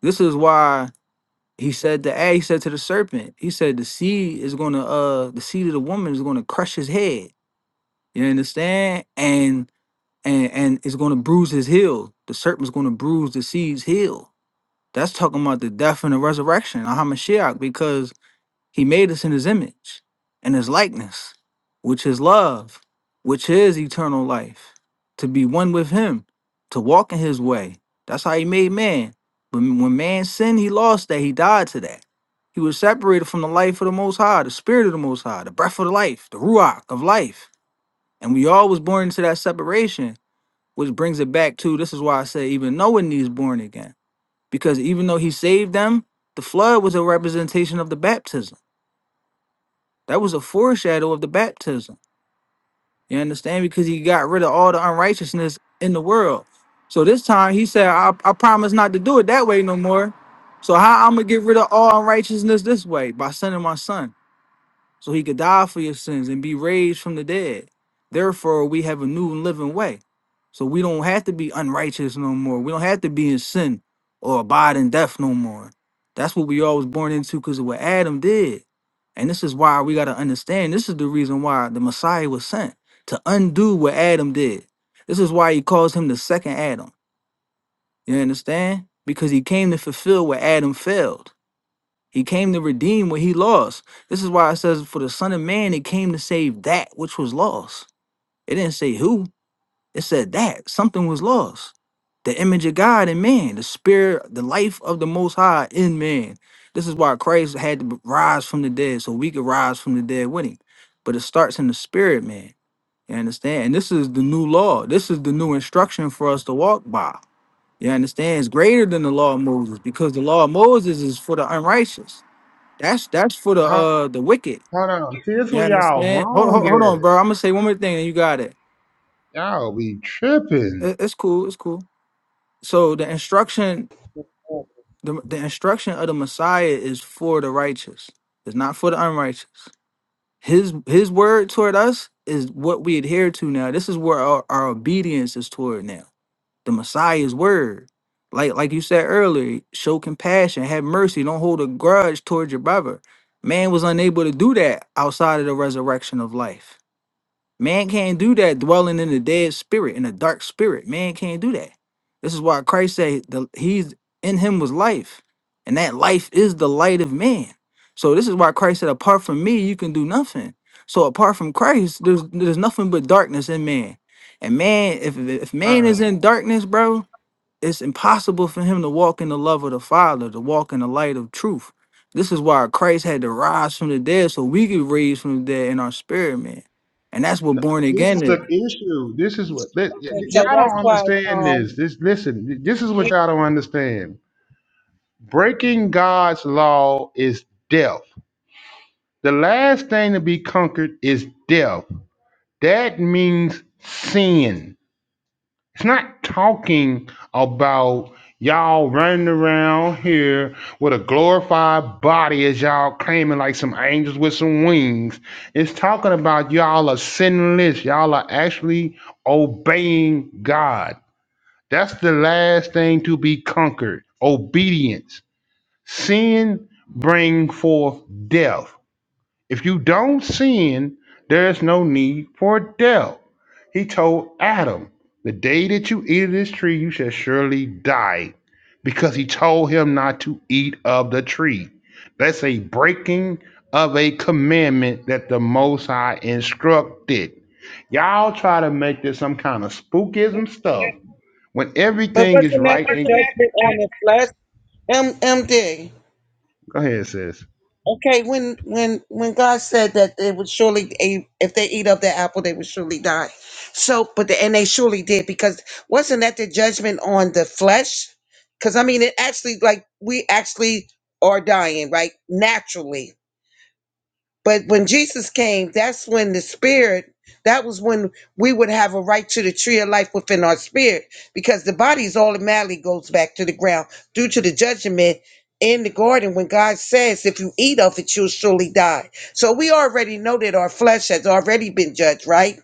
S9: This is why he said to A, he said to the serpent, he said the seed is gonna uh the seed of the woman is gonna crush his head. You understand? And and and it's going to bruise his heel. The serpent's going to bruise the seed's heel. That's talking about the death and the resurrection of Hamashiach because he made us in his image and his likeness, which is love, which is eternal life, to be one with him, to walk in his way. That's how he made man. But when when man sinned, he lost that. He died to that. He was separated from the life of the Most High, the Spirit of the Most High, the breath of life, the Ruach of life. And we all was born into that separation which brings it back to this is why I say even Noah needs born again. Because even though he saved them, the flood was a representation of the baptism. That was a foreshadow of the baptism. You understand? Because he got rid of all the unrighteousness in the world. So this time he said, I, I promise not to do it that way no more. So how I'm gonna get rid of all unrighteousness this way? By sending my son. so he could die for your sins and be raised from the dead. Therefore, we have a new and living way. So we don't have to be unrighteous no more. We don't have to be in sin or abide in death no more. That's what we all was born into because of what Adam did. And this is why we got to understand this is the reason why the Messiah was sent to undo what Adam did. This is why he calls him the second Adam. You understand? Because he came to fulfill what Adam failed. He came to redeem what he lost. This is why it says, For the Son of Man, it came to save that which was lost. It didn't say who, it said that something was lost. The image of God in man, the spirit, the life of the Most High in man. This is why Christ had to b- rise from the dead so we could rise from the dead with him. But it starts in the spirit, man. You understand? And this is the new law. This is the new instruction for us to walk by. You understand? It's greater than the law of Moses because the law of Moses is for the unrighteous. That's that's for the
S8: Hold,
S9: uh the wicked.
S8: hold on. See, this
S9: You
S8: where y'all
S9: understand? Hold,
S8: wrong
S9: hold, hold on,
S8: at.
S9: bro. I'm gonna say one more thing, and you got it.
S8: Y'all be tripping.
S9: It- It's cool. It's cool. So the instruction, the the instruction of the Messiah is for the righteous. It's not for the unrighteous. His his word toward us is what we adhere to now. This is where our, our obedience is toward now. The Messiah's word. Like like you said earlier, show compassion, have mercy, don't hold a grudge toward your brother. Man was unable to do that outside of the resurrection of life Man can't do that dwelling in the dead spirit, in a dark spirit. Man can't do that. This is why Christ said the, he's in him was life, and that life is the light of man. So this is why Christ said, apart from me, you can do nothing. So apart from Christ, there's there's nothing but darkness in man. And man, if if man
S8: Uh,
S9: is in darkness, bro, it's impossible for him to walk in the love of the Father, to walk in the light of truth. This is why Christ had to rise from the dead so we could raise from the dead in our spirit, man. And that's what
S8: no,
S9: born
S8: this is
S9: again is.
S8: the issue. This is what that, y- y-
S4: And so
S8: y'all
S4: that's
S8: don't
S4: why,
S8: understand.
S4: um,
S8: This, this, listen. This is what
S4: we,
S8: y'all don't understand. Breaking God's law is death. The last thing to be conquered is death. That means sin. It's not talking about y'all running around here with a glorified body as y'all claiming like some angels with some wings. It's talking about y'all are sinless. Y'all are actually obeying God. That's the last thing to be conquered. Obedience. Sin bring forth death. If you don't sin, there's no need for death. He told Adam, The day that you eat of this tree, you shall surely die, because he told him not to eat of the tree. That's a breaking of a commandment that the Most High instructed. Y'all try to make this some kind of spookism stuff when
S4: but
S8: everything is
S4: wasn't that
S8: right.
S4: the
S8: And-
S4: judgment on the flesh? M- MD.
S8: Go ahead, sis.
S4: Okay, when when when God said that they would surely a- if they eat of the apple they would surely die. So, but the, and they surely did because wasn't that the judgment on the flesh? Because I mean, it actually like we actually are dying right naturally. But when Jesus came, that's when the spirit, that was when we would have a right to the tree of life within our spirit because the body's automatically goes back to the ground due to the judgment in the garden when God says, if you eat of it, you'll surely die. So we already know that our flesh has already been judged, right?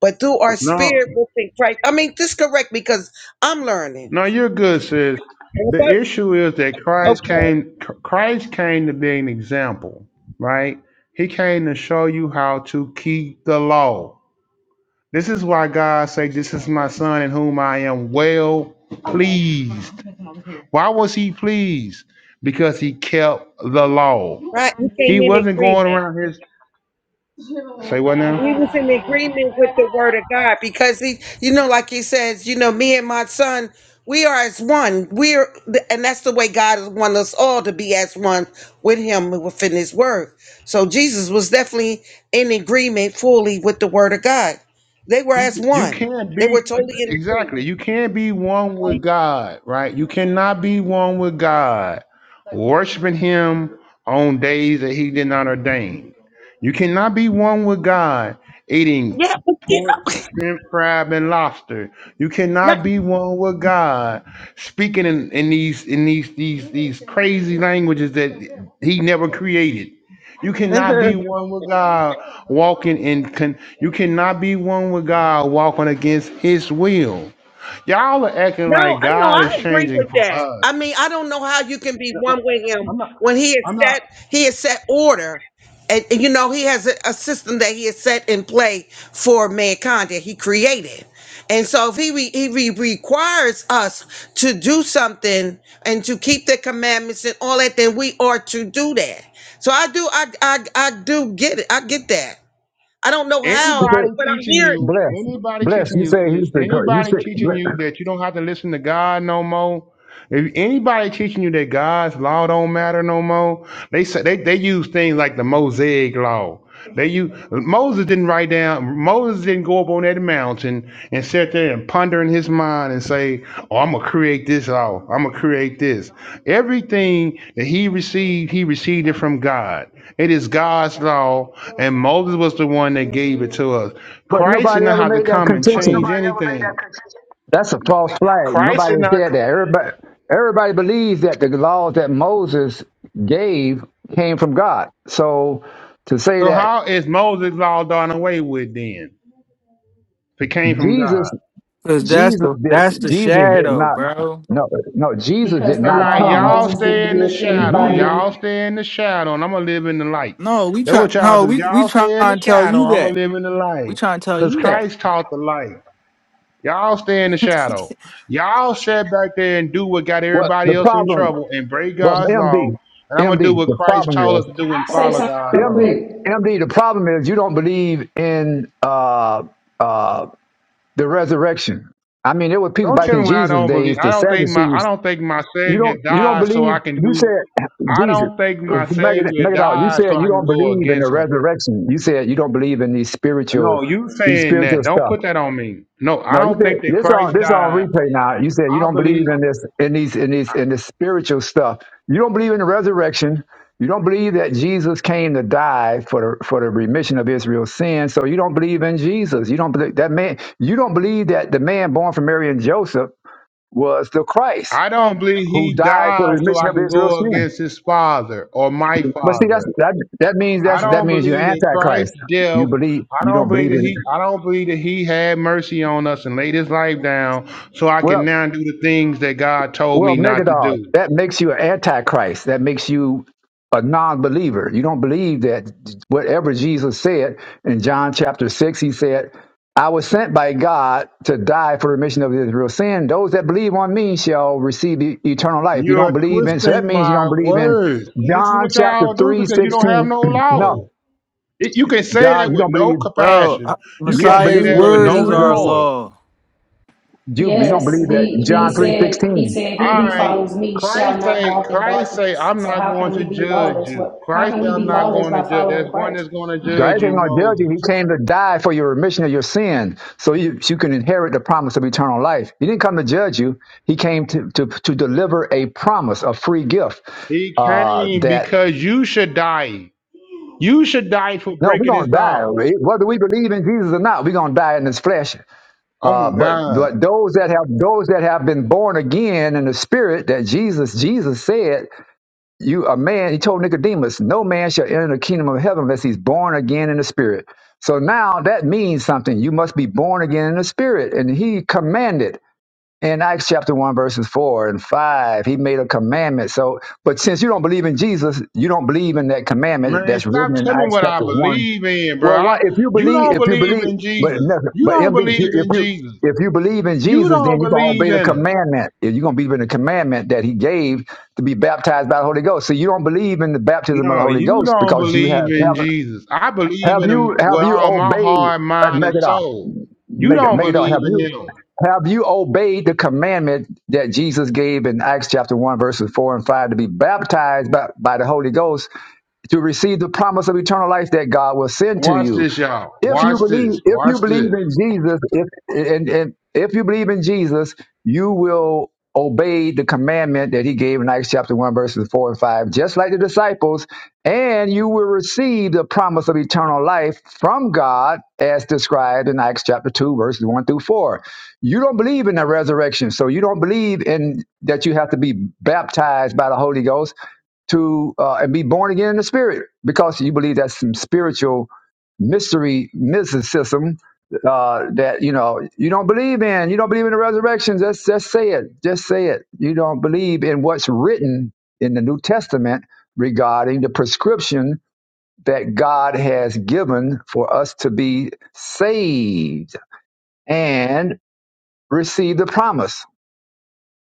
S4: But through our
S8: No.
S4: spirit within Christ, I mean, just correct me because I'm learning.
S8: No, you're good, sis. The
S4: Okay,
S8: issue is that Christ
S4: okay,
S8: came. Christ came to be an example, right? He came to show you how to keep the law. This is why God said, "This is my son in whom I am well pleased." Why was He pleased? Because He kept the law.
S4: right? We came
S8: He
S4: in
S8: wasn't
S4: agreement.
S8: going around his. Say what now?
S4: we was in agreement with the word of God because he, you know, like he says, you know, me and my son, we are as one. We're, and that's the way God has wanted us all to be as one with Him within His Word. So Jesus was definitely in agreement fully with the Word of God. They were as
S8: you
S4: one.
S8: can't
S4: They were
S8: be
S4: totally in
S8: exactly you can't be one with
S4: agreement.
S8: god right you cannot be one with god worshiping him on days that he did not ordain you cannot be one with god eating
S4: Yeah. but you
S8: pork shrimp crab and lobster you
S4: know,
S8: cannot be one with god speaking in, in these in these these these crazy languages that he never created you
S4: right.
S8: cannot be one with God walking in con- you cannot be one with God walking against his will. Y'all are acting
S4: No,
S8: like
S4: I know.
S8: God
S4: I
S8: is
S4: agree
S8: changing
S4: with
S8: for
S4: that.
S8: us.
S4: I mean, I don't know how you can be one with him
S8: I'm not
S4: when he has
S8: I'm not
S4: set he has set order, and, and, you know he has a, a system that he has set in play for mankind that he created. And so, if he, re, he re- requires us to do something and to keep the commandments and all that, then we are to do that. So I do, I I, I do get it. I get that. I don't know
S1: You
S4: how,
S8: anybody
S1: said,
S4: but I
S8: teaching you,
S1: bless.
S8: anybody
S1: Bless.
S8: teaching
S1: You
S8: you
S1: said he
S8: sis,
S1: said, he
S8: anybody
S1: said, bless.
S8: teaching you that you don't have to listen to God no more. If anybody teaching you that God's law don't matter no more, they say they, they use things like the Mosaic law. They use Moses didn't write down Moses didn't go up on that mountain and sit there and ponder in his mind and say, Oh, I'm gonna create this law. I'm gonna create this. Everything that he received, he received it from God. It is God's law, and Moses was the one that gave it to us.
S1: But
S8: Christ did
S1: nobody
S8: not
S1: ever
S8: have to
S1: made that
S8: come and change
S1: contention. That's a false flag.
S8: Christ
S1: Nobody
S8: did not
S1: said that. Everybody, everybody believes that the laws that Moses gave came from God. So to say
S8: So
S1: that
S8: how is Moses' law done away with then? If it came from
S1: Jesus,
S8: God.
S9: Cause that's
S1: Jesus
S9: the that's
S1: did,
S9: the
S1: Jesus did
S9: shadow,
S1: not,
S9: bro.
S1: no, no, Jesus did
S10: because the
S8: All
S1: not
S8: right,
S10: law of
S1: come.
S8: y'all
S10: Moses didn't
S8: stay in the
S10: give
S8: shadow.
S10: anybody.
S1: Jesus,
S8: Y'all
S10: I'll
S8: stay in the shadow, and I'm gonna live in the light.
S9: No, we
S8: That's
S9: try
S8: what y'all
S9: no,
S8: do.
S9: we we
S8: Y'all
S9: try
S8: stay in the
S9: and tell
S8: shadow.
S9: you
S8: I'm gonna
S9: that.
S8: live in the
S9: We
S8: light,
S9: try and tell
S8: cause
S9: you that.
S8: Christ taught the light. Y'all stay in the shadow. Y'all sit back there and do what got
S1: what
S8: everybody
S1: the
S8: else in
S1: problem?
S8: trouble and break
S1: Well,
S8: God's law.
S1: MD,
S8: And I'm gonna
S1: MD,
S8: do what
S1: the
S8: Christ
S1: problem
S8: told
S1: is,
S8: us to do and
S10: say
S8: follow
S10: something
S8: God's
S10: real
S1: MD,
S8: law.
S10: quick.
S1: MD, the problem is you don't believe in uh, uh, the resurrection. I mean, there were people
S8: Don't
S1: back
S8: tell
S1: in
S8: me what I
S1: Jesus'
S8: don't
S1: days,
S8: believe. I
S1: the
S8: don't think my I
S1: Sadducees.
S8: don't think my
S1: You
S8: Savior
S1: don't, you don't
S8: died so
S1: believe.
S8: I can
S1: You
S8: do
S1: said
S8: I
S1: Jesus,
S8: don't think my
S1: Make it
S8: savior
S1: make it out. You
S8: died so
S1: said you
S8: I can
S1: don't
S8: go
S1: believe in the
S8: against him.
S1: resurrection. You said you don't believe in these spiritual,
S8: No, you
S1: these
S8: saying
S1: spiritual
S8: that. Don't
S1: stuff.
S8: put that on me. No, I
S1: No, you
S8: don't
S1: said
S8: think that
S1: this on
S8: Christ
S1: this on
S8: died.
S1: replay now. You said you
S8: I
S1: don't believe
S8: believe
S1: in this in these in these in this spiritual stuff. You don't believe in the resurrection. You don't believe that Jesus came to die for the for the remission of Israel's sins. So you don't believe in Jesus. You don't believe that man. You don't believe that the man born from Mary and Joseph was the Christ
S8: I don't believe
S1: who
S8: he
S1: died for the
S8: died so
S1: remission
S8: I
S1: of
S8: can
S1: Israel's
S8: go
S1: sins.
S8: against his father or my
S1: But see, that's
S8: father.
S1: that that means
S8: I
S1: that's that
S8: don't
S1: means you're
S8: believe that
S1: antichrist.
S8: Christ's
S1: You
S8: death
S1: believe
S8: I
S1: you
S8: don't
S1: don't
S8: believe
S1: believe
S8: that
S1: in it.
S8: he I don't believe that he had mercy on us and laid his life down so I
S1: Well,
S8: can now do the things that God told
S1: Well,
S8: me not to
S1: Megadon,
S8: do.
S1: that makes you an antichrist. That makes you a non-believer. You don't believe that whatever Jesus said in John chapter six, he said, "I was sent by God to die for the remission of Israel's sin. Those that believe on me shall receive e- eternal life." You don't
S8: You're
S1: believe in, so that
S8: twisting
S1: means you don't
S8: my
S1: believe in
S8: words. And this is
S1: John
S8: what
S1: chapter
S8: y'all do
S1: three
S8: because you don't have
S1: sixteen.
S8: no
S1: no,
S8: law. It, you can say
S1: God,
S8: that
S1: you
S8: with
S1: don't
S8: no
S1: believe.
S9: Bro,
S8: compassion.
S9: uh,
S8: You
S1: You
S8: can
S1: don't
S8: say
S9: Messiah's
S1: believe
S8: that with
S1: that
S9: word
S8: no
S9: is our
S1: Jesus.
S8: remorse.
S9: law.
S1: You, you don't
S10: Yes,
S1: believe
S8: This
S1: that
S10: he
S8: is
S10: he
S1: John three
S8: crazy.
S10: said he
S1: sixteen.
S10: said he
S8: All
S10: who
S8: right.
S10: follows me shall
S8: Christ
S10: not
S8: say,
S10: walk in
S8: Christ say,
S10: darkness.
S8: I'm
S10: So
S8: not
S10: how
S8: going
S10: can we
S8: to
S10: be
S8: judge
S10: lawless?
S8: you.
S10: What? How
S8: Christ
S10: can
S8: say,
S10: we
S8: I'm
S10: be
S8: not
S10: lawless
S8: going to
S10: by
S8: judge.
S10: following
S8: There's one
S10: Christ?
S8: that's going to judge
S1: Christ
S8: you,
S1: ain't gonna judge you. He
S8: Moses.
S1: came to die for your remission of your sin, so you, you can inherit the promise of eternal life. He didn't come to judge you. He came to to, to deliver a promise, a free gift.
S8: He
S1: Uh,
S8: came
S1: that
S8: because you should die. You should die for
S1: no, we're
S8: breaking his
S1: gonna
S8: law.
S1: die, whether we believe in Jesus or not. We're gonna die in this flesh.
S8: Oh my
S1: Uh, but
S8: God.
S1: but those that have those that have been born again in the Spirit, that Jesus Jesus said. you a man he told nicodemus no man shall enter the kingdom of heaven unless he's born again in the spirit so now that means something you must be born again in the spirit and he commanded in acts chapter 1 verses 4 and 5 he made a commandment so but since you don't believe in jesus you don't believe in that commandment
S8: Man,
S1: that's
S8: stop
S1: written in
S8: telling me
S1: acts
S8: what I
S1: chapter 1
S8: believe in, bro.
S1: well, why?
S8: I,
S1: If you
S8: you
S1: believe,
S8: don't
S1: if you
S8: believe
S1: believe,
S8: in
S1: but
S8: Jesus.
S1: nothing.
S8: You
S1: But
S8: don't
S1: if you
S8: believe
S1: if
S8: in
S1: you
S8: Jesus.
S1: if you believe in
S8: You
S1: Jesus,
S8: don't
S1: then you gonna
S8: believe
S1: obey the
S8: in him.
S1: commandment. If you gonna believe in the commandment that He gave to be baptized by the Holy Ghost, so you don't believe in the baptism of the
S8: No,
S1: Holy
S8: you
S1: Ghost
S8: don't
S1: because you have
S8: believe in
S1: have
S8: Jesus. I believe
S1: have
S8: in him
S1: you
S8: with
S1: have you
S8: all my
S1: obeyed
S8: heart,
S1: uh,
S8: mind, and
S1: Megadon,
S8: soul. You
S1: Meg-
S8: don't
S1: Megadon,
S8: believe
S1: have
S8: in
S1: you
S8: him.
S1: have you obeyed the commandment that Jesus gave in Acts chapter one verses four and five to be baptized by, by the Holy Ghost? to receive the promise of eternal life that God will send to
S8: Watch
S1: you.
S8: this, y'all.
S1: If you
S8: Watch
S1: believe,
S8: this.
S1: if you
S8: Watch
S1: believe
S8: this.
S1: in Jesus, if and, and if you believe in Jesus, you will obey the commandment that he gave in Acts chapter 1, verses 4 and 5, just like the disciples, and you will receive the promise of eternal life from God as described in Acts chapter 2, verses 1 through 4. You don't believe in the resurrection, so you don't believe in that you have to be baptized by the Holy Ghost to uh, and be born again in the spirit because you believe that's some spiritual mystery mysticism uh, that you know you don't believe in. You don't believe in the resurrection. Just just say it. Just say it. You don't believe in what's written in the New Testament regarding the prescription that God has given for us to be saved and receive the promise.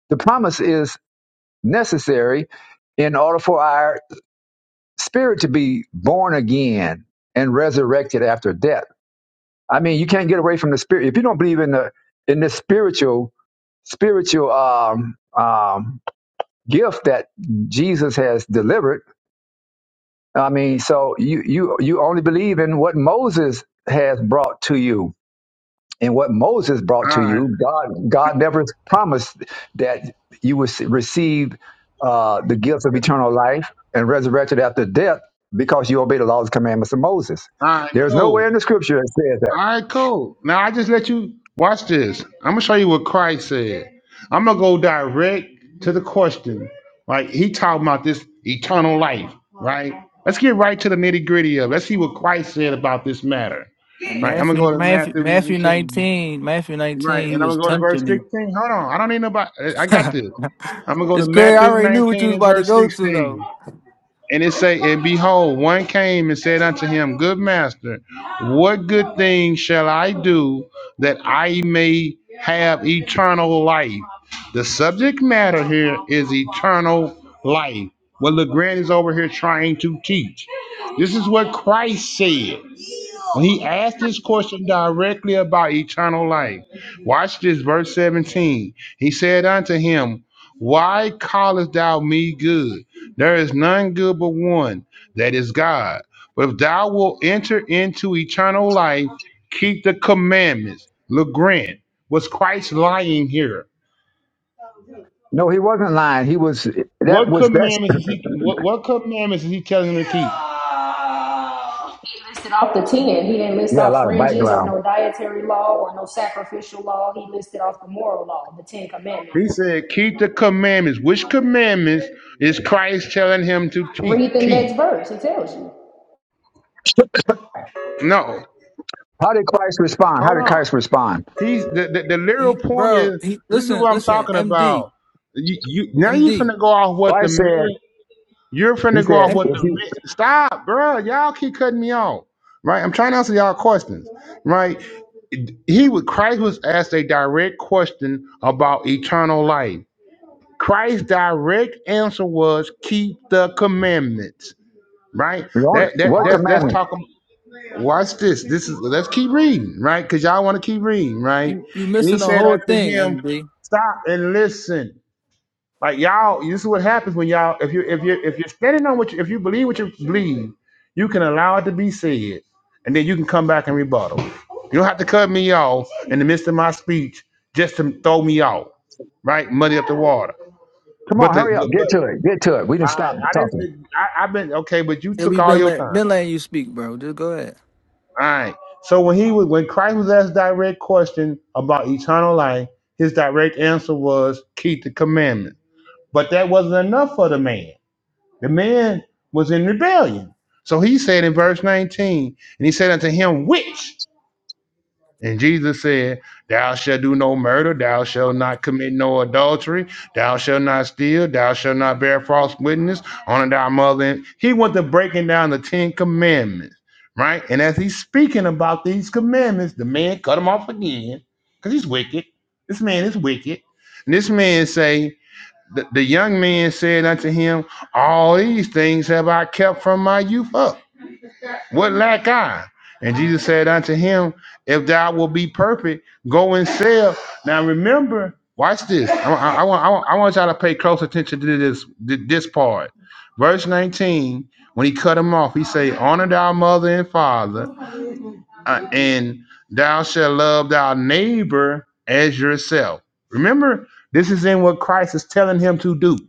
S1: The promise is necessary in order for our spirit to be born again and resurrected after death. I mean, you can't get away from the spirit. If you don't believe in the in the spiritual spiritual um, um, gift that Jesus has delivered, I mean, so you you you only believe in what Moses has brought to you and what Moses brought
S8: All
S1: to
S8: right.
S1: you, God, God never promised that you would receive uh, the gifts of eternal life and resurrected after death because you obeyed the laws and commandments of Moses.
S8: All right,
S1: There's nowhere
S8: cool.
S1: in the scripture that says that.
S8: All right, cool. Now I just let you watch this. I'm gonna show you what Christ said. I'm gonna go direct to the question. Right? He talking about this eternal life, right? Let's get right to the nitty gritty of. it. Let's see what Christ said about this matter.
S9: And
S8: Right? I'm gonna
S9: Matthew
S8: go to
S9: Matthew
S8: Matthew
S9: Matthew
S8: 19.
S9: 19, Matthew
S8: Right?
S9: 19, he
S8: And I'm
S9: was
S8: gonna go to verse
S9: tempting him.
S8: 16. Hold on. I don't need nobody. I I got this. I'm gonna go to
S9: it's great. I
S8: Matthew
S9: already knew what you
S8: 19
S9: was
S8: and
S9: about to
S8: verse
S9: go to
S8: 16.
S9: though.
S8: And it say, and behold, one came and said unto him, Good master, what good thing shall I do that I may have eternal life? The subject matter here is eternal life. What LeGrand is over here trying to teach. This is what Christ said. When He asked this question directly about eternal life. Watch this, verse 17. He said unto him, Why callest thou me good? There is none good but one, that is God. But if thou wilt enter into eternal life, keep the commandments. Look, grant. Was Christ lying here?
S1: No, he wasn't lying. He was, that
S8: What
S1: was, that's,
S8: commandments is he what, what commandments is he telling him to keep?
S10: He listed off the ten. He didn't list
S1: yeah, a
S10: off
S1: lot of
S10: fringes or
S1: background.
S10: no dietary law or no sacrificial law. He listed off the moral law, the Ten
S8: He
S10: Commandments.
S8: said, Keep the commandments. Which commandments is Christ telling him to keep?
S10: Read the
S8: Keep.
S10: next verse. It tells you.
S8: No,
S1: How did Christ respond? How
S8: hold
S1: did
S8: on.
S1: Christ respond?
S8: He's the, the, the literal
S9: He,
S8: point
S9: bro,
S8: is
S9: he
S8: this is
S9: listen,
S8: what I'm
S9: listen,
S8: talking
S9: MD,
S8: about. You, you
S9: MD,
S8: now
S9: M,
S8: you
S9: D,
S8: finna go off what the
S1: Christ said,
S8: man. You're
S1: he
S8: finna go off
S1: said,
S9: M,
S8: what
S1: if
S8: the man.
S1: you,
S8: Stop, bro. Y'all keep cutting me off. Right, I'm trying to answer y'all questions. Right, he would. Christ was asked a direct question about eternal life. Christ's direct answer was keep the commandments. Right,
S1: you want-
S8: that that
S1: what
S8: that's that's
S1: commandment?
S8: talking. Watch this. This is let's keep reading, right? Because y'all want to keep reading, right?
S9: you you
S8: And he
S9: missing the
S8: said
S9: whole
S8: unto
S9: thing,
S8: him,
S9: MD.
S8: Stop and listen. Like y'all, this is what happens when y'all, if you if you if you're standing on what you if you believe what you believe, you can allow it to be said, and then you can come back and rebuttal. You don't have to cut me off in the midst of my speech just to throw me off, right? Muddy up the water.
S1: Come
S8: But
S1: on,
S8: the
S1: hurry up,
S8: but,
S1: get
S8: but
S1: to it, get to it. We didn't
S8: I
S1: stop
S8: I
S1: talking.
S8: didn't I, I've been okay, but you
S9: Yeah,
S8: took
S9: we
S8: all
S9: been
S8: your
S9: let,
S8: time.
S9: been letting you speak, bro. Just go ahead,
S8: All right. So when he was when Christ was asked direct question about eternal life, his direct answer was keep the commandment. But that wasn't enough for the man. The man was in rebellion. So he said in verse 19, and he said unto him, Which? And Jesus said, Thou shalt do no murder, thou shalt not commit no adultery, thou shalt not steal, thou shalt not bear false witness, honor thy mother. And he went to breaking down the Ten Commandments, right? And as he's speaking about these commandments, the man cut him off again because he's wicked. This man is wicked. And this man say, the, the young man said unto him, All these things have I kept from my youth up. What lack I? And Jesus said unto him, If thou wilt be perfect, go and sell. Now remember, watch this. I, I- I want, I, want, I want y'all to pay close attention to this, this part. Verse 19, when he cut him off, he say, Honor thy mother and father, uh, and thou shalt love thy neighbor as yourself. Remember, this is in what Christ is telling him to do.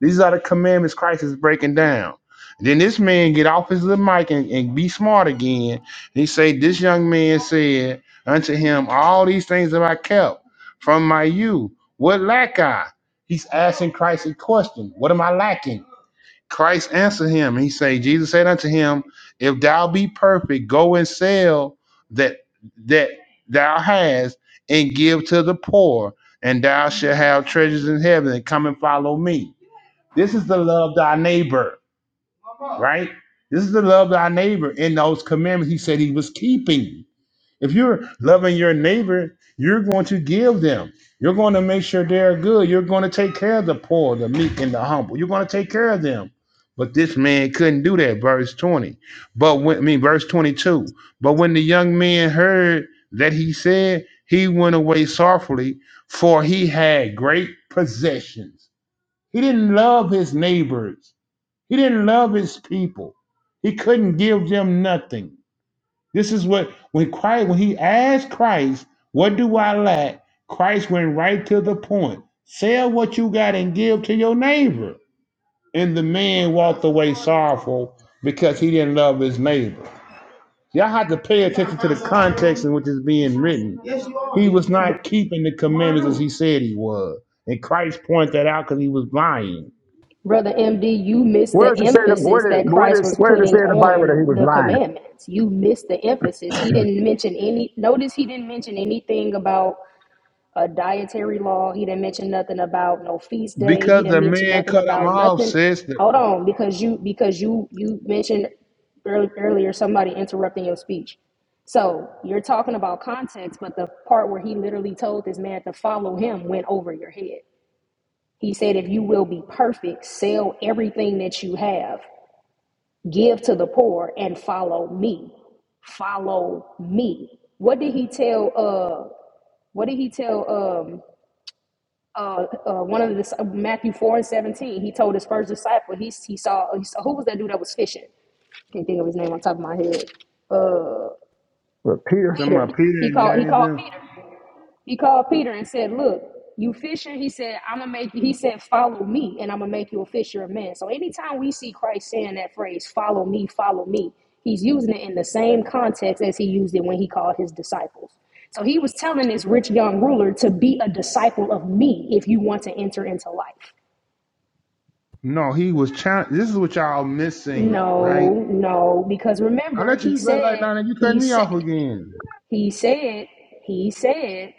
S8: These are the commandments Christ is breaking down. Then this man get off his little mic and, and be smart again. And He say, This young man said unto him, All these things have I kept from my youth. What lack I? He's asking Christ a question. What am I lacking? Christ answered him. He say, Jesus said unto him, If thou be perfect, go and sell that that thou hast and give to the poor, and thou shalt have treasures in heaven, and come and follow me. This is the love thy neighbor, right? This is the love thy neighbor in those commandments he said he was keeping. If you're loving your neighbor, you're going to give them. You're going to make sure they're good. You're going to take care of the poor, the meek, and the humble. You're going to take care of them. But this man couldn't do that, verse 20. But when, I mean, verse 22. But when the young man heard that he said, he went away sorrowfully, for he had great possessions. He didn't love his neighbors. He didn't love his people. He couldn't give them nothing. This is what when Christ when he asked Christ, "What do I lack?" Christ went right to the point. Sell what you got and give to your neighbor. And the man walked away sorrowful because he didn't love his neighbor. Y'all have to pay attention to the context in which it's being written. He was not keeping the commandments as he said he was. And Christ pointed that out because he was lying.
S10: Brother MD, you missed
S1: Where
S10: the
S1: does it say, the, where,
S10: emphasis that
S1: did, where,
S10: Christ
S1: does,
S10: was
S1: where does it
S10: putting
S1: say in the Bible that he
S10: on
S1: was
S10: the
S1: lying?
S10: commandments. You missed the emphasis. He didn't mention any, notice he didn't mention anything about a dietary law. He didn't mention nothing about no feast day. He
S8: Because
S10: didn't
S8: the
S10: mention
S8: man
S10: nothing
S8: cut him
S10: about
S8: off,
S10: nothing.
S8: says that.
S10: Hold on, because you, because you, you mentioned earl- earlier somebody interrupting your speech. So you're talking about context, but the part where he literally told this man to follow him went over your head. He said, If you will be perfect, sell everything that you have, give to the poor, and follow me. Follow me. What did he tell uh what did he tell um uh, uh one of the Matthew 4 and 17? He told his first disciple, he he saw, he saw who was that dude that was fishing? Can't think of his name on top of my head. Uh
S1: But Peter,
S8: Some uh,
S10: Peter.
S8: Peter
S10: He
S8: and
S10: called he
S8: James.
S10: called Peter. He called Peter and said, Look, you fisher, he said, I'm gonna make you, he said, follow me, and I'm gonna make you a fisher of men. So anytime we see Christ saying that phrase, follow me, follow me, he's using it in the same context as he used it when he called his disciples. So he was telling this rich young ruler to be a disciple of me if you want to enter into life.
S8: No, he was challenged. This is what y'all missing, right?
S10: No, no, because
S8: I
S10: remember,
S8: let
S10: he
S8: you let
S10: said,
S8: like now you cut
S10: he
S8: me
S10: said,
S8: off again.
S10: He said, He said,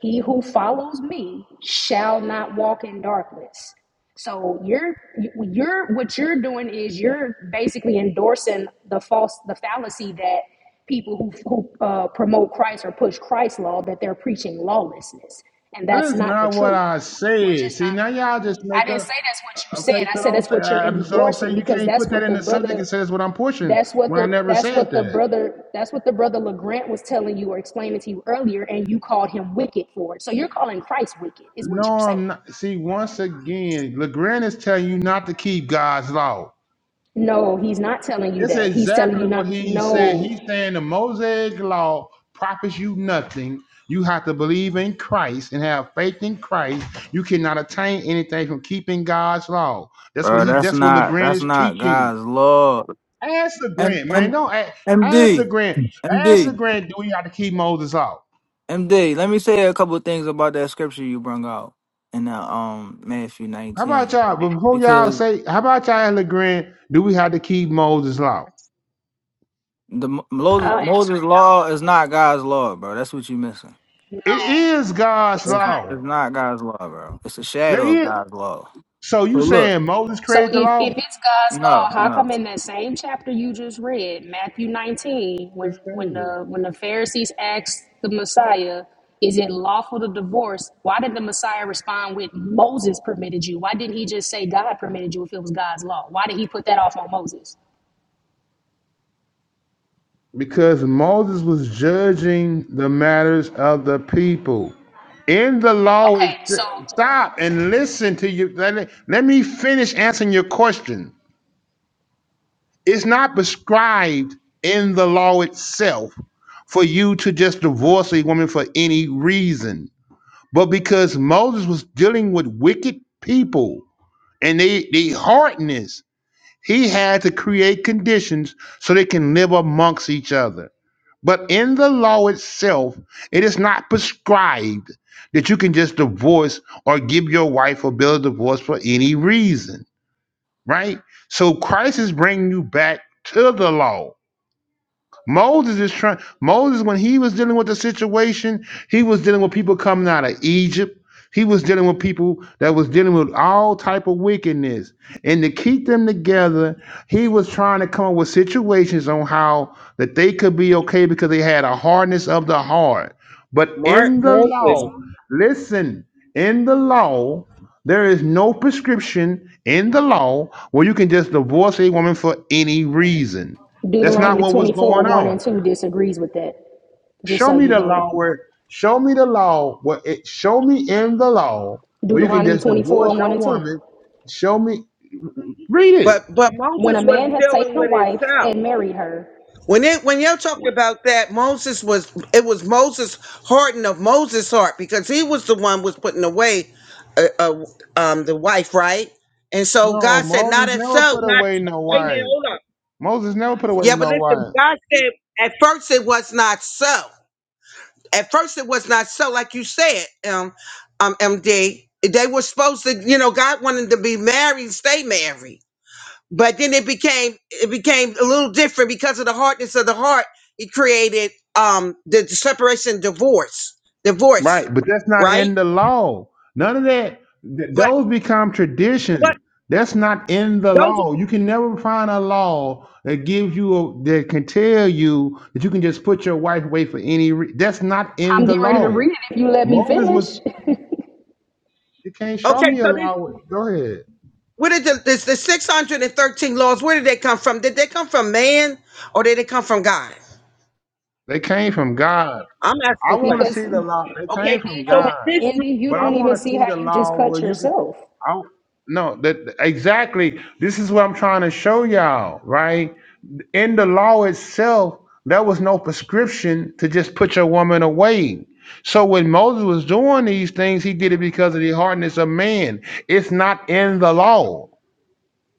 S10: He who follows me shall not walk in darkness. So you're you're what you're doing is you're basically endorsing the false the fallacy that people who who uh, promote Christ or push Christ law that they're preaching lawlessness, and
S8: That
S10: that's
S8: is
S10: not the
S8: not what
S10: truth.
S8: I
S10: We're
S8: said.
S10: just
S8: See now
S10: not
S8: y'all just
S10: I
S8: make
S10: didn't
S8: up.
S10: say that's what you said.
S8: Okay,
S10: I
S8: so
S10: said that's
S8: don't say
S10: what you're
S8: uh, I so don't say
S10: endorsing
S8: you
S10: because
S8: can't
S10: that's
S8: put that
S10: what
S8: in
S10: the
S8: the subject
S10: brother
S8: and say that's what I'm pushing
S10: that's what
S8: when I
S10: the
S8: never
S10: that's
S8: said
S10: what the
S8: that.
S10: brother that's what the brother LeGrant was telling you or explaining to you earlier, and you called him wicked for it. So you're calling Christ wicked, is
S8: No,
S10: what you're
S8: I'm
S10: saying.
S8: not. See, once again, LeGrand is telling you not to keep God's law.
S10: No, he's not telling you
S8: That's
S10: that. He's telling you
S8: exactly what
S10: not.
S8: he's saying. He's
S10: No,
S8: saying the Mosaic law profits you nothing. You have to believe in Christ and have faith in Christ. You cannot attain anything from keeping God's law. That's what
S9: bro.
S8: he.
S9: That's
S8: That's what
S9: not
S8: Legrand
S9: that's
S8: is
S9: not
S8: teaching.
S9: God's law.
S8: Ask
S9: M,
S8: Legrand, man.
S9: M,
S8: Don't ask, ask
S9: MD,
S8: Legrand. Ask
S9: MD,
S8: Legrand. Do we have to keep Moses law?
S9: MD. Let me say a couple things about that scripture you bring out in the, um Matthew
S8: How about
S9: nineteen,
S8: y'all? Before y'all
S9: because
S8: say, how about y'all ask Legrand? Do we have to keep Moses law?
S9: the Mo- Moses
S10: I'll answer
S9: Moses law is not God's law, bro. That's what you missing.
S10: it. No,
S8: It is
S10: no,
S8: God's
S10: it's
S9: It's,
S10: not.
S9: it's
S8: law.
S9: not God's law, bro. It's a
S8: There
S9: shadow of
S8: is.
S9: God's law.
S8: So you
S9: So look.
S8: saying Moses
S10: So
S8: created the
S10: if, if
S8: law?
S10: it's God's
S9: No,
S10: law, how
S9: no.
S10: come in that same chapter you just read, Matthew 19, when
S8: It's
S10: when
S8: crazy.
S10: the when the Pharisees asked the Messiah, is it lawful to divorce? Why did the Messiah respond with Moses permitted you? Why didn't he just say God permitted you if it was God's law? Why did he put that off on Moses?
S8: Because Moses was judging the matters of the people. In the
S10: Okay,
S8: law, it,
S10: so
S8: stop and listen to you. Let me, let me finish answering your question. It's not prescribed in the law itself for you to just divorce a woman for any reason. But because Moses was dealing with wicked people and they, they hardness, he had to create conditions so they can live amongst each other. But in the law itself, it is not prescribed that you can just divorce or give your wife a bill of divorce for any reason, right? So Christ is bringing you back to the law Moses is trying. Moses, when he was dealing with the situation, he was dealing with people coming out of Egypt. He was dealing with people that was dealing with all type of wickedness, and to keep them together, he was trying to come up with situations on how that they could be okay because they had a hardness of the heart. But
S4: Mark
S8: in the
S4: Moses.
S8: law, listen, in the law, there is no prescription in the law where you can just divorce a woman for any reason. That's not
S10: Deuteronomy
S8: what was
S10: 24,
S8: going
S10: 1 and
S8: on.
S10: 2 disagrees with that, just
S8: Show
S10: so
S8: me
S10: you
S8: the
S10: know.
S8: law where, show me the law where it, show me in the law where you can
S10: Deuteronomy
S8: just
S10: 24,
S8: divorce
S10: 1
S8: your
S10: and 2.
S8: woman. Show me, read it.
S4: But but
S10: When
S4: Moses
S10: a
S4: was
S10: man hath taken
S4: dealing
S10: a
S4: with
S10: wife
S4: himself.
S10: and married her,
S4: When it when you talk
S10: when
S4: about that, Moses was it was Moses hardening of Moses' heart because he was the one was putting away uh, uh, um, the wife, right? And so
S8: No,
S4: God said, "Not
S8: Moses
S4: as so,
S8: never put
S4: not
S8: away no
S4: wait a minute,
S8: wife.
S4: hold up."
S8: Moses never put away
S4: Yeah, but
S8: no wife.
S4: listen, God said at first it was not so. At first it was not so, like you said, um, um, MD. They were supposed to, you know, God wanted to be married, stay married. but then it became it became a little different because of the hardness of the heart it created um the, the separation divorce divorce
S8: Right, but that's not
S4: right
S8: in the law. None of that. th-
S4: but
S8: those become
S4: but
S8: tradition. That's not in the
S4: those
S8: law. You can never find a law that gives you a, that can tell you that you can just put your wife away for any. Re- that's not in
S10: I'm
S8: the
S10: getting ready to read
S8: law.
S10: it if you let me
S8: Moses was.
S10: finish.
S8: You can't show
S4: okay
S8: me a
S4: so this
S8: law. Go ahead.
S4: where did the, this the 613 laws where did they come from did they come from man or did they come from god
S8: They came from God.
S4: i'm asking
S8: I
S4: a
S8: want
S4: question
S8: to
S10: Because
S8: see the law.
S10: Indy
S8: They came
S4: okay
S8: from
S4: so th-
S8: God,
S10: don't
S4: this
S10: Indy, you
S8: but I
S10: don't even
S8: want to
S10: see
S8: see
S10: how
S8: the
S10: you just
S8: law where
S10: cut
S8: you could.
S10: yourself.
S8: I, no, that exactly. This is what I'm trying to show y'all, right? in the law itself, there was no prescription to just put your woman away. So when Moses was doing these things, he did it because of the hardness of man. It's not in the law.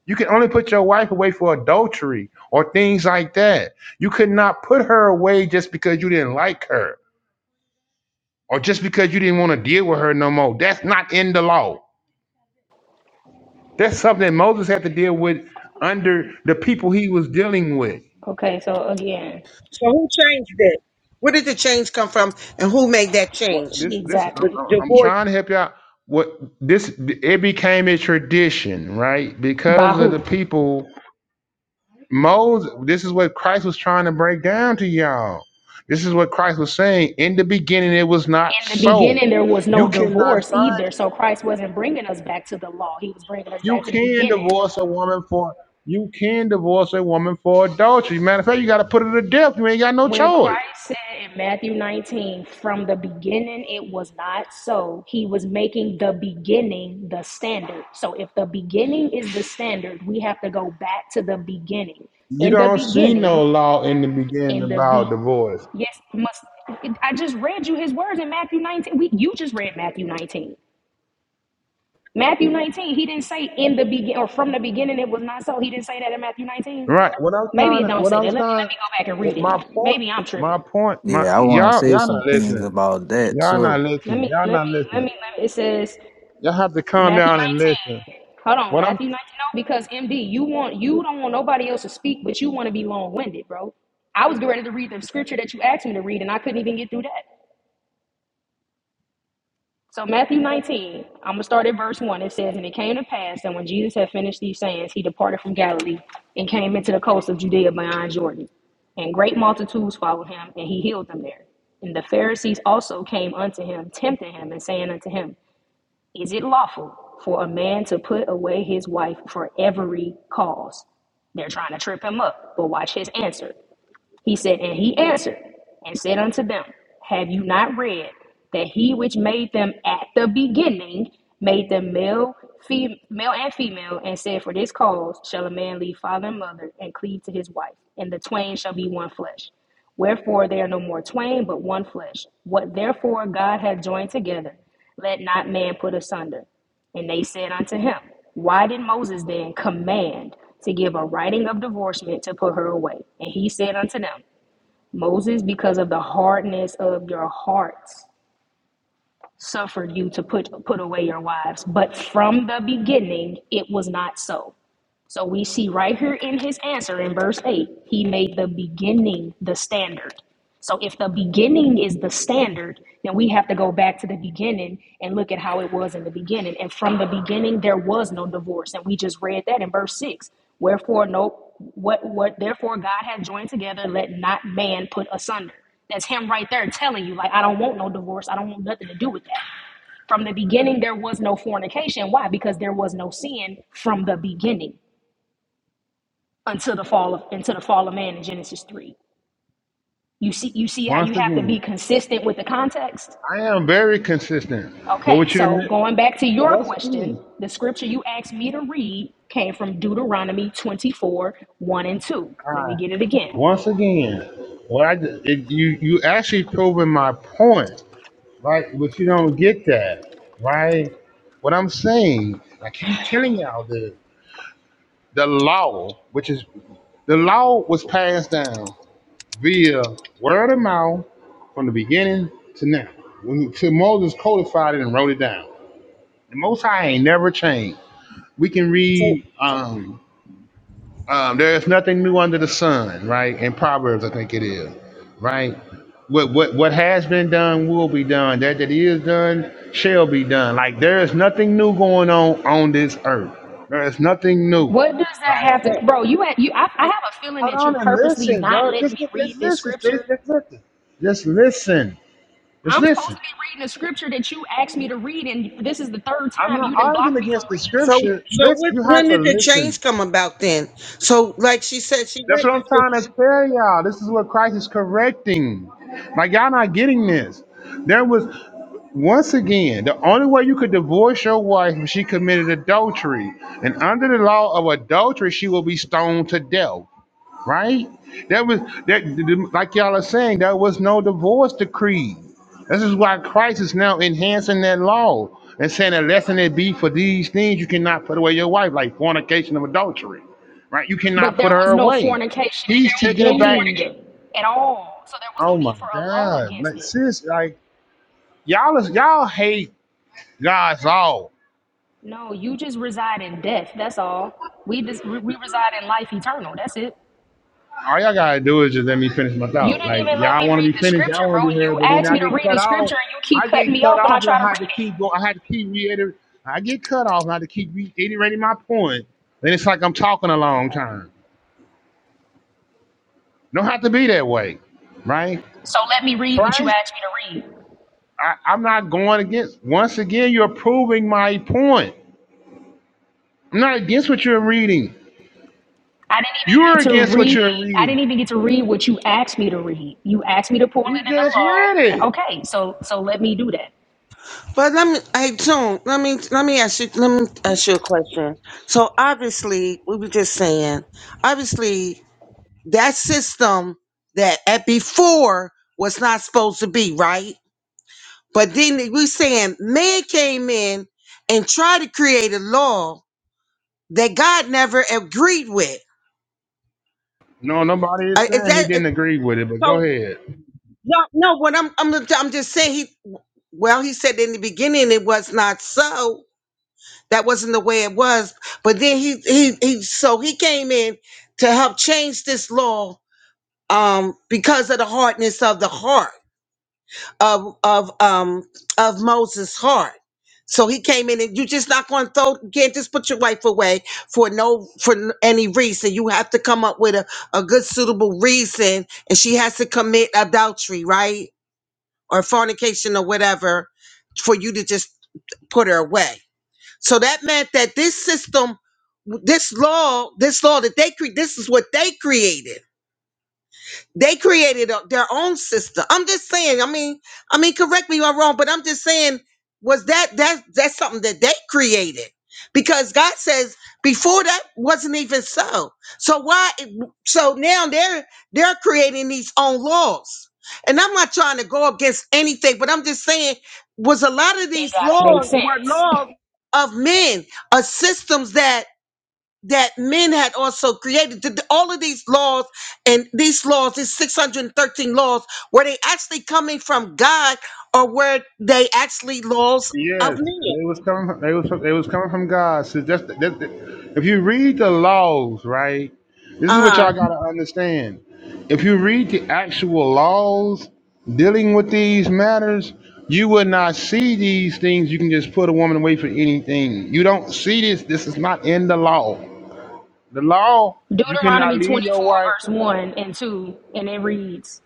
S8: You can only put your wife away for adultery or things like that. You could not put her away just because you didn't like her or just because you didn't want to deal with her no more. That's not in the law. That's something that Moses had to deal with under the people he was dealing with.
S10: Okay, so again,
S4: so who changed this? where did the change come from and who made that
S8: What
S4: change
S8: this this
S4: with
S8: I-
S10: exactly.
S8: I- I'm
S4: divorce
S8: trying to help you out. What this it became a tradition, right?
S10: By
S8: Because of
S10: who?
S8: the people, Moses. This is what Christ was trying to break down to y'all. This is what Christ was saying. In the beginning, it was not
S10: In the beginning,
S8: so.
S10: there was no
S8: You cannot
S10: divorce
S8: find.
S10: either. So Christ wasn't bringing us back to the law. He was bringing us
S8: You
S10: back to the
S8: can
S10: beginning.
S8: divorce a woman for. You can divorce a woman for adultery. Matter of fact, you got to put her to death. You ain't got no
S10: When Christ
S8: choice.
S10: said in Matthew 19, from the beginning it was not so, he was making the beginning the standard. So if the beginning is the standard, we have to go back to the beginning.
S8: You
S10: In the
S8: don't see
S10: beginning,
S8: no law in the beginning
S10: in the
S8: about
S10: be
S8: divorce.
S10: yes, must I just read you his words in Matthew 19. We you just read Matthew 19. Matthew 19, he didn't say in the begin or from the beginning it was not so. He didn't say that in Matthew 19.
S8: Right. What I was
S10: Maybe
S8: trying
S10: it
S8: to,
S10: don't
S8: what
S10: say
S8: I
S10: that. Let me let
S8: was trying,
S10: me go back and read
S8: what my
S10: it.
S8: point,
S10: Maybe I'm
S8: my
S10: tripping.
S8: point, my
S9: Yeah, I want to
S8: y'all,
S9: say
S8: y'all
S9: some
S8: not
S9: things
S8: listening.
S9: about that
S8: Y'all not
S9: too.
S10: Let
S8: listening.
S10: me,
S8: Y'all
S10: let me,
S8: not
S10: let
S8: listening.
S10: me, let me. It says
S8: Y'all have to calm
S10: Matthew
S8: down and listen.
S10: 19. Hold on,
S8: What I'm
S10: Matthew 19. No, because MD, you want, you don't want nobody else to speak, but you want to be long winded, bro. I was ready to read the scripture that you asked me to read, and I couldn't even get through that. So Matthew 19, I'm gonna start at verse one. It says, "And it came to pass that when Jesus had finished these sayings, he departed from Galilee and came into the coast of Judea beyond Jordan, and great multitudes followed him, and he healed them there. And the Pharisees also came unto him, tempting him, and saying unto him." Is it lawful for a man to put away his wife for every cause? They're trying to trip him up, but watch his answer. He said, And he answered and said unto them, Have you not read that he which made them at the beginning made them male, fem- male and female, and said, For this cause shall a man leave father and mother and cleave to his wife, and the twain shall be one flesh. Wherefore they are no more twain, but one flesh. What therefore God hath joined together, let not man put asunder. And they said unto him, Why did Moses then command to give a writing of divorcement to put her away? And he said unto them, Moses, because of the hardness of your hearts, suffered you to put put away your wives. But from the beginning, it was not so. So we see right here in his answer in verse 8, he made the beginning the standard. So if the beginning is the standard, then we have to go back to the beginning and look at how it was in the beginning. And from the beginning there was no divorce. And we just read that in verse 6. Wherefore no what what therefore God hath joined together, let not man put asunder. That's him right there telling you, like, I don't want no divorce. I don't want nothing to do with that. From the beginning, there was no fornication. Why? Because there was no sin from the beginning until the fall of until the fall of man in Genesis three. You see you see how you
S8: once
S10: have to be
S8: again,
S10: consistent with the context?
S8: I am very consistent. But
S10: Okay,
S8: what you
S10: so
S8: admit-
S10: going back to your
S8: once
S10: question,
S8: again,
S10: the scripture you asked me to read came from Deuteronomy 24, 1 and 2.
S8: all
S10: Let me
S8: right.
S10: get it again.
S8: Once again, what I did- it, you you actually proving my point, right? But you don't get that, right? What I'm saying, I keep telling y'all this. The law, which is the law was passed down via word of mouth from the beginning to now. When till Moses codified it and wrote it down. The Most High ain't never changed. We can
S4: so,
S8: read um, um, there is nothing new under the sun, right? In Proverbs, I think it is, right? What what what has been done will be done. That that is done shall be done. Like there is nothing new going on on this earth. There is nothing new,
S10: What does that
S8: right?
S10: have
S4: so
S10: to bro, you have you I, I have a feeling
S8: Hold
S10: that you're
S8: on and
S10: purposely
S8: listen,
S10: not
S8: bro.
S10: letting
S8: Just,
S10: me read
S8: just
S10: this
S8: listen, sis.
S10: scripture.
S8: Just listen. Just listen. Just
S10: I'm supposed to
S8: listen.
S10: be reading a scripture that you asked me to read, and this is the third
S8: I'm
S10: time
S8: not
S10: you didn't
S8: arguing
S10: block me from
S8: against the
S10: reading it.
S4: So,
S8: scripture.
S4: so
S8: Listen,
S4: what,
S8: you
S4: when
S8: have to
S4: did the
S8: listen.
S4: change come about then? So, like she said, she
S8: That's what I'm
S4: registered.
S8: trying to tell y'all. This is what Christ is correcting. Like y'all not getting this. There was once again the only way you could divorce your wife if she committed adultery, and under the law of adultery, she will be stoned to death. right? That was that, like y'all are saying, there was no divorce decree. This is why Christ is now enhancing that law and saying that lesson it be for these things you cannot put away your wife, like fornication and adultery, right? You
S10: But
S8: cannot
S10: there
S8: put her
S10: was no
S8: away.
S10: fornication in
S8: He's
S10: the
S8: taking it back.
S10: beginning at all. So there was no
S8: Oh my
S10: need for a law
S8: God,
S10: against
S8: like
S10: it.
S8: sis, like y'all is y'all hate God's law.
S10: No, you just reside in death. That's all. We just, we we reside in life eternal. That's it.
S8: All y'all gotta do is just let me finish my
S10: You
S8: thought.
S10: didn't
S8: Like
S10: even let me
S8: y'all want to
S10: read
S8: be
S10: the
S8: finished,
S10: scripture,
S8: y'all want to
S10: bro.
S8: be heard, but
S10: You
S8: then
S10: asked
S8: I
S10: me to
S8: get
S10: read
S8: cut
S10: the
S8: off.
S10: scripture and you keep
S8: I
S10: cutting
S8: get
S10: me
S8: cut
S10: off when I
S8: off, and
S10: try to
S8: I
S10: read
S8: had to keep
S10: it.
S8: going. I had to keep reiterating. I get cut off, and I had to keep reiterating my point. Then it's like I'm talking a
S10: All
S8: long
S10: right.
S8: time. Don't have to be that way, right?
S10: So let me read what you
S8: Christ,
S10: asked me to read.
S8: I, I'm not going against. Once again, you're proving my point. I'm not against what you're reading.
S10: I didn't even
S8: You're
S10: get to
S8: against what you're
S10: read. I didn't
S8: reading.
S10: even get to read what you asked me to read. You asked me to pull it
S8: You just read
S10: in the law.
S8: it.
S10: Okay, so so let me do that.
S4: But let me, hey, June, let me, let me ask you, let me ask you a question. So, obviously, we were just saying, obviously, that system that at before was not supposed to be right. But then we saying man came in and tried to create a law that God never agreed with.
S8: No, nobody is
S4: Uh, is
S8: saying
S4: that
S8: he didn't agree with it, but
S4: so?
S8: go ahead.
S4: No, no. What I'm, I'm, I'm just saying. He, well, he said in the beginning it was not so. That wasn't the way it was. But then he, he, he. So he came in to help change this law, um, because of the hardness of the heart of, of, um, of Moses' heart. So he came in, and you just not going to throw. You can't just put your wife away for no for n- any reason. You have to come up with a, a good suitable reason, and she has to commit adultery, right? or fornication or whatever for you to just put her away. So that meant that this system, this law, this law that they create, this is what they created. They created a- their own system. I'm just saying. I mean, I mean, correct me if I'm wrong, but I'm just saying, was that that that's something that they created? Because God says before that wasn't even so. So why? So now they're they're creating these own laws. And I'm not trying to go against anything, but I'm just saying, was a lot of
S10: It
S4: these
S10: gotta make
S4: laws were
S10: sense.
S4: laws of men, of systems that that men had also created. Th- th- All of these laws and these laws, these 613 laws, were they actually coming from God or were they actually laws of
S8: Yes,
S4: men?
S8: they was coming. From, they was. From, They was coming from God. So that's, that, that- if you read the laws, right? This is what
S4: Uh-huh.
S8: y'all gotta understand. If you read the actual laws dealing with these matters, you will not see these things. You can just put a woman away for anything. You don't see this. This is not in the law. The law. You cannot
S10: Deuteronomy 24,
S8: leave your wife.
S10: verse 1 and 2, and it reads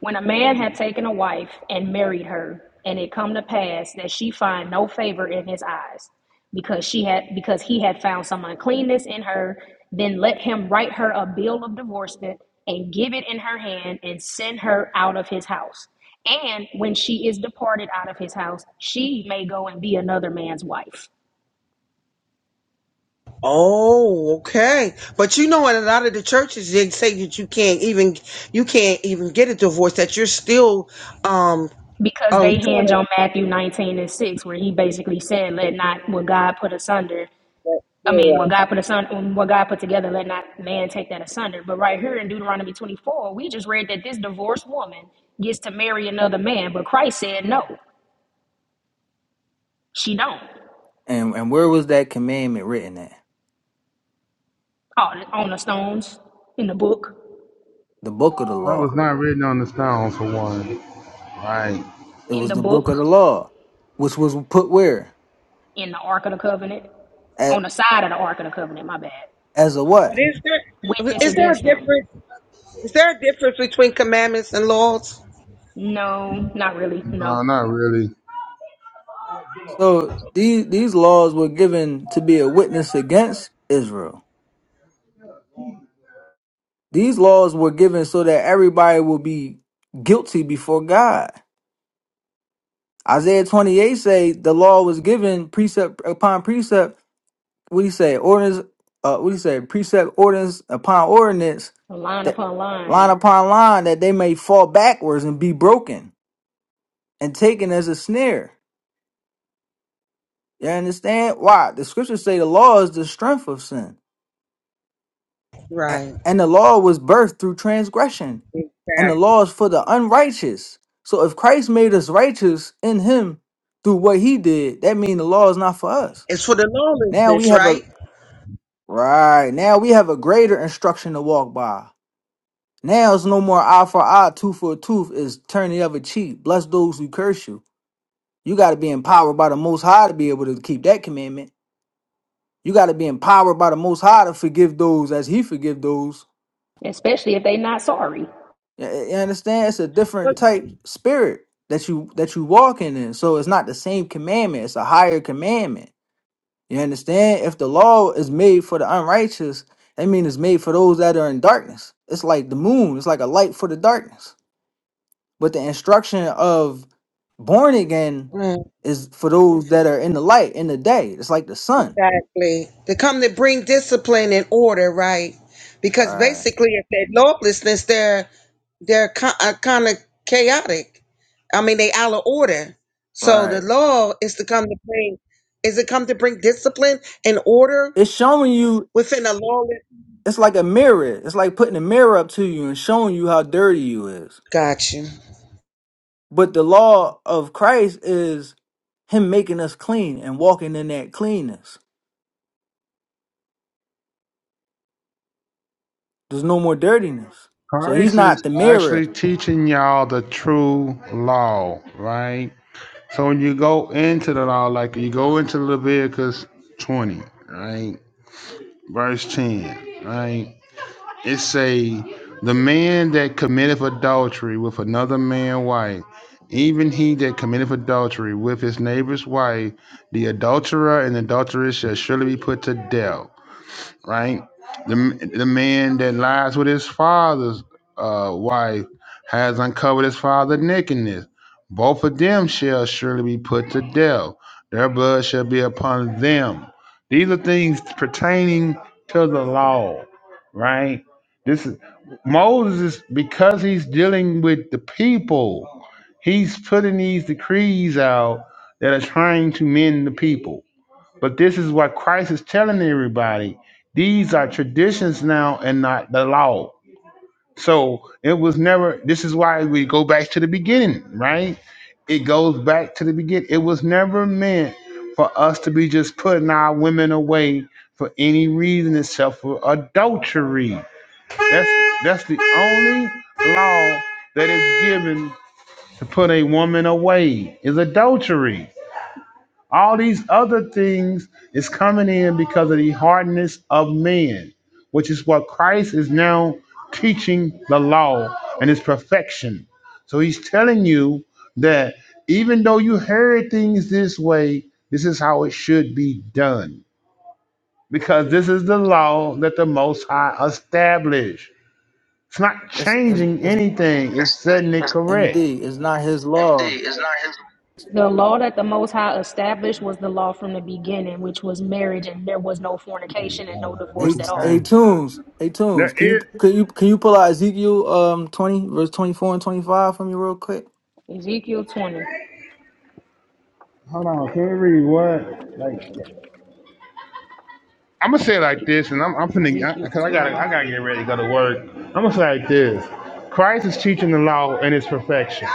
S10: When a man had taken a wife and married her, and it come to pass that she find no favor in his eyes, because she had because he had found some uncleanness in her, then let him write her a bill of divorcement and give it in her hand and send her out of his house. And when she is departed out of his house, she may go and be another man's wife.
S4: Oh, okay. But you know, in a lot of the churches, they say that you can't even you can't even get a divorce. That you're still um
S10: because
S4: um trying
S10: they hinge
S4: to
S10: on Matthew 19 and 6, where he basically said, Let not what God put asunder, I mean,
S4: yeah.
S10: what God put asunder, what God put together, let not man take that asunder. But right here in Deuteronomy 24, we just read that this divorced woman gets to marry another man, but Christ said, No, she don't.
S9: And and where was that commandment written at?
S10: Oh, on the stones, in the book,
S9: The book of the
S8: That
S9: law.
S8: was not written on the stone for one. Right?
S9: It
S10: in
S9: was
S10: the
S9: the book
S10: book,
S9: of the law, which was put where
S10: in the Ark of the Covenant, on
S9: at
S10: the side of the Ark of the Covenant, my bad.
S9: as a
S4: But
S9: what?
S4: is there
S10: Witness
S4: is there
S10: against
S4: a
S10: them.
S4: difference? Is there a difference between commandments and laws?
S10: No, not really,
S8: No,
S10: no.
S8: not really.
S9: So these these laws were given to be a witness against Israel. These laws were given so that everybody will be guilty before God. Isaiah 28 say the law was given precept upon precept what do you say ordinance uh what do you say precept ordinance upon ordinance
S10: Line
S9: that
S10: upon
S9: line
S10: line.
S9: upon line that they may fall backwards and be broken and taken as a snare you understand why the scriptures say the law is the strength of sin A-
S4: Right.
S9: and the law was birthed through transgression and the law is for the unrighteous so if christ made us righteous in him through what he did that means the law is not for us
S4: It's for the
S9: now we
S4: lawlessness,
S9: have a
S4: right?
S9: right now we have a greater instruction to walk by Now it's no more eye for eye, tooth for a tooth. It's turn the other cheek. Bless those who curse you. You got to be empowered by the Most High to be able to keep that commandment. You got to be empowered by the Most High to forgive those as He forgive those.
S10: especially if they not sorry.
S9: You you understand? It's a different type spirit that you that you walking in. So it's not the same commandment. It's a higher commandment. You understand? If the law is made for the unrighteous, that means it's made for those that are in darkness. It's like the moon. It's like a light for the darkness. But the instruction of born again
S4: Mm,
S9: is for those that are in the light, in the day. It's like the sun.
S4: Exactly. To come to bring discipline and order, right? Because
S9: Right.
S4: basically, if they're lawlessness, they're they're kind of chaotic. I mean, they out of order. So the
S9: Right.
S4: law is to come to bring is it come to bring discipline and order
S9: It's showing you
S4: within a lawless.
S9: it's like a mirror. It's like putting a mirror up to you and showing you how dirty you is.
S4: Got you.
S9: But the law of Christ is him making us clean and walking in that cleanness. There's no more dirtiness. So he's
S8: Christ is
S9: not the mirror.
S8: actually teaching y'all the true law, right? So when you go into the law, like you go into Leviticus 20, right? Verse 10, right? It say, the man that committeth adultery with another man's wife, even he that committeth adultery with his neighbor's wife, the adulterer and adulteress shall surely be put to death right? The the man that lies with his father's uh, wife has uncovered his father's nakedness. Both of them shall surely be put to death. Their blood shall be upon them. These are things pertaining to the law, right? This is Moses because he's dealing with the people. He's putting these decrees out that are trying to mend the people but this is what Christ is telling everybody. These are traditions now and not the law. So it was never, this is why we go back to the beginning, right? It goes back to the beginning. It was never meant for us to be just putting our women away for any reason except for adultery. That's that's the only law that is given to put a woman away is adultery. All these other things is coming in because of the hardness of man, which is what Christ is now teaching the law and its perfection. So he's telling you that even though you heard things this way, this is how it should be done. Because this is the law that the Most High established. It's not
S9: It's, it's,
S8: changing
S9: it's
S8: anything. correct.
S9: MD. It's not his law.
S10: The law that the Most High established was the law from the beginning, which was marriage, and there was no fornication and no divorce
S9: Hey,
S10: at
S9: hey,
S10: all.
S9: Tunes. Hey,
S8: There
S9: Tunes. Can you
S8: is,
S9: can you can you pull out Ezekiel um twenty verse twenty four and twenty five from you real quick?
S10: Ezekiel 20.
S8: hold on, can we read what? Like, I'm gonna say it like this, and I'm, I'm finna, because
S10: Ezekiel
S8: I, I gotta,
S10: 20.
S8: I gotta get ready to go to work. I'm gonna say it like this: Christ is teaching the law in its perfection.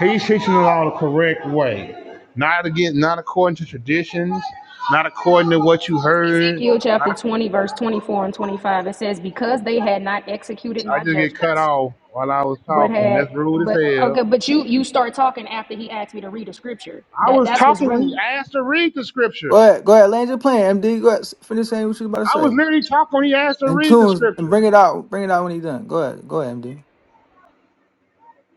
S8: He's teaching the law the correct way, not again, not according to traditions, not according to what you heard.
S10: Ezekiel
S8: Not,
S10: chapter
S8: ac-
S10: 20, verse 24 and 25, it says, Because they had not executed
S8: I
S10: my
S8: just get cut
S10: judgments,
S8: off while I was
S10: but
S8: talking.
S10: had
S8: That's rude as
S10: but
S8: hell.
S10: okay, but you you start talking after he asked me to read a scripture.
S8: I
S10: That
S8: was
S10: that's what's
S8: talking when he
S10: rude.
S8: asked to read the
S9: Go
S8: scripture.
S9: ahead, go ahead. Land your plan, MD. Go ahead. s- Finish saying what you about to
S8: I
S9: say.
S8: was literally talking when he asked to
S9: And
S8: read the
S9: Tunes, and
S8: scripture.
S9: bring it out. Bring it out when you done. Go ahead, go ahead, MD.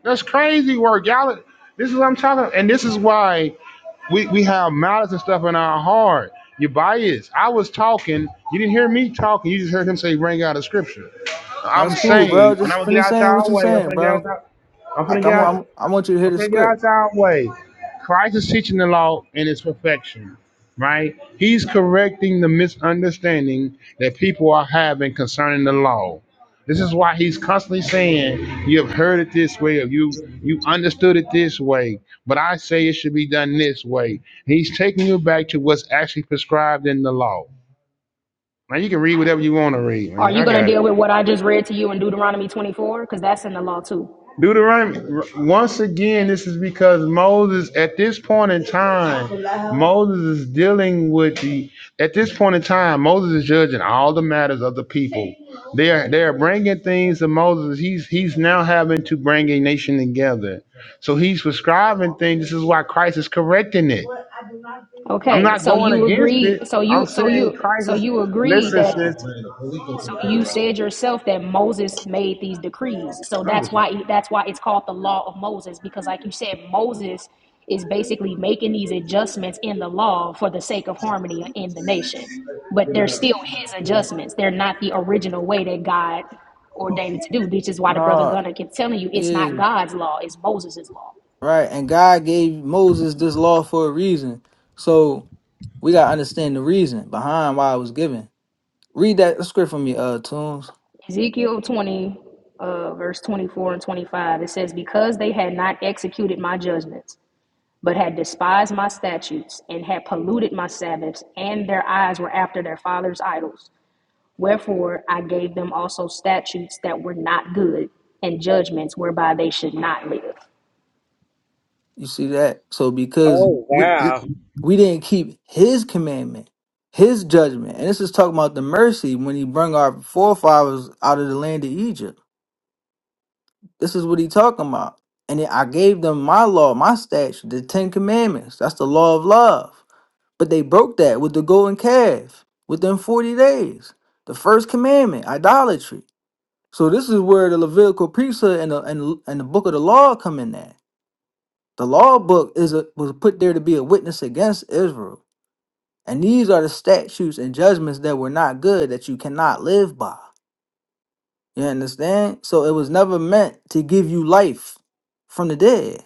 S8: That's crazy work, y'all. This is what I'm talking about. And this is why we, we have malice and stuff in our heart. You're biased. I was talking. You didn't hear me talking. You just heard him say, bring out a scripture.
S9: Oh,
S8: I'm
S9: that's cool, bro.
S8: saying, and I'm
S9: Just
S8: going to get
S9: finish
S8: out
S9: saying what
S8: y'all
S9: you
S8: way. I'm going
S9: saying,
S8: to get out
S9: bro.
S8: y'all. I'm
S9: I,
S8: going to
S9: I
S8: get out.
S9: want I want you to hear the
S8: Okay, am
S9: script.
S8: get out our way. Christ is teaching the law in its perfection, right? He's correcting the misunderstanding that people are having concerning the law. This is why he's constantly saying, "You have heard it this way, or you you understood it this way, but I say it should be done this way." He's taking you back to what's actually prescribed in the law. Now you can read whatever you want to read,
S10: Are
S8: man.
S10: you
S8: I
S10: gonna
S8: got it.
S10: deal with what I just read to you in Deuteronomy 24? Because that's in the law too.
S8: Deuteronomy, once again, this is because Moses, at this point in time, Moses is dealing with the, at this point in time, Moses is judging all the matters of the people. They are, they are bringing things to Moses. He's, he's now having to bring a nation together. So he's prescribing things. This is why Christ is correcting it. I'm
S10: Okay,
S8: not
S10: so
S8: going
S10: you
S8: against it.
S10: agreed. So
S8: I'm
S10: you, so
S8: saying
S10: you,
S8: Christ
S10: so
S8: is,
S10: you agreed
S8: listen,
S10: that.
S8: sis,
S10: So you said yourself that Moses made these decrees. So
S8: I'm just
S10: that's why that's why it's called the law of Moses because, like you said, Moses is basically making these adjustments in the law for the sake of harmony in the nation. But they're still his adjustments. They're not the original way that God ordained it to do. This is why the brother
S9: No,
S10: Gunner kept telling you it's not
S9: yeah,
S10: God's law; it's Moses' law.
S9: right. And God gave Moses this law for a reason. So we gotta understand the reason behind why it was given. Read that script for me, uh, Tunes.
S10: Ezekiel 20, uh, verse 24 and 25, it says, Because they had not executed my judgments, but had despised my statutes, and had polluted my Sabbaths, and their eyes were after their father's idols. Wherefore I gave them also statutes that were not good, and judgments whereby they should not live.
S9: You see that? So because
S4: Oh
S9: we
S4: wow!
S9: we didn't keep his commandment, his judgment. And this is talking about the mercy when he brought our forefathers out of the land of Egypt. This is what he talking about. And then I gave them my law, my statute, the Ten Commandments. That's the law of love. But they broke that with the golden calf within 40 days. The first commandment, idolatry. So this is where the Levitical priesthood and the, and, and the book of the law come in at. The law book is a, was put there to be a witness against Israel. And these are the statutes and judgments that were not good that you cannot live by. You understand? So it was never meant to give you life from the dead.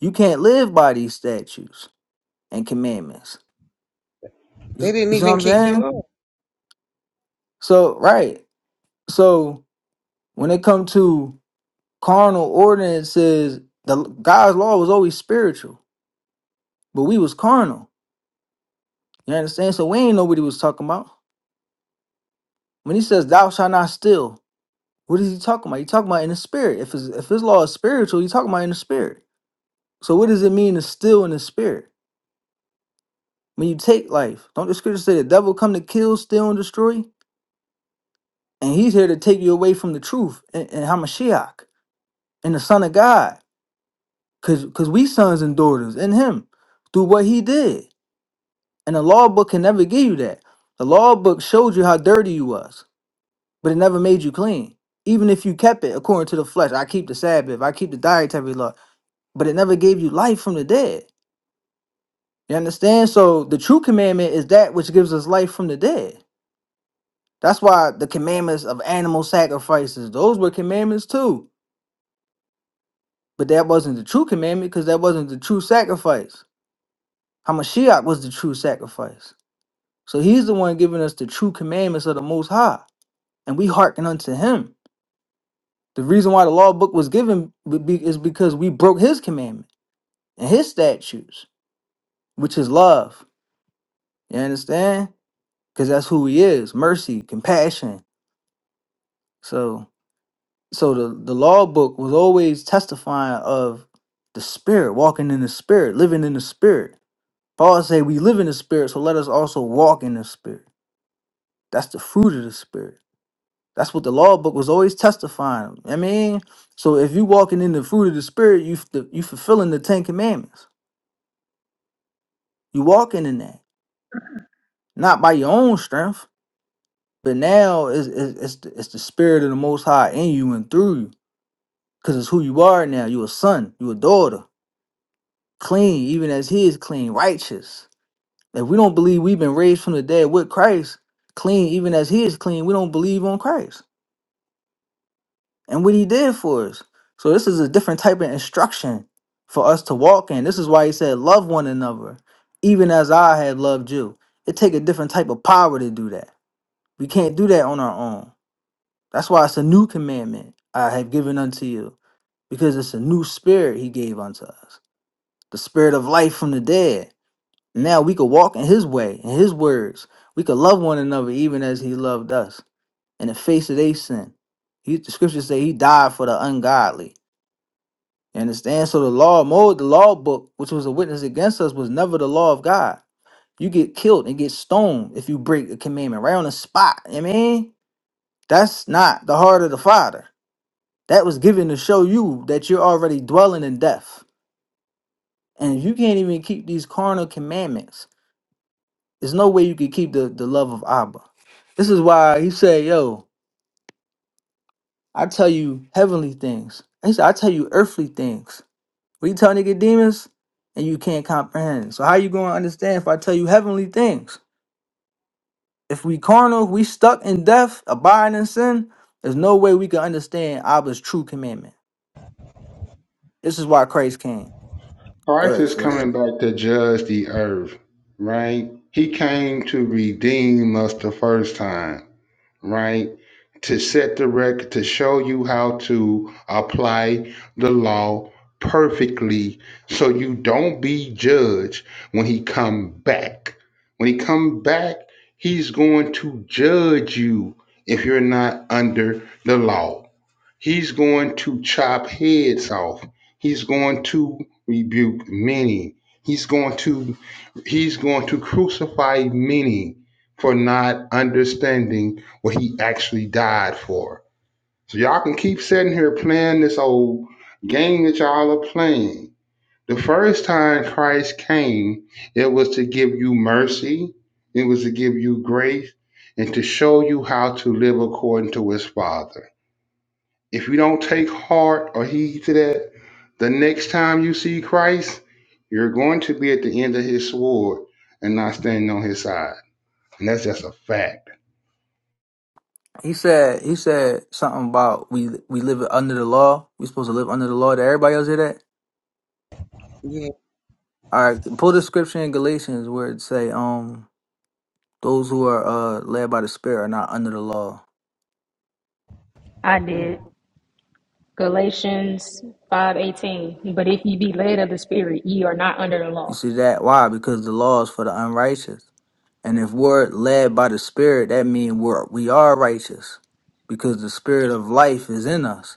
S9: You can't live by these statutes and commandments. You,
S4: They
S9: s-
S4: didn't
S9: you see what
S4: even
S9: I'm
S4: keep the
S9: saying?
S4: law.
S9: So, right. So when it comes to carnal ordinances, the God's law was always spiritual, but we was carnal. You understand? So we ain't know what he was talking about. When he says thou shalt not steal, what is he talking about? He talking about in the spirit. If his if his law is spiritual, he talking about in the spirit. So what does it mean to steal in the spirit? When you take life, don't the scriptures say the devil come to kill, steal, and destroy? And he's here to take you away from the truth and, and Hamashiach and the Son of God. Cause cause we sons and daughters in him through what he did. And the law book can never give you that. The law book showed you how dirty you was. but it never made you clean. Even if you kept it according to the flesh, I keep the Sabbath, I keep the dietary law, but it never gave you life from the dead. You understand? So the true commandment is that which gives us life from the dead. That's why the commandments of animal sacrifices, those were commandments too. But that wasn't the true commandment because that wasn't the true sacrifice. Hamashiach was the true sacrifice. So he's the one giving us the true commandments of the Most High, and we hearken unto him. The reason why the law book was given would be- is because we broke his commandments. and his statutes, which is love. You understand? Because that's who he is mercy, compassion. So so the, the law book was always testifying of the spirit, walking in the spirit, living in the spirit. Paul say we live in the spirit, so let us also walk in the spirit. That's the fruit of the spirit. That's what the law book was always testifying. I mean, so if you walking in the fruit of the spirit, you f- you fulfilling the Ten Commandments. You walking in that, not by your own strength. But now it's, it's, it's, the, it's the spirit of the Most High in you and through you, because it's who you are now. you a son, you a daughter, clean, even as He is clean, righteous. If we don't believe we've been raised from the dead with Christ, clean, even as He is clean, we don't believe on Christ and what He did for us. So this is a different type of instruction for us to walk in. This is why He said, "Love one another, even as I have loved you." It take a different type of power to do that. We can't do that on our own. That's why it's a new commandment I have given unto you, because it's a new spirit he gave unto us, the spirit of life from the dead. Now we could walk in his way, in his words. We could love one another even as he loved us in the face of their sin. He, the scriptures say he died for the ungodly. You understand? So the law mode, the law book, which was a witness against us, was never the law of God. You get killed and get stoned if you break a commandment right on the spot. I mean, that's not the heart of the Father. That was given to show you that you're already dwelling in death. And if you can't even keep these carnal commandments, there's no way you can keep the, the love of Abba. This is why he said, Yo, I tell you heavenly things. He said, I tell you earthly things. What you tell Nicodemus? And you can't comprehend. So how you gonna understand if I tell you heavenly things? If we carnal, if we stuck in death, abiding in sin, there's no way we can understand Abba's true commandment. This is why Christ came.
S8: Christ
S9: Good,
S8: is
S9: sis.
S4: Wow.
S8: coming back to judge the earth, right? He came to redeem us the first time, right? To set the record, to show you how to apply the law perfectly so you don't be judged when he come back. When he come back, he's going to judge you if you're not under the law. He's going to chop heads off. He's going to rebuke many. He's going to he's going to crucify many for not understanding what he actually died for. So y'all can keep sitting here playing this old game that y'all are playing. The first time Christ came, it was to give you mercy, it was to give you grace, and to show you how to live according to his Father. If you don't take heart or heed to that, the next time you see Christ, you're going to be at the end of his sword and not standing on his side. And that's just a fact.
S9: He said he said something about we we live under the law. We supposed to live under the law. Did everybody else hear that?
S4: Yeah.
S9: All right, pull the scripture in Galatians where it say, um, those who are uh led by the Spirit are not under the law.
S10: I
S4: Mm.
S10: did. Galatians 5:18 But if ye be led of the spirit ye are not under the
S9: You
S10: law.
S9: see that? Why? Because the law is for the unrighteous. And if we're led by the Spirit, that means we're we are righteous because the Spirit of life is in us,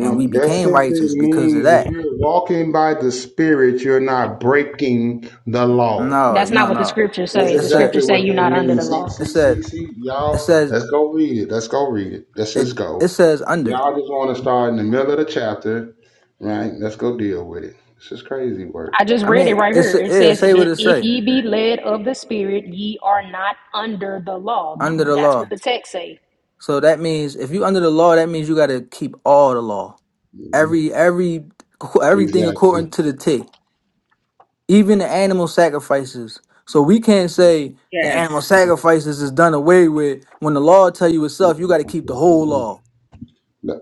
S9: and we
S8: that
S9: became
S8: simply
S9: righteous because of
S8: means if
S9: that.
S8: you're walking by the Spirit, you're not breaking the law.
S9: No,
S10: That's not
S9: no,
S10: what the
S9: no.
S10: scriptures
S9: It
S8: That's
S10: say.
S9: it
S10: The
S9: said
S8: exactly
S10: scriptures say
S8: what
S10: you're
S8: that
S10: not under the
S8: means. See,
S10: law.
S9: it
S8: see,
S9: said
S8: see, see,
S9: it
S8: y'all.
S9: says
S8: Let's go read it. Let's go read it. Let's just
S9: it it
S8: go.
S9: says under.
S8: Y'all just want to start in the middle of the chapter, right? Let's go deal with it. This is crazy work.
S10: I just
S9: I
S10: read it
S9: mean,
S10: right
S9: it's
S10: here. It
S9: it
S10: says,
S9: say what
S10: that
S9: it
S10: "If
S9: say
S10: ye be led of the Spirit, ye are not under the law."
S9: under the
S10: That's what
S9: law.
S10: the text say.
S9: So that means if you under the law, that means you got to keep all the law,
S8: Mhm.
S9: every every everything according
S8: Exactly.
S9: to the T, even the animal sacrifices. So we can't say the animal
S4: Yes. Mm.
S9: sacrifices is done away with when the law tell you itself. You got to keep the whole
S8: The
S9: law.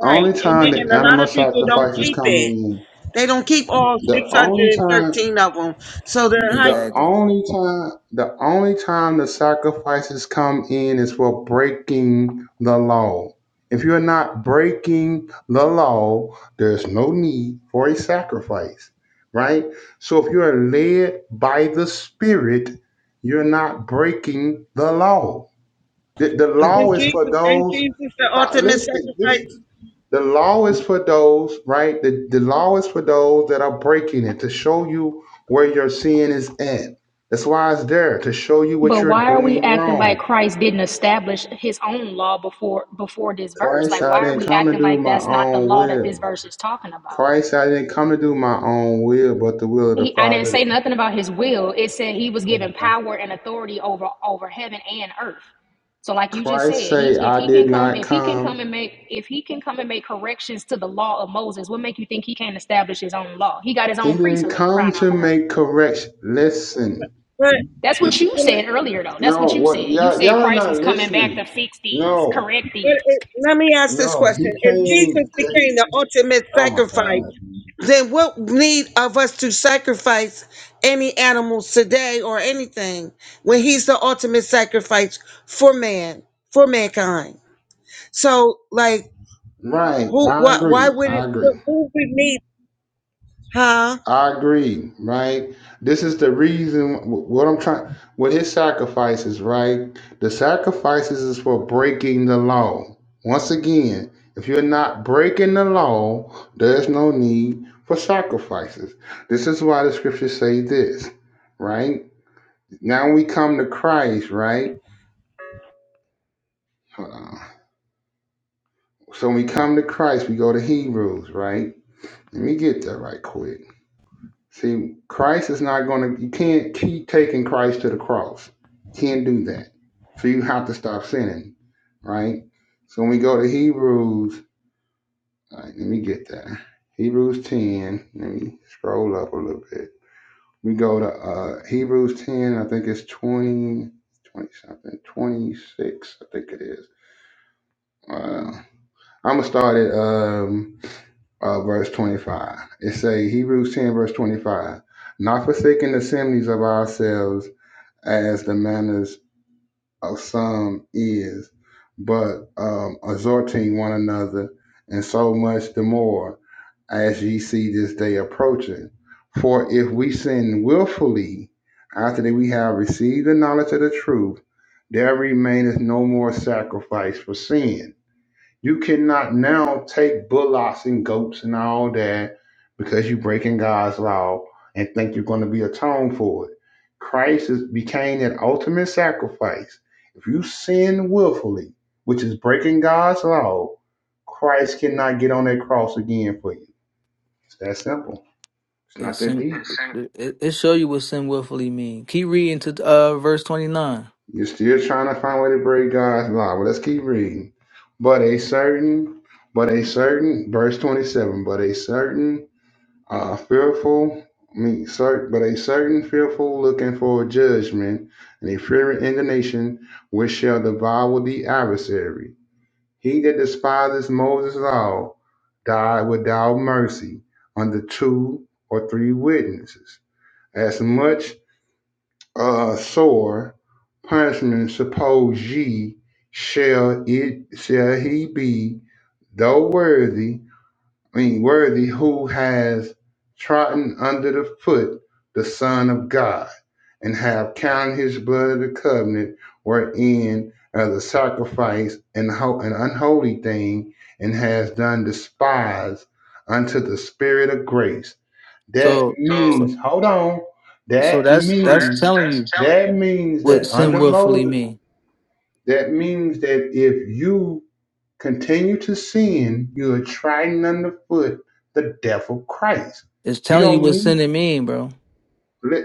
S4: Right,
S8: only
S4: and
S8: time
S4: and
S8: the
S4: a lot
S8: animal
S4: of people don't
S8: sacrifices
S4: keep
S8: come
S4: it.
S8: in,
S4: They don't keep all
S8: the only time,
S4: 613 of them. So they're high.
S8: the
S9: Exactly.
S8: only time, the only time the sacrifices come in is for breaking the law. If you're not breaking the law, there's no need for a sacrifice, right? So if you are led by the Spirit, you're not breaking the law. The, the
S4: But then
S8: law is for
S4: Jesus, ain't
S8: those.
S4: Jesus the ultimate
S8: Listen, this.
S4: sacrifice?
S8: The law is for those, right? The, the law is for those that are breaking it to show you where your sin is at. That's why it's there to show you
S10: But
S8: what
S10: why
S8: you're
S10: are we
S8: doing
S10: acting like
S8: wrong.
S10: Christ didn't establish His own law before before this verse?
S8: Christ,
S10: Like,
S8: I
S10: why are
S8: didn't
S10: we
S8: come to
S10: acting
S8: do
S10: like
S8: my
S10: that's not the
S8: own
S10: law that this
S8: will.
S10: verse is talking about?
S8: Christ, I didn't come to do my own will, but the will of
S10: He,
S8: the
S10: I didn't say
S8: Father.
S10: nothing about his will. It said he was given power and authority over over heaven and earth. So, like you just said,
S8: Christ
S10: he
S8: say,
S10: if
S8: I
S10: he can
S8: did
S10: come,
S8: not
S10: if he can come
S8: come.
S10: and make, if he can come and make corrections to the law of Moses, what make you think he can't establish his own law? He got his
S8: He
S10: own
S8: didn't
S10: priesthood for
S8: come
S10: crying out
S8: to
S10: loud.
S8: make correction. Listen.
S4: But,
S10: That's what you said earlier, though. That's
S8: No,
S10: what you
S8: what
S10: said. You
S8: y'all
S10: said
S8: y'all are
S10: Christ
S8: not
S10: was coming back to
S8: listening.
S10: fix these,
S8: No,
S10: correct
S4: but
S10: these,
S4: it, let me ask this
S8: no. He
S4: question. If Jesus
S8: came to,
S4: became the ultimate
S8: oh my god.
S4: sacrifice, then what need of us to sacrifice any animals today or anything when he's the ultimate sacrifice for man, for mankind? So, like,
S8: Right.
S4: who,
S8: I
S4: what, why
S8: agree.
S4: would
S8: I
S4: it, who
S8: agree.
S4: who would need, huh?
S8: I agree. Right. This is the reason wh- what I'm trying with his sacrifices, right? The sacrifices is for breaking the law. Once again, if you're not breaking the law, there's no need for sacrifices. This is why the scriptures say this, right? Now we come to Christ, right? Hold on. So when we come to Christ, we go to Hebrews, right? Let me get that right quick. See, Christ is not going to, you can't keep taking Christ to the cross. Can't do that. So you have to stop sinning, right? So when we go to Hebrews, all right, let me get there. Hebrews 10, let me scroll up a little bit. We go to uh, Hebrews 10, I think it's 20, 20 something, 26, I think it is. Uh, I'm going to start at um, uh, verse 25. It say Hebrews 10, verse 25. Not forsaking the assemblies of ourselves as the manners of some is, but um, exhorting one another, and so much the more as ye see this day approaching. For if we sin willfully after that we have received the knowledge of the truth, there remaineth no more sacrifice for sin you cannot now take bullocks and goats and all that because you're breaking God's law and think you're going to be atoned for it. Christ is, became that ultimate sacrifice. If you sin willfully, which is breaking God's law, Christ cannot get on that cross again for you. It's that simple. It's
S9: It
S8: not that
S9: sin,
S8: deep.
S9: it, it show you what sin willfully mean. Keep reading to uh verse twenty nine.
S8: You're still trying to find a way to break God's law. Well, let's keep reading. But a certain, but a certain, verse 27, but a certain Uh, fearful means certain, but a certain fearful looking for a judgment, and a fiery indignation which shall devour the adversary. He that despises Moses' law died without mercy under two or three witnesses. As much uh, sore punishment suppose ye shall it shall he be, though worthy I mean, worthy who has trodden under the foot the Son of God, and have counted his blood of the covenant wherein as a sacrifice and ho- an unholy thing, and has done despise unto the Spirit of grace. That
S9: So so
S8: means, hold on,
S9: so
S8: that, me-
S9: that's that's telling you
S8: that means
S9: what
S8: that
S9: sin
S8: under
S9: willfully
S8: Moses,
S9: mean.
S8: that means that if you continue to sin, you are trying underfoot the devil Christ.
S9: It's
S8: You
S9: telling you
S8: don't
S9: what
S8: need.
S9: sinning mean, bro.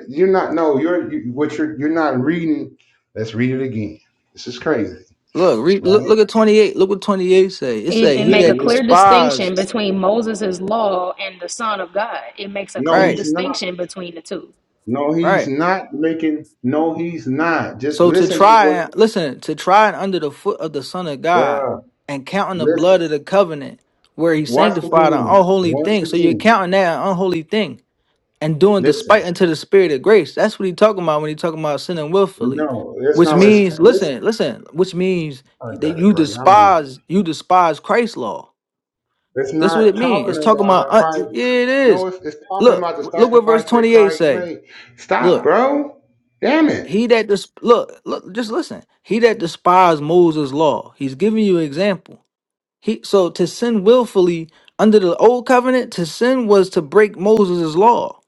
S8: You're not. No, you're. You, what you're. You're not reading. Let's read it again. This is crazy,
S9: Look, re- look,
S8: right?
S9: look at 28. Look what 28 say. It
S10: and,
S9: say,
S10: and
S9: he
S10: make a
S9: that
S10: clear distinction
S9: despised.
S10: between Moses' law and the Son of God. It makes a
S8: No,
S10: clear
S9: Right,
S8: he's not.
S10: distinction between the two.
S8: No, he's
S9: right.
S8: not making. No, he's not. Just
S9: So to
S8: listen to
S9: try
S8: what,
S9: and, listen, to try and under the foot of the son of God
S8: bruh.
S9: and counting the
S8: Listen.
S9: blood of the covenant where he
S8: Once
S9: sanctified an
S8: again.
S9: unholy
S8: Once
S9: thing. So you're
S8: again.
S9: counting that an unholy thing and doing despite
S8: Listen.
S9: unto the spirit of grace. That's what he talking about when he talking about sinning willfully.
S8: No, that's
S9: Which
S8: not what it's.
S9: means,
S8: Listen.
S9: listen, listen, which means
S8: Oh, I
S9: that
S8: got it,
S9: you
S8: bro. I don't. want.
S9: despise, you despise Christ's law.
S8: It's
S9: That's what it
S8: not
S9: means. It's
S8: talking
S9: talking about
S8: about
S9: uh,
S8: Christ.
S9: yeah, it is.
S8: No, it's, it's talking
S9: Look,
S8: about the
S9: look what verse
S8: sacrifice that
S9: 28
S8: Christ
S9: say.
S8: made. Stop,
S9: Look,
S8: bro. Damn it.
S9: he that dis- look, look, just listen. He that despised Moses' law, he's giving you an example. He so to sin willfully under the old covenant, to sin was to break Moses' law,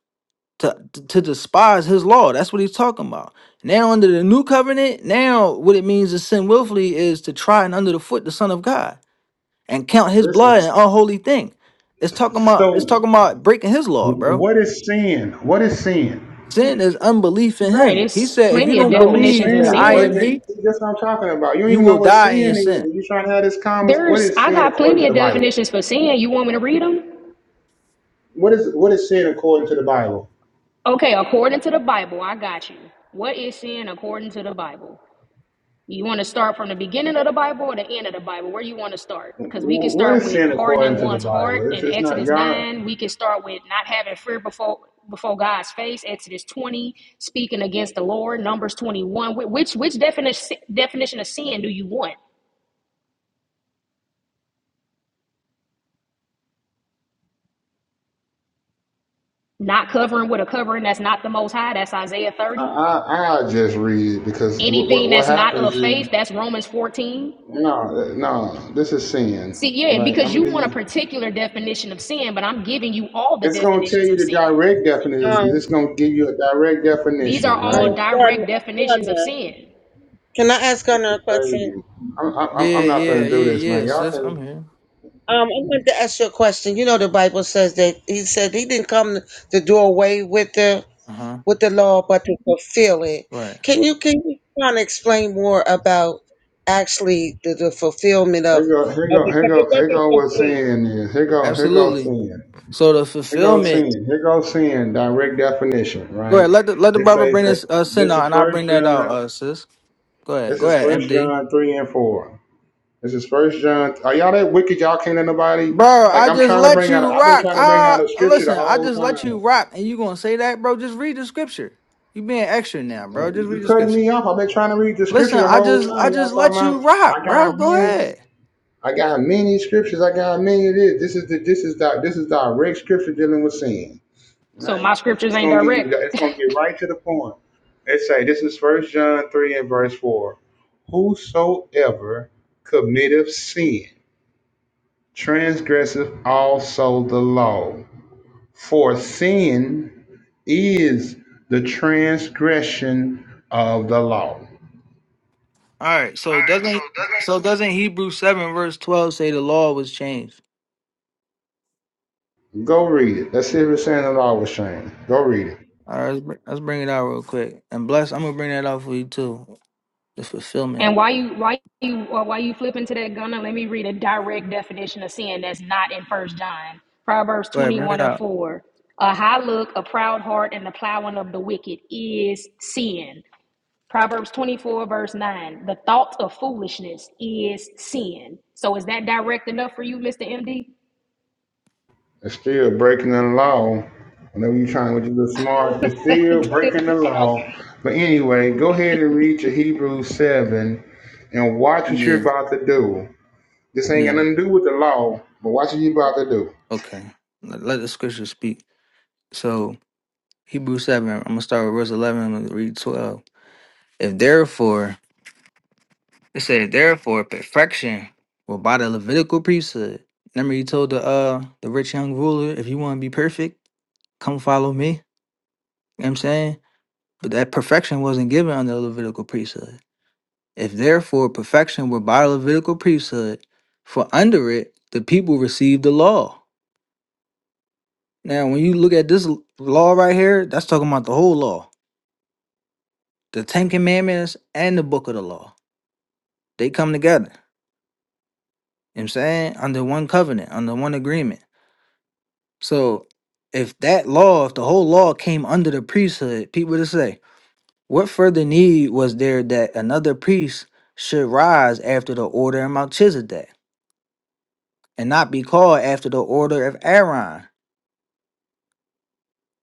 S9: to to despise his law. That's what he's talking about. Now under the new covenant, now what it means to sin willfully is to try and under the foot the Son of God and count his blood an
S8: Listen.
S9: unholy thing. It's talking about it's
S8: So,
S9: talking about breaking his
S8: wh-
S9: law, bro.
S8: what is sin? What is sin?
S9: Sin is unbelief in
S10: Right,
S9: him. He
S10: it's
S9: said, if you
S10: plenty of
S9: don't
S8: No,
S10: definitions
S9: believe
S8: sin
S10: of
S9: that
S8: is
S9: I am
S10: sin.
S8: breaking.
S9: he,
S8: see, That's what I'm talking about. You don't
S9: you
S8: even know
S9: will
S8: what
S9: die in your
S8: sin is.
S9: sin.
S8: Are you trying to have this conversation? What
S10: There's,
S8: is
S10: I
S8: sin
S10: got
S8: according
S10: plenty
S8: to
S10: of
S8: the Bible?
S10: definitions for sin. You want me to read them?
S8: What is what is sin according to the Bible?
S10: Okay, according to the Bible, I got you. What is sin according to the Bible? You want to start from the beginning of the Bible or the end of the Bible? Where you want to start? Because we can
S8: Wh- What
S10: start
S8: is
S10: with
S8: sin
S10: hardening
S8: according to the
S10: one's heart
S8: Bible? It's,
S10: in
S8: it's not
S10: Exodus
S8: God.
S10: 9. We can start with not having fear before before God's face, Exodus 20, speaking against the Lord, Numbers 21. Wh- Which which definition definition of sin do you want? Not covering with a covering that's not the most high, that's Isaiah
S8: I,
S10: 30.
S8: I I'll just read it because what,
S10: Anything
S8: what
S10: that's not
S8: happens
S10: of
S8: is
S10: faith, that's Romans 14.
S8: no no this is sin
S10: See, yeah,
S8: right. I'm
S10: because
S8: gonna
S10: you
S8: give
S10: want
S8: you
S10: a particular definition of sin, but I'm giving you all the
S8: It's gonna tell
S10: definitions
S8: you
S10: of
S8: the
S10: sin.
S8: direct definition. It's
S4: Um,
S8: gonna give you a direct
S10: These are
S8: definition,
S10: all
S8: right?
S4: um,
S10: direct definitions of
S4: God,
S10: sin.
S4: Can I ask
S8: This is
S4: another question?
S8: crazy. I'm
S9: Yeah, yeah, yeah,
S8: this man.
S9: yeah,
S8: Y'all
S9: sis. I'm
S8: can
S9: here.
S4: Um, I wanted to ask you a question. You know, the Bible says that he said he didn't come to do away with the
S9: Uh-huh.
S4: with the law, but to fulfill it.
S9: Right.
S4: Can you can you kind of explain more about actually the, the fulfillment of,
S8: here go here
S4: of
S8: go here
S4: because it
S8: go here
S4: wasn't
S8: go what
S4: complete.
S8: sin is. Here go here go
S9: Absolutely.
S8: sin.
S9: So the
S8: Here go
S9: fulfillment.
S8: sin. Here go sin. Direct definition,
S9: Go
S8: right?
S9: ahead. Let the let the
S8: It
S9: brother
S8: say
S9: bring
S8: for
S9: this uh, sin
S8: this is
S9: out and I'll
S8: first
S9: bring that out,
S8: John.
S9: uh, sis. Go ahead.
S8: This
S9: Go
S8: is
S9: ahead,
S8: first
S9: MD.
S8: John three and four. This is first John. Are y'all that wicked? Y'all can't let nobody.
S9: Bro,
S8: Like
S9: I
S8: I'm
S9: just
S8: trying to
S9: let
S8: bring out.
S9: you
S8: I've been
S9: rock.
S8: trying to bring out
S9: Ah,
S8: a scripture the
S9: listen, I
S8: whole
S9: just let
S8: time.
S9: you rock, and you gonna say that, bro? Just read the scripture. You being extra now, bro. Just
S8: You
S9: read the
S8: cutting
S9: scripture.
S8: me off. I've been trying to read the
S9: Listen,
S8: scripture the
S9: I
S8: whole
S9: just, I
S8: time. Y'all
S9: just
S8: talking
S9: let you
S8: about
S9: rock,
S8: I
S9: bro.
S8: got
S9: Go
S8: many,
S9: ahead.
S8: I got many scriptures, I got many of this. This is the this is the this is direct scripture dealing with sin.
S10: So my
S8: Right?
S10: scriptures
S8: It's
S10: ain't
S8: gonna get you it's
S10: direct.
S8: gonna get right to the point. let say this is first John three and verse four. Whosoever committeth sin transgresseth also the law. For sin is the transgression of the law.
S9: All right. So doesn't, so doesn't Hebrews seven verse twelve say the law was changed?
S8: Go read it. Let's see if it's saying the law was changed. Go read it.
S9: All right, let's, br- let's bring it out real quick. And bless, I'm gonna bring that out for you too. The fulfillment.
S10: and why you why you or why you flipping to that gunner? Let me read a direct definition of sin that's not in First John. Proverbs
S9: Go ahead, bring it
S10: 21 and
S9: out.
S10: 4. A high look, a proud heart, and the plowing of the wicked is sin. Proverbs 24, verse 9. The thought of foolishness is sin. So is that direct enough for you, Mr. MD?
S8: It's still breaking the law. Whenever you're trying to do smart, you're still breaking the law.
S10: okay.
S8: But anyway, go ahead
S10: Okay.
S8: and read your Hebrews 7 and watch what you're
S9: Yeah,
S8: about to do. This ain't got
S9: yeah.
S8: nothing to do with the law, but watch what you're about to do.
S9: Okay. Let, let the scripture speak. So Hebrews seven. I'm gonna start with verse eleven. I'm gonna read twelve. If therefore it said therefore perfection were by the Levitical priesthood. Remember you told the uh the rich young ruler, if you want to be perfect, come follow me. You know what I'm saying? But that perfection wasn't given under the Levitical priesthood. If therefore perfection were by the Levitical priesthood, for under it the people received the law. Now when you look at this l- law right here, that's talking about the whole law. The Ten Commandments and the book of the law. They come together. You know what I'm saying? Under one covenant, under one agreement. So if that law, if the whole law came under the priesthood, people would say, what further need was there that another priest should rise after the order of Melchizedek and not be called after the order of Aaron?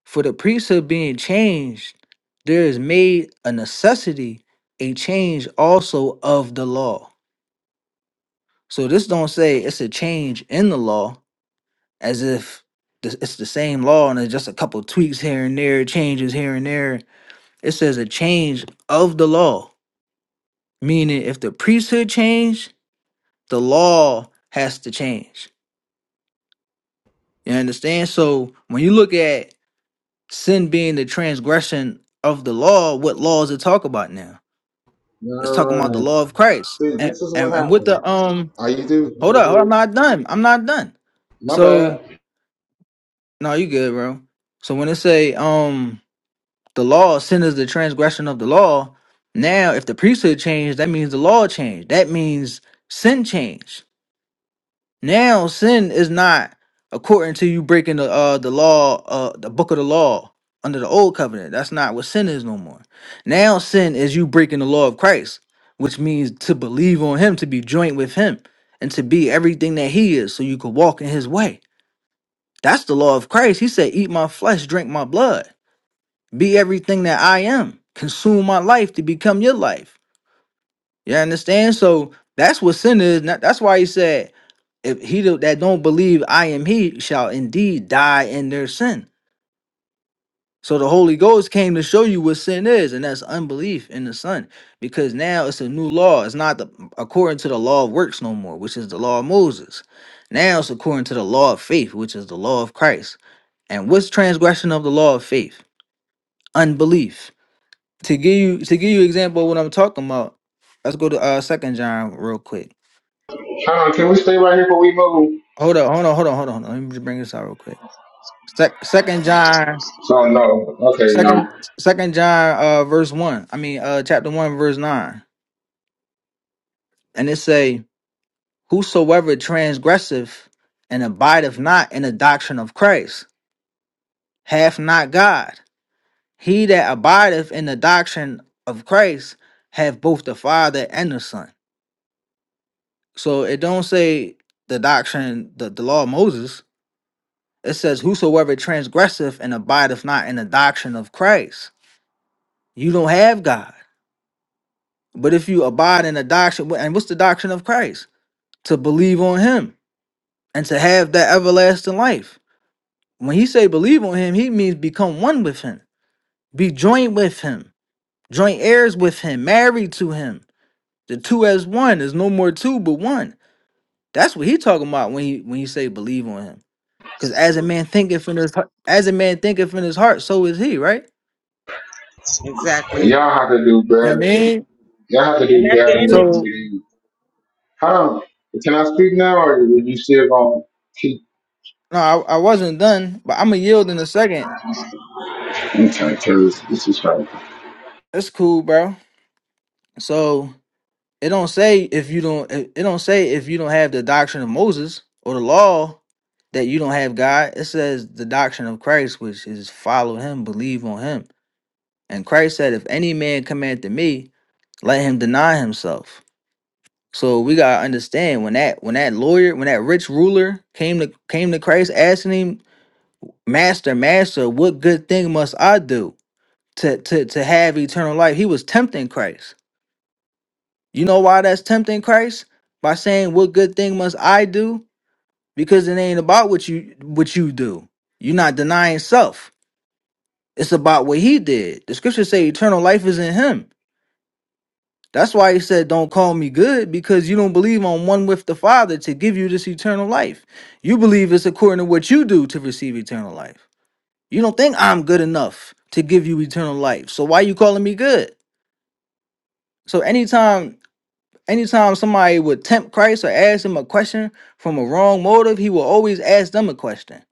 S9: For the priesthood being changed, there is made a necessity, a change also of the law. So this don't say it's a change in the law as if th- it's the same law and it's just a couple tweaks here and there, changes here and there It says a change of the law, meaning if the priesthood changed, the law has to change. You understand? So when you look at sin being the transgression of the law, what law is it talk about now? It's
S8: All
S9: talking about the
S8: right.
S9: law of Christ.
S8: See,
S9: And
S8: this is
S9: and,
S8: what
S9: and with
S8: happened.
S9: the um
S8: Are you do?
S9: hold up,
S8: Okay,
S9: hold up, I'm
S8: dude.
S9: not done. I'm not done.
S8: My bad.
S9: So no, you good, bro. So when it say um The law, sin is the transgression of the law. Now, if the priesthood changed, that means the law changed. That means sin changed. Now, sin is not according to you breaking the uh, the law, uh, the book of the law under the old covenant. That's not what sin is no more. Now, sin is you breaking the law of Christ, which means to believe on Him, to be joint with Him, and to be everything that He is, so you could walk in His way. That's the law of Christ. He said, "Eat my flesh, drink my blood." be everything that I am. Consume my life to become your life. You understand? So that's what sin is. Not- That's why he said, if he do- that don't believe I am he shall indeed die in their sin. So the Holy Ghost came to show you what sin is, and that's unbelief in the Son. Because now it's a new law. It's not the, according to the law of works no more, which is the law of Moses. Now it's according to the law of faith, which is the law of Christ. And what's transgression of the law of faith? Unbelief. to give you to give you example of what I'm talking about, let's go to uh Second John real quick.
S8: Hold on. Can we stay right here before we move?
S9: Hold on, hold on, hold on, hold on, hold on. Let me just bring this out real quick. Sec- Second John,
S8: So, no. Okay,
S9: second
S8: no.
S9: Second John, uh, verse one. I mean, uh, chapter one, verse nine, and it say, "Whosoever transgressive and abideth not in the doctrine of Christ, hath not God. He that abideth in the doctrine of Christ, hath both the Father and the Son." So it don't say the doctrine, the, the law of Moses It says, Whosoever transgresseth and abideth not in the doctrine of Christ, you don't have God. But if you abide in the doctrine, and what's the doctrine of Christ? To believe on him and to have that everlasting life. When he say believe on him, he means become one with him, be joint with him, joint heirs with him, married to him. The two as one There's no more two but one. That's what he talking about when he when he say believe on him. Because as a man thinketh in his heart, as a man thinketh in his heart, so is he, right? You
S4: Exactly,
S8: Y'all have to do
S9: know what I
S8: better.
S9: mean?
S8: Y'all have to
S4: and
S8: do
S4: that's
S8: better
S4: the end.
S8: with
S9: So
S8: reading How? Can I speak now, or are you still going to keep?
S9: no, I, I wasn't done, but I'm gonna yield in a second.
S8: Okay, because this is right.
S9: That's cool, bro. So it don't say if you don't. It it don't say if you don't have the doctrine of Moses or the law that you don't have God. It says the doctrine of Christ, which is follow Him, believe on Him. And Christ said, if any man come after me, let him deny himself. So we gotta understand when that when that lawyer, when that rich ruler came to came to Christ asking him, Master, Master, what good thing must I do? to, to, to have eternal life. He was tempting Christ. You know why that's tempting Christ? By saying, What good thing must I do? Because it ain't about what you what you do. You're not denying self. It's about what he did. The scriptures say eternal life is in him. That's why he said, Don't call me good, because you don't believe on one with the Father to give you this eternal life. You believe it's according to what you do to receive eternal life. You don't think I'm good enough to give you eternal life. So why you calling me good? So anytime Anytime somebody would tempt Christ or ask him a question from a wrong motive, he will always ask them a question.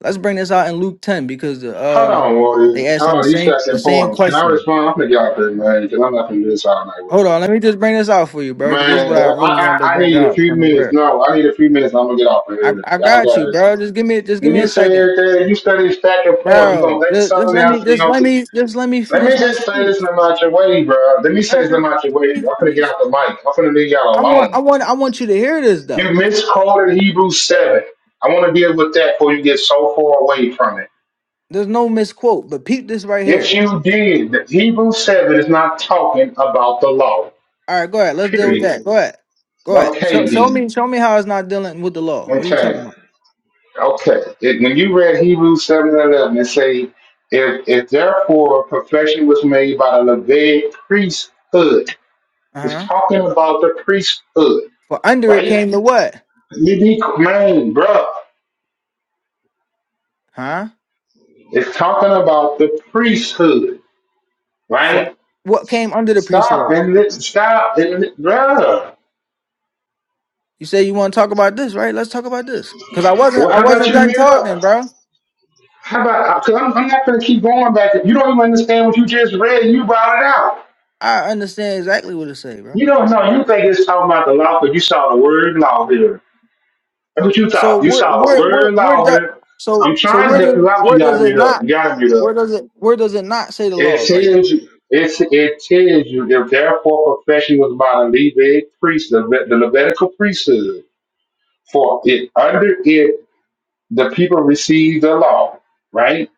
S9: Let's bring this out in Luke 10 because the,
S8: Hold
S9: um
S8: on, warriors.
S9: they asked
S8: Hold
S9: him
S8: on, you
S9: same
S8: start
S9: the
S8: saying
S9: same
S8: poems. Can I
S9: question.
S8: respond? I'm going to get out there, man, because I'm not going to do this all night with
S9: Hold on,
S8: you.
S9: let me just bring this out for you, bro, because this is
S8: Man,
S9: what I
S8: I,
S9: really
S8: I,
S9: wanted to
S8: I
S9: bring
S8: need a
S9: out
S8: few
S9: from the
S8: minutes.
S9: word.
S8: No, I need a few minutes. I'm going to get off of
S9: I,
S8: here.
S9: I
S8: Y'all
S9: got you,
S8: got this.
S9: bro. Just give me just give
S8: When
S9: me
S8: you
S9: a
S8: say
S9: second.
S8: everything, you study stacking points, you're going
S9: Bro,
S8: to think of
S9: just, just
S8: something
S9: let me
S8: else, and
S9: just
S8: you're going
S9: let
S8: to
S9: me just let me
S8: let me
S9: finish my
S8: just say
S9: speech.
S8: this in about your way, bro. Let me say
S9: Bro,
S8: this
S9: Just,
S8: about your
S9: just let
S8: way. I'm
S9: me
S8: going
S9: let
S8: to
S9: me
S8: get out the mic. I'm going to leave y'all
S9: I want
S8: alone.
S9: I want I want you to hear this
S8: You
S9: though.
S8: misquoted Hebrews 7. I want to deal with that before you get so far away from it.
S9: There's no misquote, but peep this right
S8: If
S9: here.
S8: you did, the Hebrews 7 is not talking about the law,
S9: All right, go ahead. Let's deal with
S8: period.
S9: that. Go ahead. Go ahead. Show,
S8: Okay,
S9: show
S8: then.
S9: me show me how it's not dealing with the law. What are you talking
S8: Okay.
S9: about?
S8: Okay. It- when you read Hebrews 7 and 11, it say, if, if therefore perfection was made by the Levitical priesthood,
S9: Uh
S8: it's
S9: huh.
S8: talking about the priesthood,
S9: For under it
S8: right?
S9: came the what?
S8: You man, bruh.
S9: Huh?
S8: It's talking about the priesthood, right?
S9: For what came under the
S8: Stop
S9: priesthood?
S8: and let stop and let- bruh.
S9: You say you want to talk about this, right? Let's talk about this. Cause I wasn't
S8: Well,
S9: I
S8: how about
S9: wasn't
S8: you
S9: done
S8: mute
S9: talking,
S8: up?
S9: bro.
S8: How about because I'm, I'm not gonna keep going back. You don't even understand what you just read. You brought it out.
S9: I understand exactly what it say, bro.
S8: You don't know. You think it's talking about the law, but you saw the word law here. That's what you
S9: So
S8: thought. You
S9: where
S8: saw the
S9: where where
S8: word
S9: where
S8: law
S9: do,
S8: here.
S9: so
S8: I'm
S9: so
S8: trying to
S9: where
S8: help you
S9: do
S8: out. You
S9: where does
S8: gotta
S9: it
S8: mute up.
S9: not
S8: You gotta mute up.
S9: where does it where does it not say the
S8: It
S9: law right there?
S8: tells you. It's, it tells you if therefore profession was by the Levite priesthood, the Levitical priesthood, for it under it the people received the law, right?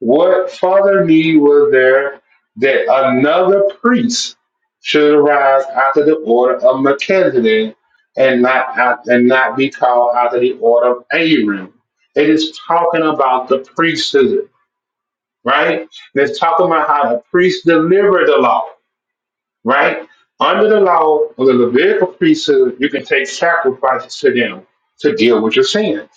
S8: What further need was there that another priest should arise after the order of Melchizedek and not out- and not be called after the order of Aaron? It is talking about the priesthood, right? And It's talking about how the priest delivered the law right? Under the law of the Levitical priesthood, you can take sacrifices to them to deal with your sins,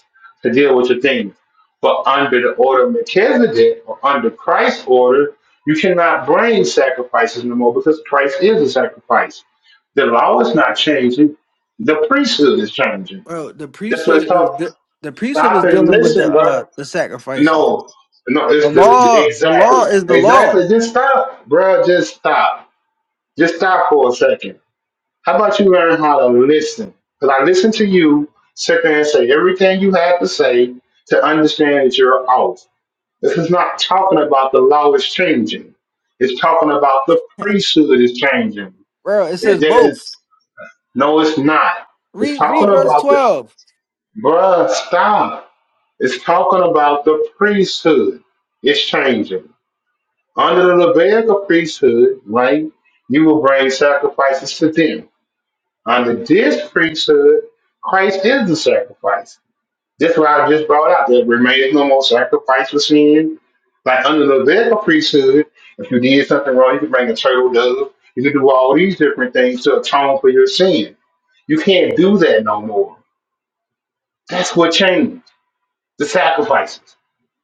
S8: to deal with your things. But under the order of Melchizedek or under Christ's order, you cannot bring sacrifices no more because Christ is a sacrifice. The law is not changing. The priesthood is changing.
S9: Bro, the
S8: That's what it's
S9: priesthood is
S8: talking.
S9: the, the priesthood
S8: Stop
S9: is
S8: and
S9: dealing with the
S8: listen, bro.
S9: uh the sacrifices.
S8: No, no,
S9: The
S8: it's the
S9: law, the law
S8: exactly,
S9: is the law.
S8: exactly. Just stop, bro. Just stop. Just stop for a second how about you learn how to listen? Because I listen to you sit there and say everything you have to say to understand that you're off. This is not talking about the law is changing. It's talking about the priesthood is changing.
S9: Bro, it says
S8: It doesn't,
S9: both.
S8: no, it's not. It's
S9: Read
S8: talking
S9: read verse
S8: about the,
S9: 12.
S8: bruh, stop. It's talking about the priesthood. It's changing. Under the Levitical priesthood, right, you will bring sacrifices to them Under this priesthood, Christ is the sacrifice. This is what I just brought out. There remains no more sacrifice for sin. Like under the Levitical priesthood, if you did something wrong, you could bring a turtle dove. You could do all these different things to atone for your sin. You can't do that no more. That's what changed. The sacrifices.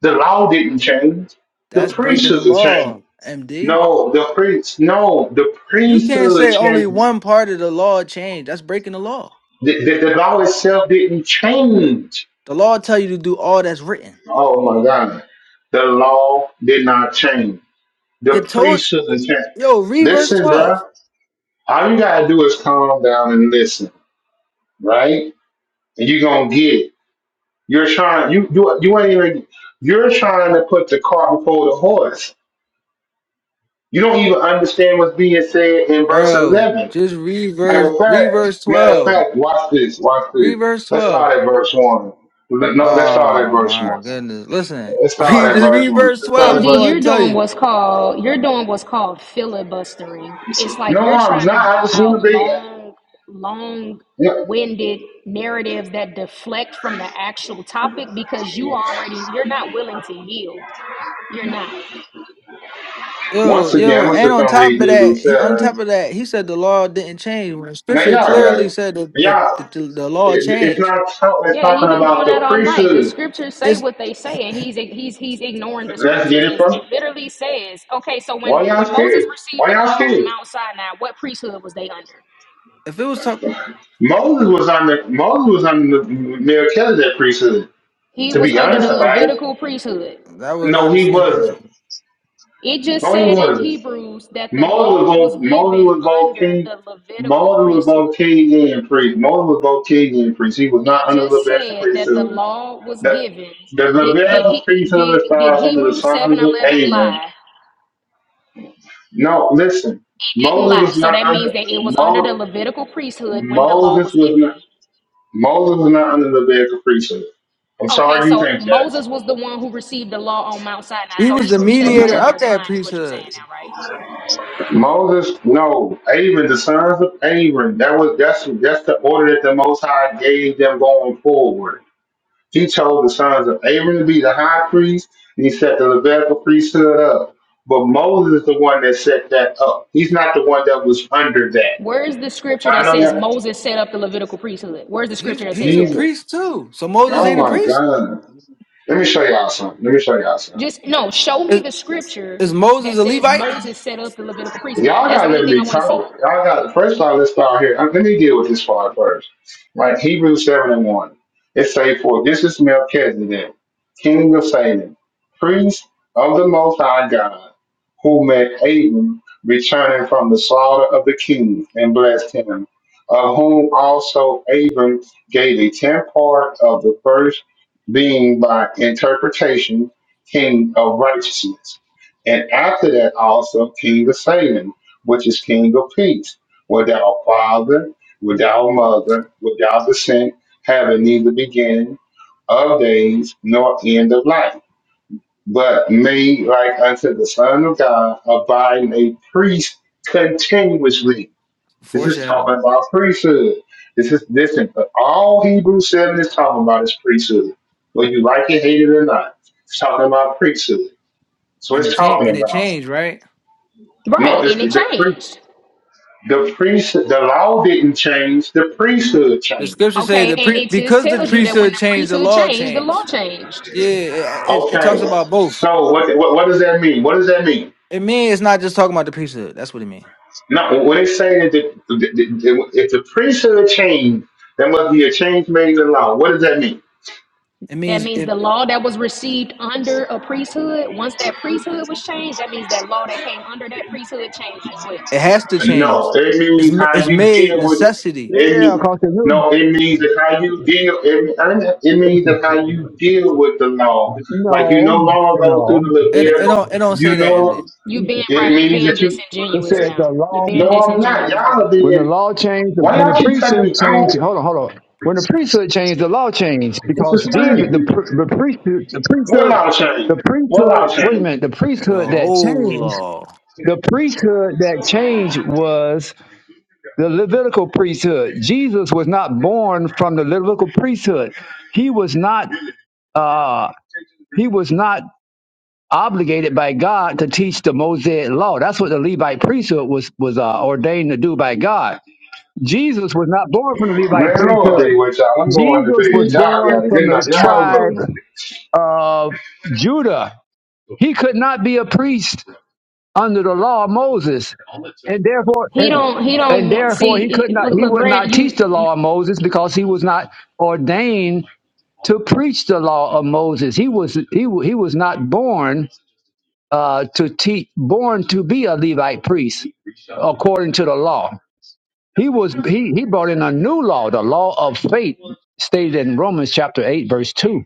S8: The law didn't change. The
S9: That's breaking the
S8: priesthood changed.
S9: law, MD.
S8: No, the priest. No, the
S9: You can't
S8: priesthood
S9: say only
S8: changed.
S9: one part of the law changed. That's breaking the law.
S8: The, the, the law itself didn't change
S9: The law tell you to do all that's written.
S8: Oh my God. The law did not change. The
S9: It told
S8: priest shouldn't change.
S9: yo, read verse
S8: Listen, bro.
S9: 12.
S8: All you gotta do is calm down and listen, right? And you're gonna get it. You're trying you you you ain't even you're trying to put the cart before the horse. You don't even understand what's being said in verse
S9: Bro,
S8: eleven.
S9: just read
S8: Matter
S9: verse
S8: of
S9: read
S8: fact,
S9: verse
S8: matter of
S9: 12.
S8: fact, watch this, watch
S9: Read
S8: this.
S9: verse
S8: Let's
S9: 12.
S8: start at verse one. Let- No, let's start at
S9: Oh
S8: verse
S9: my
S8: one.
S9: goodness. Listen,
S8: Let's start
S9: read
S8: at
S9: just
S8: verse
S9: read
S8: one.
S9: verse
S8: Let's start
S9: 12.
S8: at
S9: It's
S10: MD,
S8: verse
S9: gonna
S10: you're
S9: tell
S10: doing
S9: you.
S10: what's called you're doing what's called filibustering. It's like
S8: No,
S10: you're
S8: I'm
S10: trying to
S8: not. I
S10: draw
S8: just
S10: out
S8: want to be.
S10: long, long
S8: Yeah.
S10: winded narratives that deflect from the actual topic because you already you're not willing to yield. You're not.
S9: Yo,
S8: Once again,
S9: yo,
S8: I'm gonna
S9: and
S8: sit
S9: on
S8: there and
S9: top of
S8: read
S9: that,
S8: Hebrews
S9: he, on
S8: seven.
S9: top of that, he said the law didn't change. When
S8: Now
S9: scripture
S8: y'all got
S9: clearly
S8: it.
S9: said that the,
S8: Y'all,
S9: the, the, the law
S8: it, it's
S9: changed.
S8: not talk- it's
S10: Yeah, he
S8: talking
S10: been doing
S8: about
S10: that
S8: the
S10: all night. The
S8: priesthood.
S10: scriptures say
S9: It's
S10: what they say, and he's he's he's ignoring the
S8: Let's get
S10: scriptures.
S8: it
S10: It, it
S8: from.
S10: literally says, okay, so
S8: Why
S10: when
S8: y'all
S10: when Moses
S8: scared?
S10: received
S8: Why
S10: the
S8: y'all
S10: law on
S8: scared?
S10: Mount Sinai, what priesthood was they under?
S9: if it was talk,
S8: Moses was under Moses was under the Melchizedek priesthood.
S10: He
S8: To
S10: was
S8: be
S10: under
S8: honest
S10: the
S8: about it,
S10: Levitical priesthood.
S9: that was
S8: no,
S9: not the
S8: he
S9: same
S8: wasn't.
S9: priesthood.
S10: It just
S8: No, he
S10: said in
S8: wasn't.
S10: Hebrews that the
S8: Moses was
S10: law was
S8: both Moses
S10: given
S8: was both
S10: under
S8: king.
S10: the Levitical
S8: Moses was both
S10: priesthood.
S8: king and priest. Moses was both king and priest. He was not
S10: It
S8: under the
S10: just
S8: Levitical
S10: said that the
S8: priesthood.
S10: law was
S8: That
S10: given.
S8: there's
S10: Did
S8: a
S10: did
S8: thousand
S10: he
S8: things under
S10: did
S8: the
S10: did
S8: stars under the
S10: Hebrews seven
S8: sons of
S10: eleven
S8: Amen.
S10: lie?
S8: No, listen.
S10: It didn't
S8: Moses
S10: lie.
S8: was
S10: So
S8: not
S10: that
S8: under
S10: means that it was under the
S8: Mo,
S10: Levitical priesthood when the law
S8: Moses
S10: was
S8: was
S10: given.
S8: not Moses was not under the bed of priesthood. I'm
S10: Okay,
S8: sorry you
S10: so
S8: think
S10: Moses was the one who received the law on Mount Sinai.
S9: He
S10: So
S9: was the
S10: Hebrews
S9: mediator
S10: 7:11
S9: of
S8: that.
S10: is
S9: that
S10: lying is what you're saying
S9: priesthood.
S10: now, right?
S8: Moses, no, Aaron, the sons of Aaron. That was that's that's the order that the Most High gave them going forward. He chose the sons of Aaron to be the high priest, and he set the Levitical priesthood up. But Moses is the one that set that up. He's not the one that was under that.
S10: Where is the scripture
S8: I
S10: that
S8: know
S10: says
S8: y'all.
S10: Moses set up the Levitical priesthood? Where's the
S9: He's
S10: scripture that
S9: he's
S10: says
S9: a
S10: that?
S8: He's.
S9: priest too. So Moses
S8: Oh
S9: ain't a
S8: my
S9: priest.
S8: God. Let me show y'all something. Let me show y'all something.
S10: Just no, show me
S9: Is,
S10: the scripture
S9: is
S10: that
S9: Moses a
S10: says
S9: Levite?
S10: Moses set up the Levitical priesthood.
S8: Y'all
S10: That's the
S8: gotta
S10: only
S8: let
S10: thing I
S8: me
S10: want to see.
S8: talk. Y'all got first of all, let's start here. Uh, Let me deal with this part first. Right, Hebrews seven and one. It say, "For this is Melchizedek, king of Salem, priest of the Most High God, who met Abram returning from the slaughter of the kings and blessed him, of whom also Abram gave a tenth part of the first, being by interpretation king of righteousness." And after that also King of Salem, which is King of Peace. Without father, without mother, without descent, having neither beginning of days nor end of life, but made like unto the Son of God, abiding a priest continuously. This is
S9: Foreshadow.
S8: talking about priesthood. This is listen, but all Hebrews 7 is talking about is priesthood. Whether you like it, hate it, or not. It's talking about priesthood. So
S9: And
S8: it's
S9: it changed.
S8: talking
S9: And it
S8: about.
S9: changed, right?
S8: No,
S10: Right,
S8: this,
S10: and it
S8: the pri-
S10: changed.
S8: the priest the law didn't change. The priesthood
S9: The
S8: changed.
S9: scripture say
S10: Okay,
S9: the
S10: and
S9: pre-
S10: it just
S9: because the
S10: tells you that when
S9: priesthood
S10: the
S9: changed, the
S10: priesthood
S9: law
S10: changed, the law
S9: changed.
S10: changed.
S9: Yeah, it, it, it talks
S8: Okay,
S9: about both.
S8: so what what, what does that mean? What does that mean?
S9: It means it's not just talking about the priesthood. That's what it means.
S8: No, when they say that the, the, the, if the priesthood changed, there must be a change made in the law. What does that mean?
S9: It
S10: That
S9: means
S10: means
S9: it
S10: the law that was received under a priesthood, once that priesthood was changed, that means that law that came under that priesthood changed as well.
S9: it has to
S8: No,
S9: change.
S8: it
S9: It's
S8: means
S9: ma-
S8: how
S9: it's
S8: you
S9: made
S8: deal with
S9: necessity.
S8: it.
S1: yeah,
S8: Mean,
S1: because the new,
S8: no, it means that how you deal. It, it means that
S1: it's-
S8: how you deal with the law. Like you
S1: no,
S8: no longer go through
S1: no.
S8: the
S9: It it
S8: Levitical.
S9: don't it don't
S8: You
S9: say that
S8: know,
S9: MD.
S10: You being
S8: it
S10: right, you
S8: means
S10: being
S8: that you
S1: It
S10: disingenuous
S1: said the
S10: now. You
S1: law,
S10: being
S8: No, I'm not.
S10: disingenuous,
S8: Y'all are
S10: bro.
S1: when the
S8: being.
S1: law changed,
S8: Why
S1: when the
S8: y'all keep cutting
S1: priesthood
S8: me out?
S1: changed, hold on, hold on. When the priesthood changed, the law changed
S8: This
S1: because
S8: is
S1: Jesus, the,
S8: crazy.
S1: pr- the priesthood, the
S8: One
S1: priesthood,
S8: loud shame.
S1: the
S8: One loud
S1: priesthood, wait a
S8: shame.
S1: minute, the
S9: The
S1: priesthood that
S9: whole
S1: changed,
S9: law.
S1: the priesthood that changed was the Levitical priesthood. Jesus was not born from the Levitical priesthood. He was not, uh, he was not obligated by God to teach the Mosaic law. That's what the Levite priesthood was was uh, ordained to do by God. Jesus was not born from the Levite
S8: Man, Lord be
S1: priesthood.
S8: with y'all. I'm going to
S1: Jesus was
S8: bed. Y'all
S1: born
S8: got a
S1: from
S8: good
S1: the
S8: night. Y'all have a good
S1: tribe
S8: one.
S1: of Judah. He could not be a priest under the law of Moses, and therefore,
S10: He
S1: and,
S10: don't he
S1: and
S10: don't want
S1: therefore, he
S10: see
S1: could
S10: he-
S1: not. He would not teach the
S10: you
S1: law of Moses because he was not ordained to preach the law of Moses. He was he, wa- he was not born uh, to teach, born to be a Levite priest according to the law. He was he he brought in a new law, the law of faith, stated in Romans chapter eight, verse two.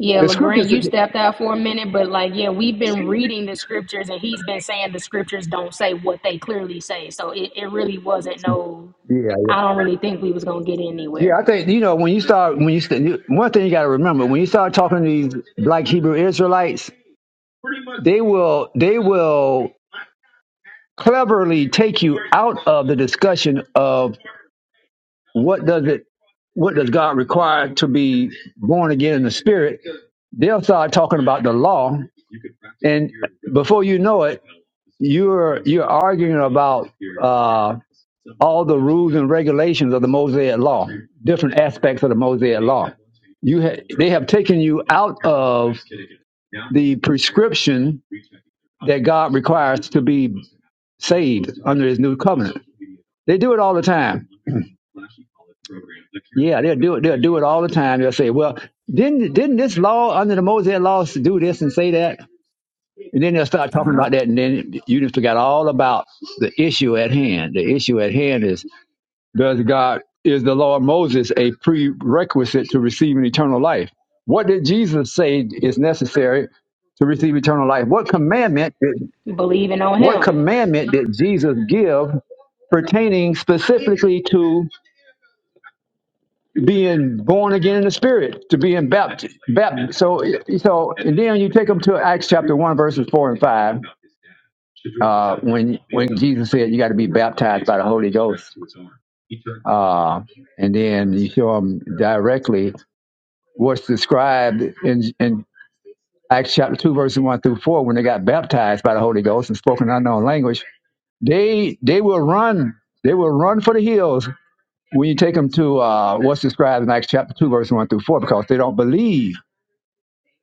S10: yeah,
S1: The
S10: LeGrand,
S1: scriptures.
S10: you stepped out for a minute, but like yeah, we've been reading the scriptures and he's been saying the scriptures don't say what they clearly say. So it, it really wasn't no
S1: Yeah, yeah,
S10: I don't really think we was gonna get
S1: yeah.
S10: anywhere.
S1: I think you know when you start when you st- you- one thing you got to remember when you start talking to these black Hebrew Israelites, they will they will cleverly take you out of the discussion of what does it what does God require to be born again in the spirit They'll start talking about the law, and before you know it, you're you're arguing about uh, all the rules and regulations of the Mosaic Law, different aspects of the Mosaic Law. You ha- they have taken you out of the prescription that God requires to be saved under His new covenant. They do it all the time. Yeah, they'll do it. They'll do it all the time. They'll say, "Well, didn't didn't this law under the Mosaic laws do this and say that?" And then they'll start
S9: And
S1: talking about that, and then you just forgot all about the issue at hand. The issue at hand is does God, is the law of Moses a prerequisite to receiving eternal life? What did Jesus say is necessary to receive eternal life? What commandment did,
S10: Believing on
S1: what
S10: him.
S1: commandment did Jesus give pertaining specifically to being born again in the spirit, to being baptized. baptized. So, so, and then you take them to Acts chapter one, verses four and five, uh, when when Jesus said you got to be baptized by the Holy Ghost, uh, and then you show them directly what's described in in Acts chapter two, verses one through four, when they got baptized by the Holy Ghost and spoken unknown language, they they will run. They will run for the hills when you take them to uh, what's described in Acts chapter 2, verse 1 through 4, because they don't believe.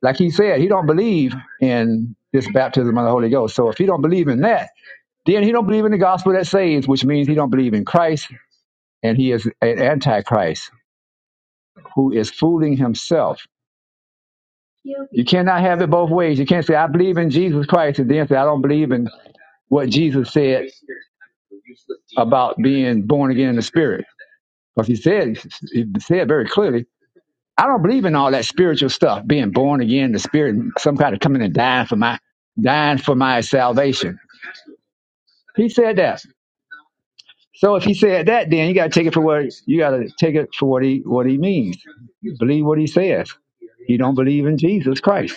S1: Like he said, he don't believe in this baptism of the Holy Ghost. So if he don't believe in that, then he don't believe in the gospel that saves, which means he don't believe in Christ, and he is an antichrist who is fooling himself. You cannot have it both ways. You can't say, I believe in Jesus Christ, and then say, I don't believe in what Jesus said about being born again in the spirit. Because he said, he said very clearly, I don't believe in all that spiritual stuff, being born again, the spirit, some kind of coming and dying for my dying for my salvation. He said that. So if he said that, then you gotta take it for what you gotta take it for what he what he means. Believe what he says. You don't believe in Jesus Christ.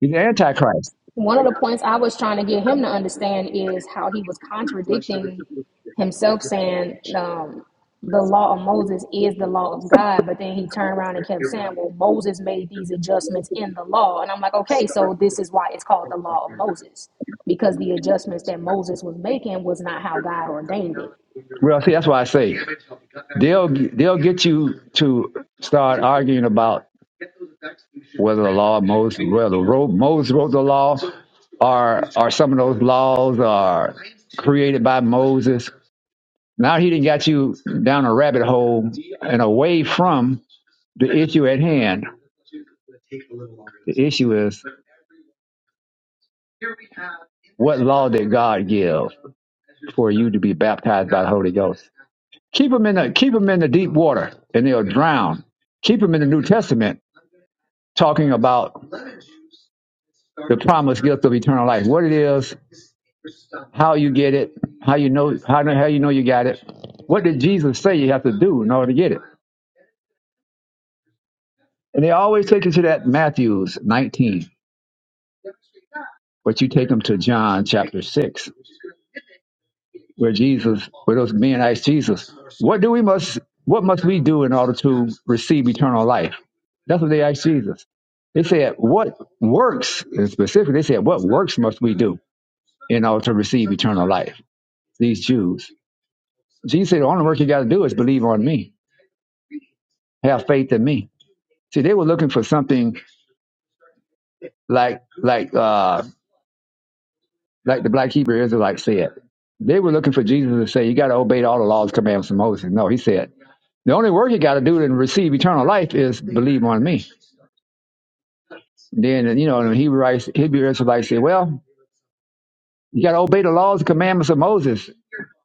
S1: He's the Antichrist.
S10: one of the points I was trying to get him to understand is how he was contradicting himself, saying um, the law of Moses is the law of God. But then he turned around and kept saying, well, Moses made these adjustments in the law. And I'm like, okay, so this is why it's called the law of Moses, because the adjustments that Moses was making was not how God ordained
S1: Well, see, that's why I say they'll they'll get you to start arguing about whether the law of Moses, whether wrote, Moses wrote the law, or or some of those laws are created by Moses. Now he didn't got you down a rabbit hole and away from the issue at hand. The issue is. What law did God give for you to be baptized by the Holy Ghost? Keep them in the keep them in the deep water, and they'll drown. Keep them in the New Testament, talking about the promised gift of eternal life. What it is, how you get it, how you know how how you know you got it. What did Jesus say you have to do in order to get it? And they always take you to that Matthew's 19, but you take them to John chapter 6. where Jesus, where those men asked Jesus, "What do we must, what must we do in order to receive eternal life?" That's what they asked Jesus. They said, "What works?" And specifically, they said, "What works must we do in order to receive eternal life?" These Jews. Jesus said, "The only work you got to do is believe on me, have faith in me." See, they were looking for something like, like, uh, like the black Hebrew Israelites said. They were looking for Jesus to say, "You got to obey all the laws, commandments, and Moses." No, he said. The only work you got to do to receive eternal life is believe on me. Then, you know, and Hebrew writes, Hebrew Israelites say, well, you got to obey the laws and commandments of Moses.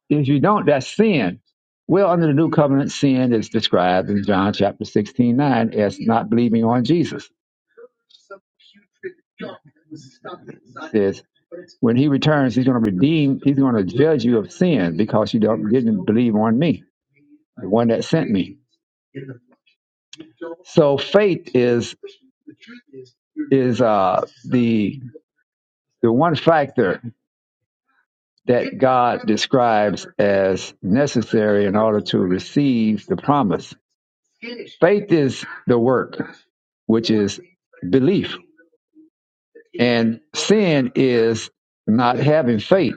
S1: If you don't, that's sin. Well, under the new covenant, sin is described in John chapter 16, 9, as not believing on Jesus. It Says, when he returns, he's going to redeem, he's going to judge you of sin because you don't, didn't believe on me, the one that sent me. So faith is is uh, the the one factor that God describes as necessary in order to receive the promise. Faith is the work, which is belief, and sin is not having faith.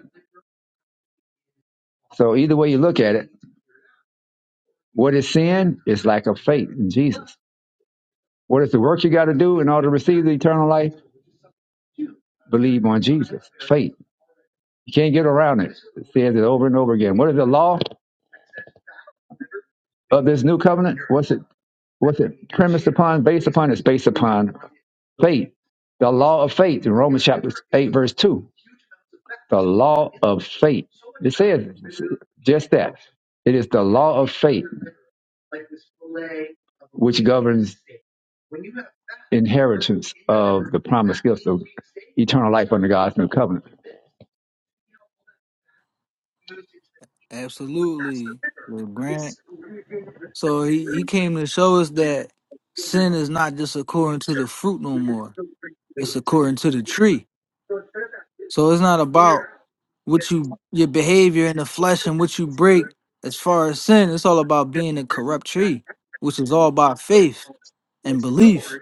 S1: So either way you look at it, what is sin? It's lack of faith in Jesus. What is the work you got to do in order to receive the eternal life? Believe on Jesus, faith. You can't get around it. It says it over and over again. What is the law of this new covenant? What's it? What's it premised upon? Based upon? It's based upon faith. The law of faith in Romans chapter eight, verse two. The law of faith. It says just that. It is the law of faith which governs inheritance of the promised gifts of eternal life under God's new covenant.
S9: Absolutely. Lil Grant. So he, he came to show us that sin is not just according to the fruit no more. It's according to the tree. So it's not about what you your behavior in the flesh and what you break as far as sin. It's all about being a corrupt tree, which is all about faith and belief.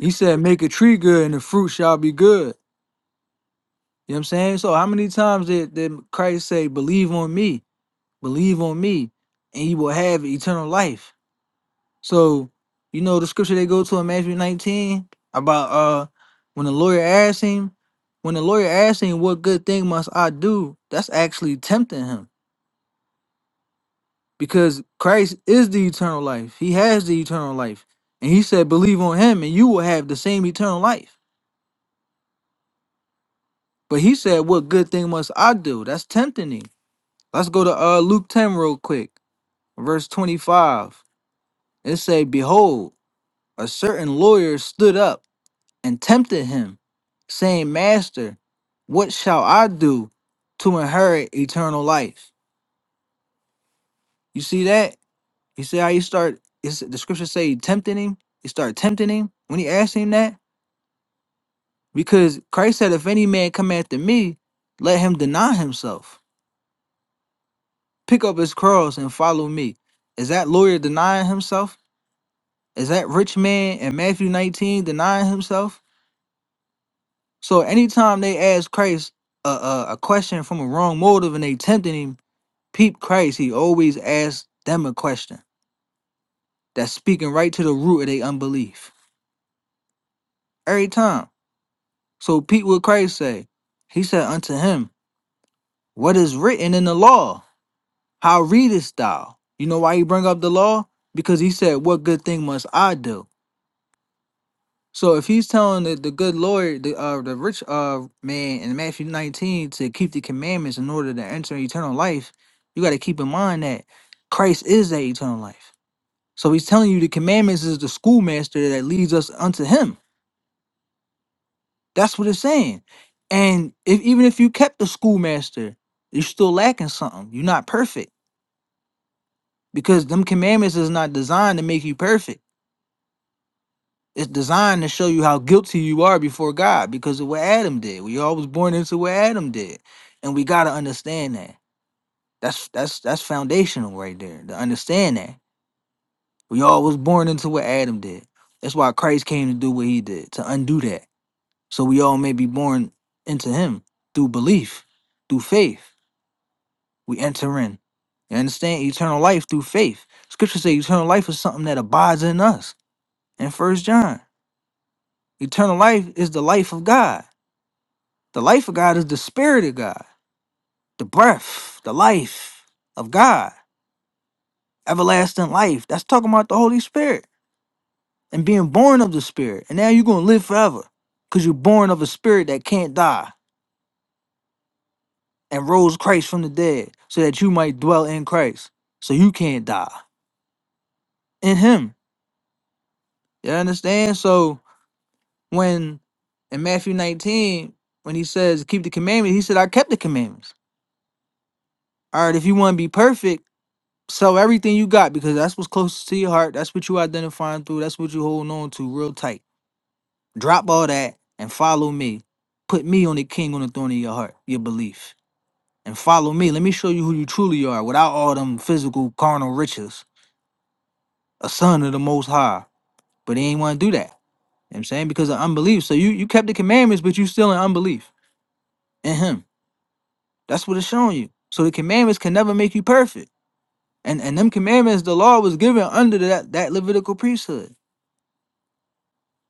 S9: He said, "Make a tree good, and the fruit shall be good." You know what I'm saying? So, how many times did, did Christ say, "Believe on me, believe on me, and you will have eternal life"? So, you know the scripture they go to in Matthew 19 about uh when the lawyer asked him, when the lawyer asked him, "What good thing must I do?" That's actually tempting him because Christ is the eternal life. He has the eternal life, and he said, "Believe on him, and you will have the same eternal life." But he said, What good thing must I do? That's tempting him. Let's go to uh Luke 10 real quick, verse 25. It say, Behold, a certain lawyer stood up and tempted him, saying, Master, what shall I do to inherit eternal life? You see that? You see how you start is the scripture say he tempted him? He started tempting him when he asked him that? Because Christ said, If any man come after me, let him deny himself. Pick up his cross and follow me. Is that lawyer denying himself? Is that rich man in Matthew 19 denying himself? So anytime they ask Christ a, a, a question from a wrong motive and they tempting him, peep Christ, he always asks them a question that's speaking right to the root of their unbelief. Every time. So Pete what Christ say. He said unto him, What is written in the law? How readest thou? You know why he bring up the law? Because he said, What good thing must I do? So if he's telling the, the good Lord, the uh, the rich uh man in Matthew 19 to keep the commandments in order to enter eternal life, you got to keep in mind that Christ is that eternal life. So he's telling you the commandments is the schoolmaster that leads us unto him. That's what it's saying. And if even if you kept the schoolmaster, you're still lacking something. You're not perfect because them commandments is not designed to make you perfect. It's designed to show you how guilty you are before God because of what Adam did. We all was born into what Adam did. And we gotta understand that. That's that's that's foundational right there. To understand that. We all was born into what Adam did. That's why Christ came to do what he did, to undo that. So we all may be born into him through belief, through faith. We enter in. You understand? Eternal life through faith. Scripture says eternal life is something that abides in us. In First John, eternal life is the life of God. The life of God is the spirit of God, the breath, the life of God, everlasting life. That's talking about the Holy Spirit and being born of the Spirit. And now you're going to live forever because you're born of a spirit that can't die and rose Christ from the dead so that you might dwell in Christ so you can't die in Him. You understand? So when in Matthew 19, when he says, keep the commandments, he said, I kept the commandments. All right, if you want to be perfect, Sell everything you got because that's what's closest to your heart. That's what you identifying through. That's what you holding on to real tight. Drop all that and follow me. Put me on the king on the throne of your heart, your belief. And follow me. Let me show you who you truly are without all them physical carnal riches. A son of the most high. But he ain't want to do that. You know what I'm saying? Because of unbelief. So you, you kept the commandments, but you still in unbelief in him. That's what it's showing you. So the commandments can never make you perfect. And and them commandments, the law was given under that, that Levitical priesthood.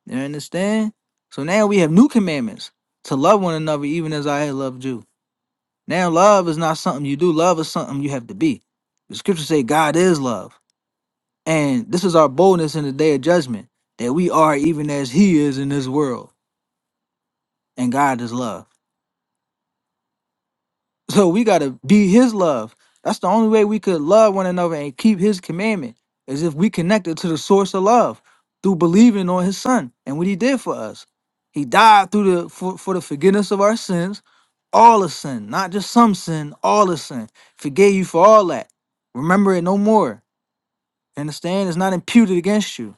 S9: You understand? So now we have new commandments to love one another even as I have loved you. Now love is not something you do, love is something you have to be. The scriptures say God is love. And this is our boldness in the day of judgment, that we are even as he is in this world. And God is love. So we gotta be his love. That's the only way we could love one another and keep his commandment is if we connected to the source of love through believing on his son and what he did for us. He died through the for, for the forgiveness of our sins, all of sin, not just some sin, all of sin. Forgave you for all that. Remember it no more. Understand? It's not imputed against you.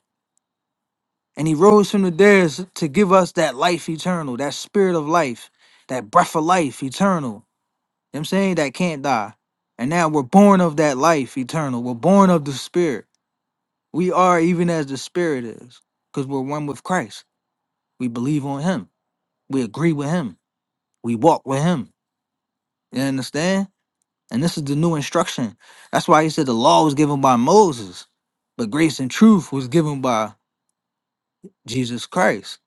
S9: And he rose from the dead to give us that life eternal, that spirit of life, that breath of life eternal. You know what I'm saying? That can't die. And now we're born of that life eternal. We're born of the spirit. We are even as the spirit is. Because we're one with Christ. We believe on him. We agree with him. We walk with him. You understand? And this is the new instruction. That's why he said the law was given by Moses, but grace and truth was given by Jesus Christ.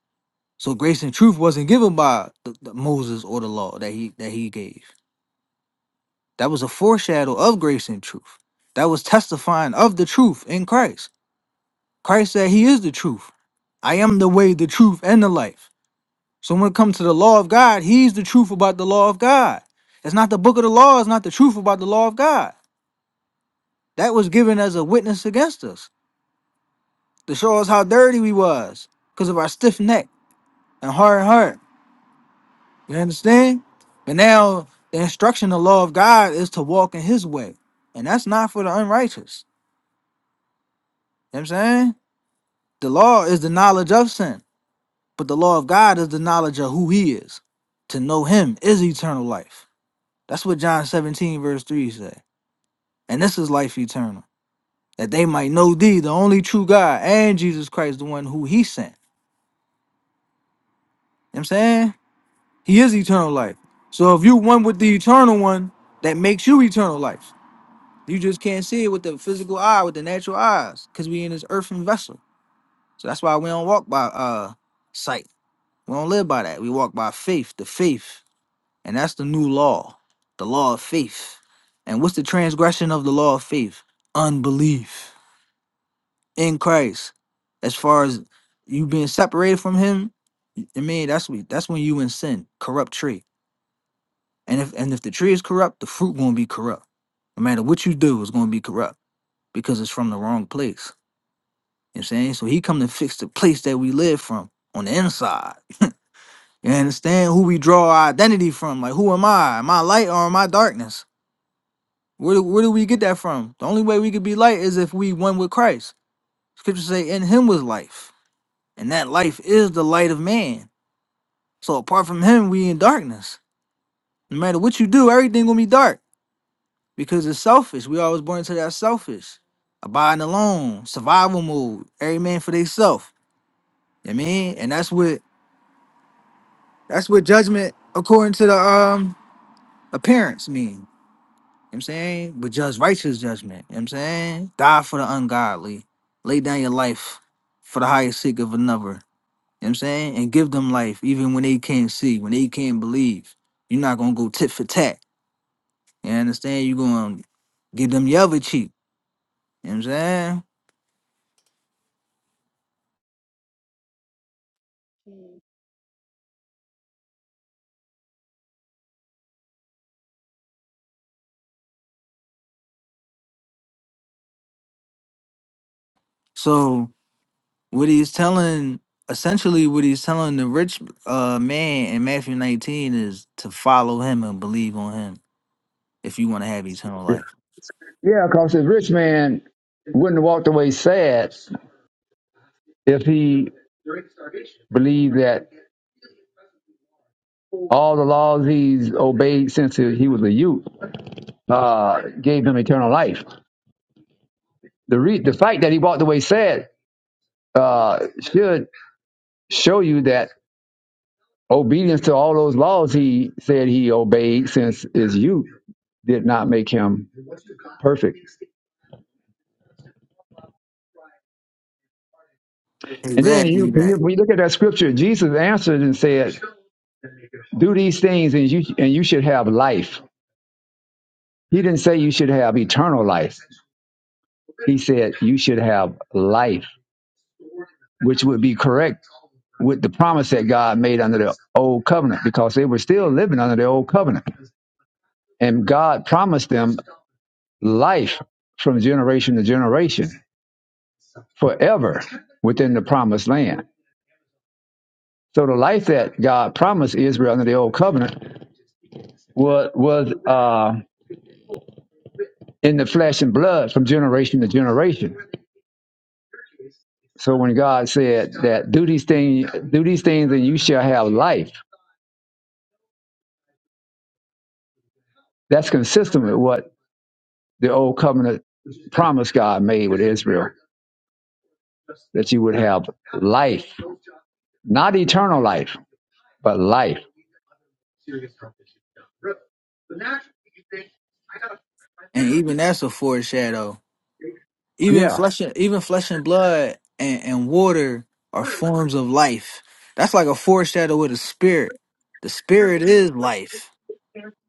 S9: So grace and truth wasn't given by the, the Moses or the law that he that he gave. That was a foreshadow of grace and truth. That was testifying of the truth in Christ. Christ said he is the truth. I am the way, the truth, and the life. So when it comes to the law of God, he's the truth about the law of God. It's not the book of the law, it's not the truth about the law of God. That was given as a witness against us to show us how dirty we was because of our stiff neck and hard heart. You understand? But now the instruction, the law of God is to walk in his way. And that's not for the unrighteous. You know what I'm saying? The law is the knowledge of sin, but the law of God is the knowledge of who he is. To know him is eternal life. That's what John 17, verse 3 said. And this is life eternal. That they might know thee, the only true God, and Jesus Christ, the one who he sent. You know what I'm saying? He is eternal life. So if you one with the eternal one, that makes you eternal life. You just can't see it with the physical eye, with the natural eyes, because we in this earthen vessel. So that's why we don't walk by uh sight. We don't live by that. We walk by faith, the faith And that's the new law, the law of faith. And what's the transgression of the law of faith? Unbelief in Christ. As far as you being separated from him, I mean that's we that's when you in sin, corrupt tree. And if and if the tree is corrupt, the fruit gonna be corrupt. No matter what you do, it's gonna be corrupt because it's from the wrong place. You know what I'm saying? So he come to fix the place that we live from on the inside. You understand who we draw our identity from? Like who am I? Am I light or am I darkness? Where where do we get that from? The only way we could be light is if we one with Christ. Scripture say, "In Him was life, and that life is the light of man." So apart from Him, we in darkness. No matter what you do, everything gonna be dark because it's selfish. We always born into that selfish, abiding alone, survival mode. Every man for theyself. You know what I mean? And that's what that's what judgment according to the um appearance mean. You know what I'm saying? But just righteous judgment. You know what I'm saying? Die for the ungodly. Lay down your life for the higher sake of another. You know what I'm saying? And give them life even when they can't see, when they can't believe. You're not gonna go tit for tat. You understand? You're gonna give them your other cheek. You know what I'm saying? So what he's telling essentially what he's telling the rich uh man in Matthew 19 is to follow him and believe on him if you want to have eternal life.
S1: Yeah, because this rich man wouldn't have walked away sad if he believed that all the laws he's obeyed since he was a youth uh, gave him eternal life. The, re- the fact that he walked away sad uh, should show you that obedience to all those laws he said he obeyed since his youth did not make him perfect. And then
S9: Exactly
S1: you, when
S9: that.
S1: you when you look at that scripture, Jesus answered and said, "Do these things, and you and you should have life." He didn't say you should have eternal life. He said you should have life, which would be correct with the promise that God made under the old covenant because they were still living under the old covenant. And God promised them life from generation to generation forever within the promised land. So the life that God promised Israel under the old covenant was, was uh, in the flesh and blood from generation to generation. So when God said that do these things, do these things, and you shall have life, that's consistent with what the old covenant promise God made with Israel, that you would have life, not eternal life, but life.
S9: and even that's a foreshadow. Even
S1: Yeah,
S9: flesh, and, even flesh and blood and, and water are forms of life. That's like a foreshadow with a spirit. The spirit is life.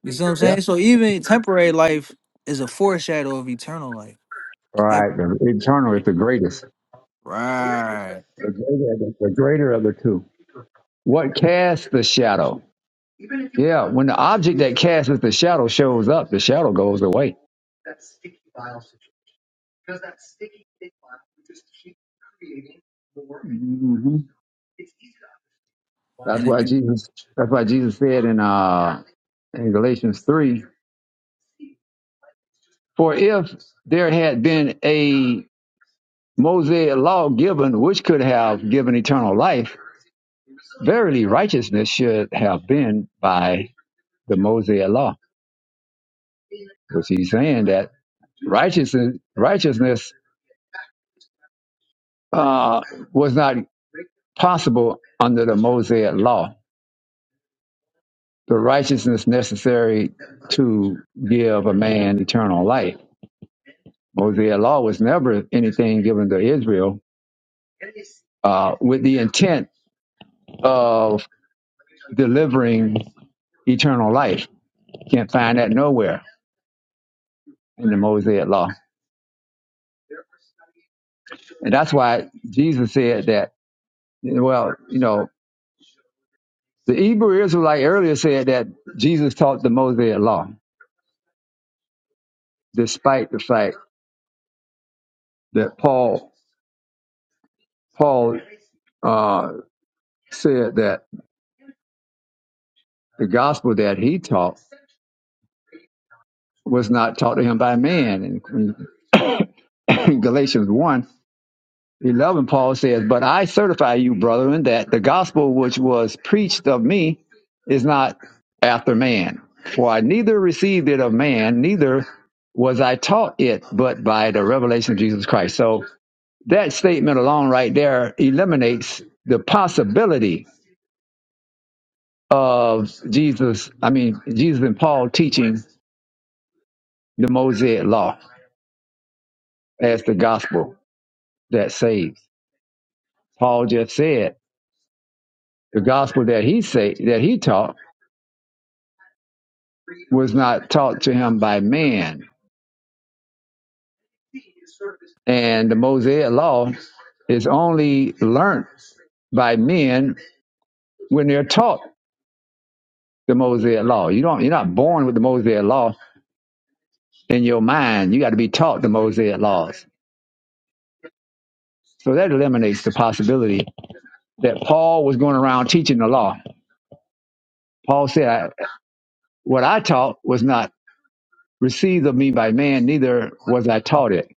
S9: You see what I'm
S1: yeah.
S9: saying? So even temporary life is a foreshadow of eternal life.
S1: All
S9: Ev-
S1: right, eternal is the greatest, the
S9: Right.
S1: greater, the greater of the two. What casts the shadow? Yeah, when the object that casts the shadow shows up, the shadow goes away. Mm-hmm. That's
S9: And it,
S1: why
S9: it
S1: Jesus that's why Jesus said in uh in Galatians three, for if there had been a Mosaic law given which could have given eternal life, verily righteousness should have been by the Mosaic law. Because he's saying that righteousness righteousness uh, was not possible under the Mosaic law. The righteousness necessary to give a man eternal life. Mosaic law was never anything given to Israel uh, with the intent of delivering eternal life. Can't find that nowhere in the Mosaic law, and that's why Jesus said that. Well, you know, the Hebrew Israelite earlier said that Jesus taught the Mosaic law, despite the fact that Paul Paul uh, said that the gospel that he taught was not taught to him by man. In, in Galatians 1, 11, Paul says, But I certify you, brethren, that the gospel which was preached of me is not after man. For I neither received it of man, neither was I taught it, but by the revelation of Jesus Christ. So that statement alone right there eliminates the possibility of Jesus, I mean, Jesus and Paul teaching the Mosaic law as the gospel that saves. Paul just said the gospel that he say, that he taught was not taught to him by man. And the Mosaic law is only learned by men when they're taught the Mosaic law. You don't you're not born with the Mosaic law in your mind. You got to be taught the Mosaic laws. So that eliminates the possibility that Paul was going around teaching the law. Paul said, I, "What I taught was not received of me by man, neither was I taught it."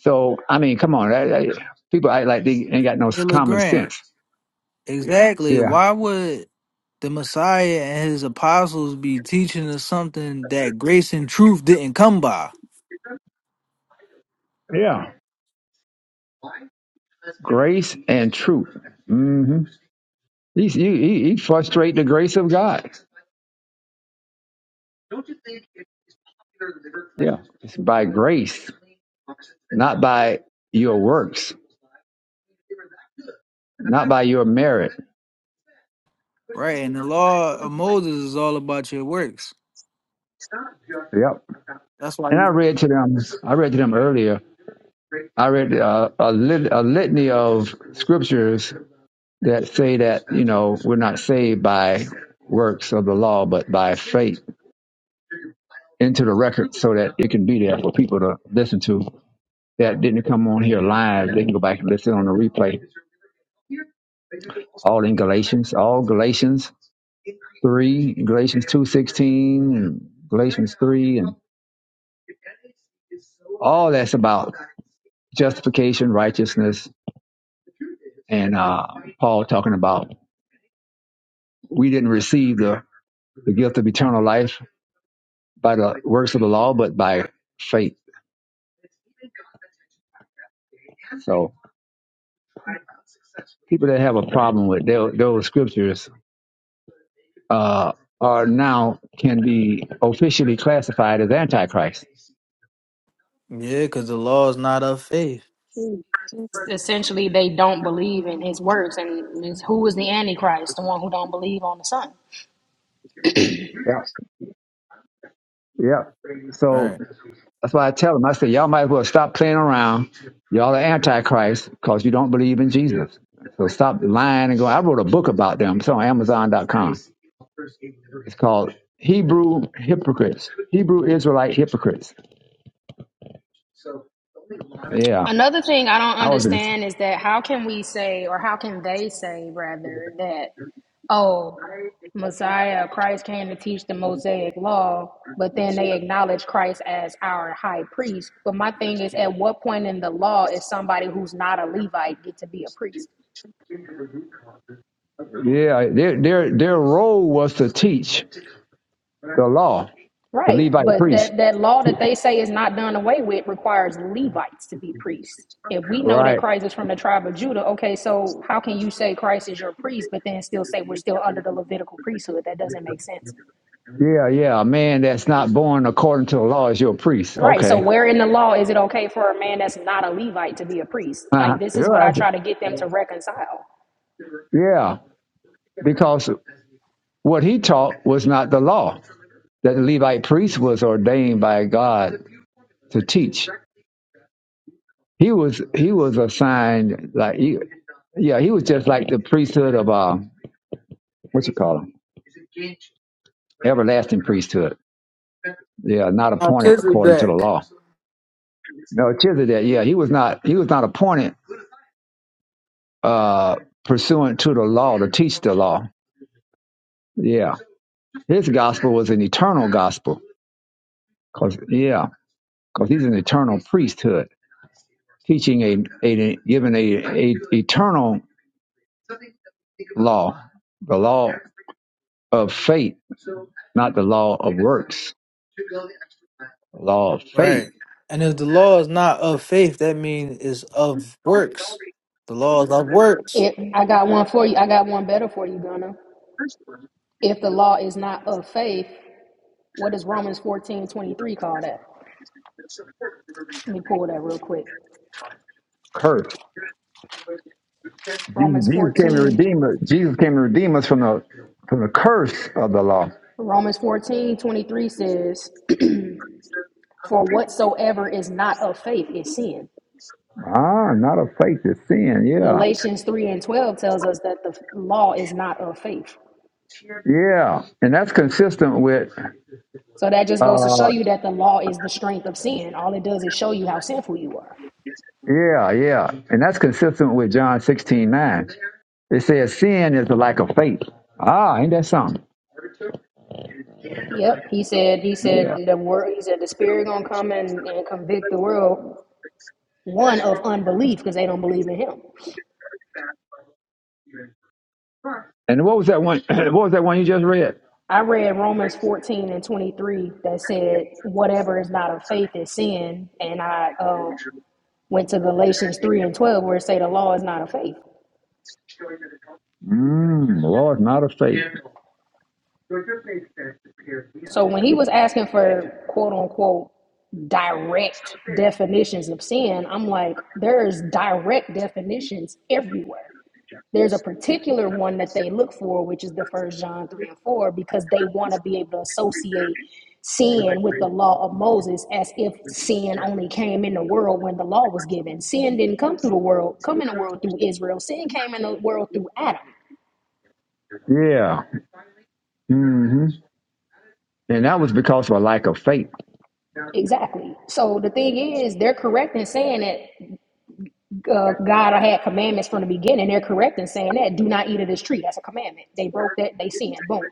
S1: So I mean, come on, I, I, people act like they ain't got no
S9: it look
S1: common
S9: grand.
S1: sense.
S9: Exactly.
S1: Yeah,
S9: Why would the Messiah and his apostles be teaching us something that grace and truth didn't come by?
S1: yeah. Grace and truth. hmm He's, he, he, he frustrate the grace of God. Yeah. It's by grace, not by your works, not by your merit.
S9: Right, and the law of Moses is all about your works.
S1: Yep.
S9: That's why
S1: And I
S9: you
S1: read to them, I read to them earlier, I read uh, a, lit, a litany of scriptures that say that, you know, we're not saved by works of the law, but by faith into the record so that it can be there for people to listen to. that didn't come on here live, they can go back and listen on the replay. All in Galatians, all Galatians three, Galatians two sixteen, and Galatians three, and all that's about justification, righteousness, and uh, Paul talking about we didn't receive the, the gift of eternal life by the works of the law, but by faith. So people that have a problem with those, those scriptures, uh, are now can be officially classified as antichrist.
S9: Yeah, because the law is not of faith.
S10: it. Essentially, they don't believe in his works. And who is the Antichrist? The one who don't believe on the Son.
S1: Yeah, yeah. So
S9: Right.
S1: that's why I tell them, I say, y'all might as well stop playing around. Y'all are antichrist because you don't believe in Jesus. So stop lying and go. I wrote a book about them. It's on Amazon.com. It's called Hebrew Hypocrites, Hebrew Israelite Hypocrites. Yeah,
S10: Another thing I don't
S1: I was
S10: understand
S1: in
S10: is that how can we say, or how can they say, rather, that, oh, Messiah, Christ came to teach the Mosaic law, but then they acknowledge Christ as our high priest. But my thing is, at what point in the law is somebody who's not a Levite get to be a priest?
S1: yeah, their their their role was to teach the law, the
S10: Right,
S1: Levite
S10: but
S1: priests.
S10: that, that law that they say is not done away with requires Levites to be priests. If we know that
S1: Right.
S10: Christ is from the tribe of Judah, okay, so how can you say Christ is your priest, but then still say we're still under the Levitical priesthood? That doesn't make sense.
S1: Yeah, yeah. A man that's not born according to the law is your priest.
S10: Right, so
S1: Okay.
S10: where in the law is it okay for a man that's not a Levite to be a priest?
S1: Uh,
S10: Like, this
S1: you're
S10: is what I
S1: right.
S10: try to get them to reconcile.
S1: Yeah. Because what he taught was not the law. That the Levite priest was ordained by God to teach. He was he was assigned like he, yeah, he was just like the priesthood of uh what you call him? Everlasting priesthood. Yeah, not appointed according to the
S9: Melchizedek.
S1: law. No, Chizedek, yeah, he was not he was not appointed uh, pursuant to the law to teach the law. Yeah, his gospel was an eternal gospel. Cause yeah, cause he's an eternal priesthood, teaching a, a given a, a eternal law, the law of faith, not the law of works. The law of faith,
S9: Right. And if the law is not of faith, that means it's of works. The law is of works.
S10: If I got one for you, I got one better for you, Gunna. If the law is not of faith, what does Romans fourteen twenty three call that? Let me pull that real quick.
S1: curse. Jesus
S10: Romans
S1: Jesus came to
S10: 14,
S1: redeem us. Jesus came to redeem us from the from the curse of the law.
S10: Romans 14 23 says, For whatsoever is not of faith is sin.
S1: Ah, not of faith is sin. Yeah.
S10: Galatians 3 and 12 tells us that the law is not of faith.
S1: Yeah, and that's consistent with
S10: So that just goes to show
S1: uh
S10: you that the law is the strength of sin. All it does is show you how sinful you are.
S1: yeah, yeah. And that's consistent with John sixteen nine. It says sin is the lack of faith. Ah, ain't that something?
S10: Yep. He said, he
S1: Yeah.
S10: said the word he said the spirit gonna come and, and convict the world, one of unbelief, because they don't believe in him.
S1: And what was that one what was that one you just read?
S10: I read Romans 14 and 23 that said, whatever is not of faith is sin. And I uh, went to Galatians 3 and 12 where it say the law is not of faith.
S1: Mm, Lord, not of faith.
S10: So when he was asking for quote unquote direct definitions of sin, I'm like, there's direct definitions everywhere. there's a particular one that they look for which is the first john 3 and 4 because they want to be able to associate sin with the law of moses as if sin only came in the world when the law was given sin didn't come through the world come in the world through israel sin came in the world through adam
S1: Yeah. hmm And that was because of a lack of faith.
S10: exactly so the thing is they're correct in saying that uh, god had commandments from the beginning they're correct in saying that do not eat of this tree that's a commandment they broke that they sinned boom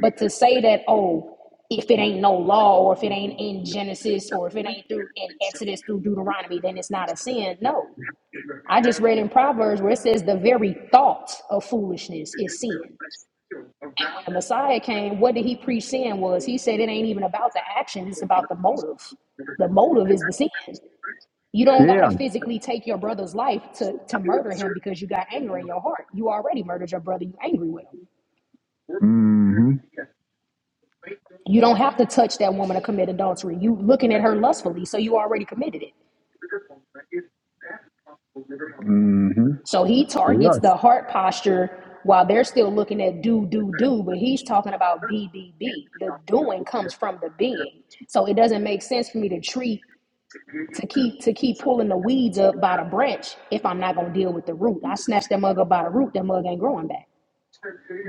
S10: But to say that, oh, if it ain't no law or if it ain't in Genesis or if it ain't through in Exodus through Deuteronomy, then it's not a sin. No. I just read in Proverbs where it says the very thought of foolishness is sin. And when the Messiah came, what did he preach sin was? He said it ain't even about the action, it's about the motive. The motive is the sin. You don't gotta
S1: Yeah.
S10: physically take your brother's life to, to murder him because you got anger in your heart. You already murdered your brother, you angry with him.
S1: hmm
S10: You don't have to touch that woman to commit adultery. You looking at her lustfully, so you already committed it.
S1: hmm
S10: So he targets the
S1: Yes.
S10: heart posture while they're still looking at do, do, do, but he's talking about be, be, be. The doing comes from the being. So it doesn't make sense for me to treat to keep to keep pulling the weeds up by the branch if I'm not gonna deal with the root. I snatch that mug up by the root, that mug ain't growing back.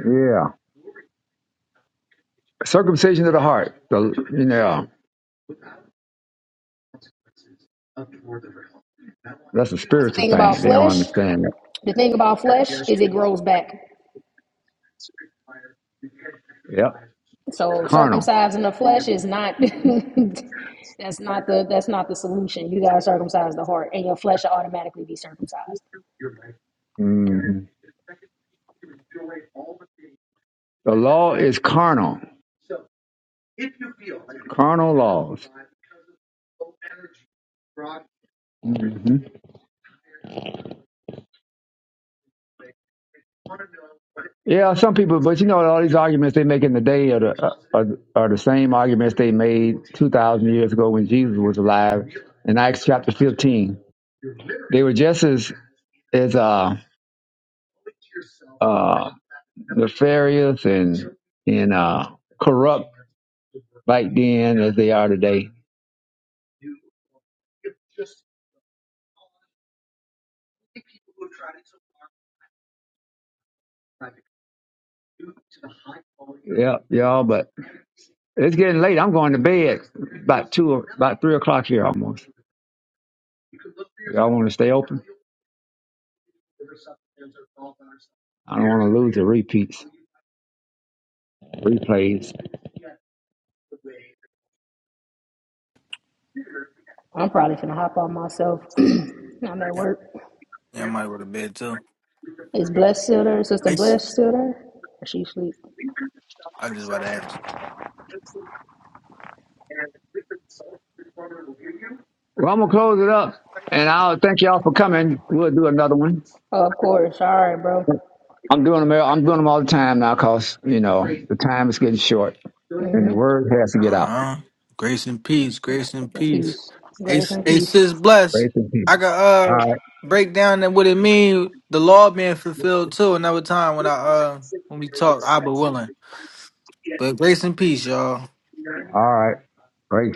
S1: Yeah. Circumcision of the heart. The, you know. That's the
S10: The
S1: spiritual
S10: thing
S1: thing.
S10: about
S1: They don't
S10: flesh,
S1: understand
S10: the thing about flesh is it grows back.
S1: that. Yep. It's
S10: So
S1: carnal.
S10: circumcising the flesh is not that's not the that's not the solution. You gotta circumcise the heart and your flesh will automatically be circumcised.
S1: hmm The law is carnal. Carnal laws. hmm Yeah, some people, but you know, all these arguments they make in the day are the, uh, are, are the same arguments they made 2,000 years ago when Jesus was alive in Acts chapter 15. They were just as, as uh, uh, nefarious and and uh, corrupt back then as they are today. Yep, y'all. But it's getting late. I'm going to bed about two, o- about three o'clock here almost. Y'all want to stay open? I don't want to lose the repeats, replays.
S10: I'm probably gonna hop on myself. I'm at
S9: Yeah,
S10: work.
S9: yeah, I might go to bed too.
S10: Is Bless still there? Sister
S9: Thanks.
S10: Bless still there? Or she sleep?
S9: I just about to ask.
S1: Well, I'm gonna close it up, and I'll thank y'all for coming. We'll do another one.
S10: Oh, of course. All right, bro.
S1: I'm doing them. I'm doing them all the time now, cause you know the time is getting short, and the word has to get out.
S9: Uh-huh. Grace and peace. Grace and peace.
S10: Peace.
S9: They
S10: Grace and
S9: they
S10: peace.
S9: sis blessed.
S1: Praise the
S9: I
S1: King.
S9: could
S1: All right.
S9: uh break down that what it mean the law being fulfilled too another time when I uh when we talk I be willing. But grace and peace, y'all.
S1: All right. great.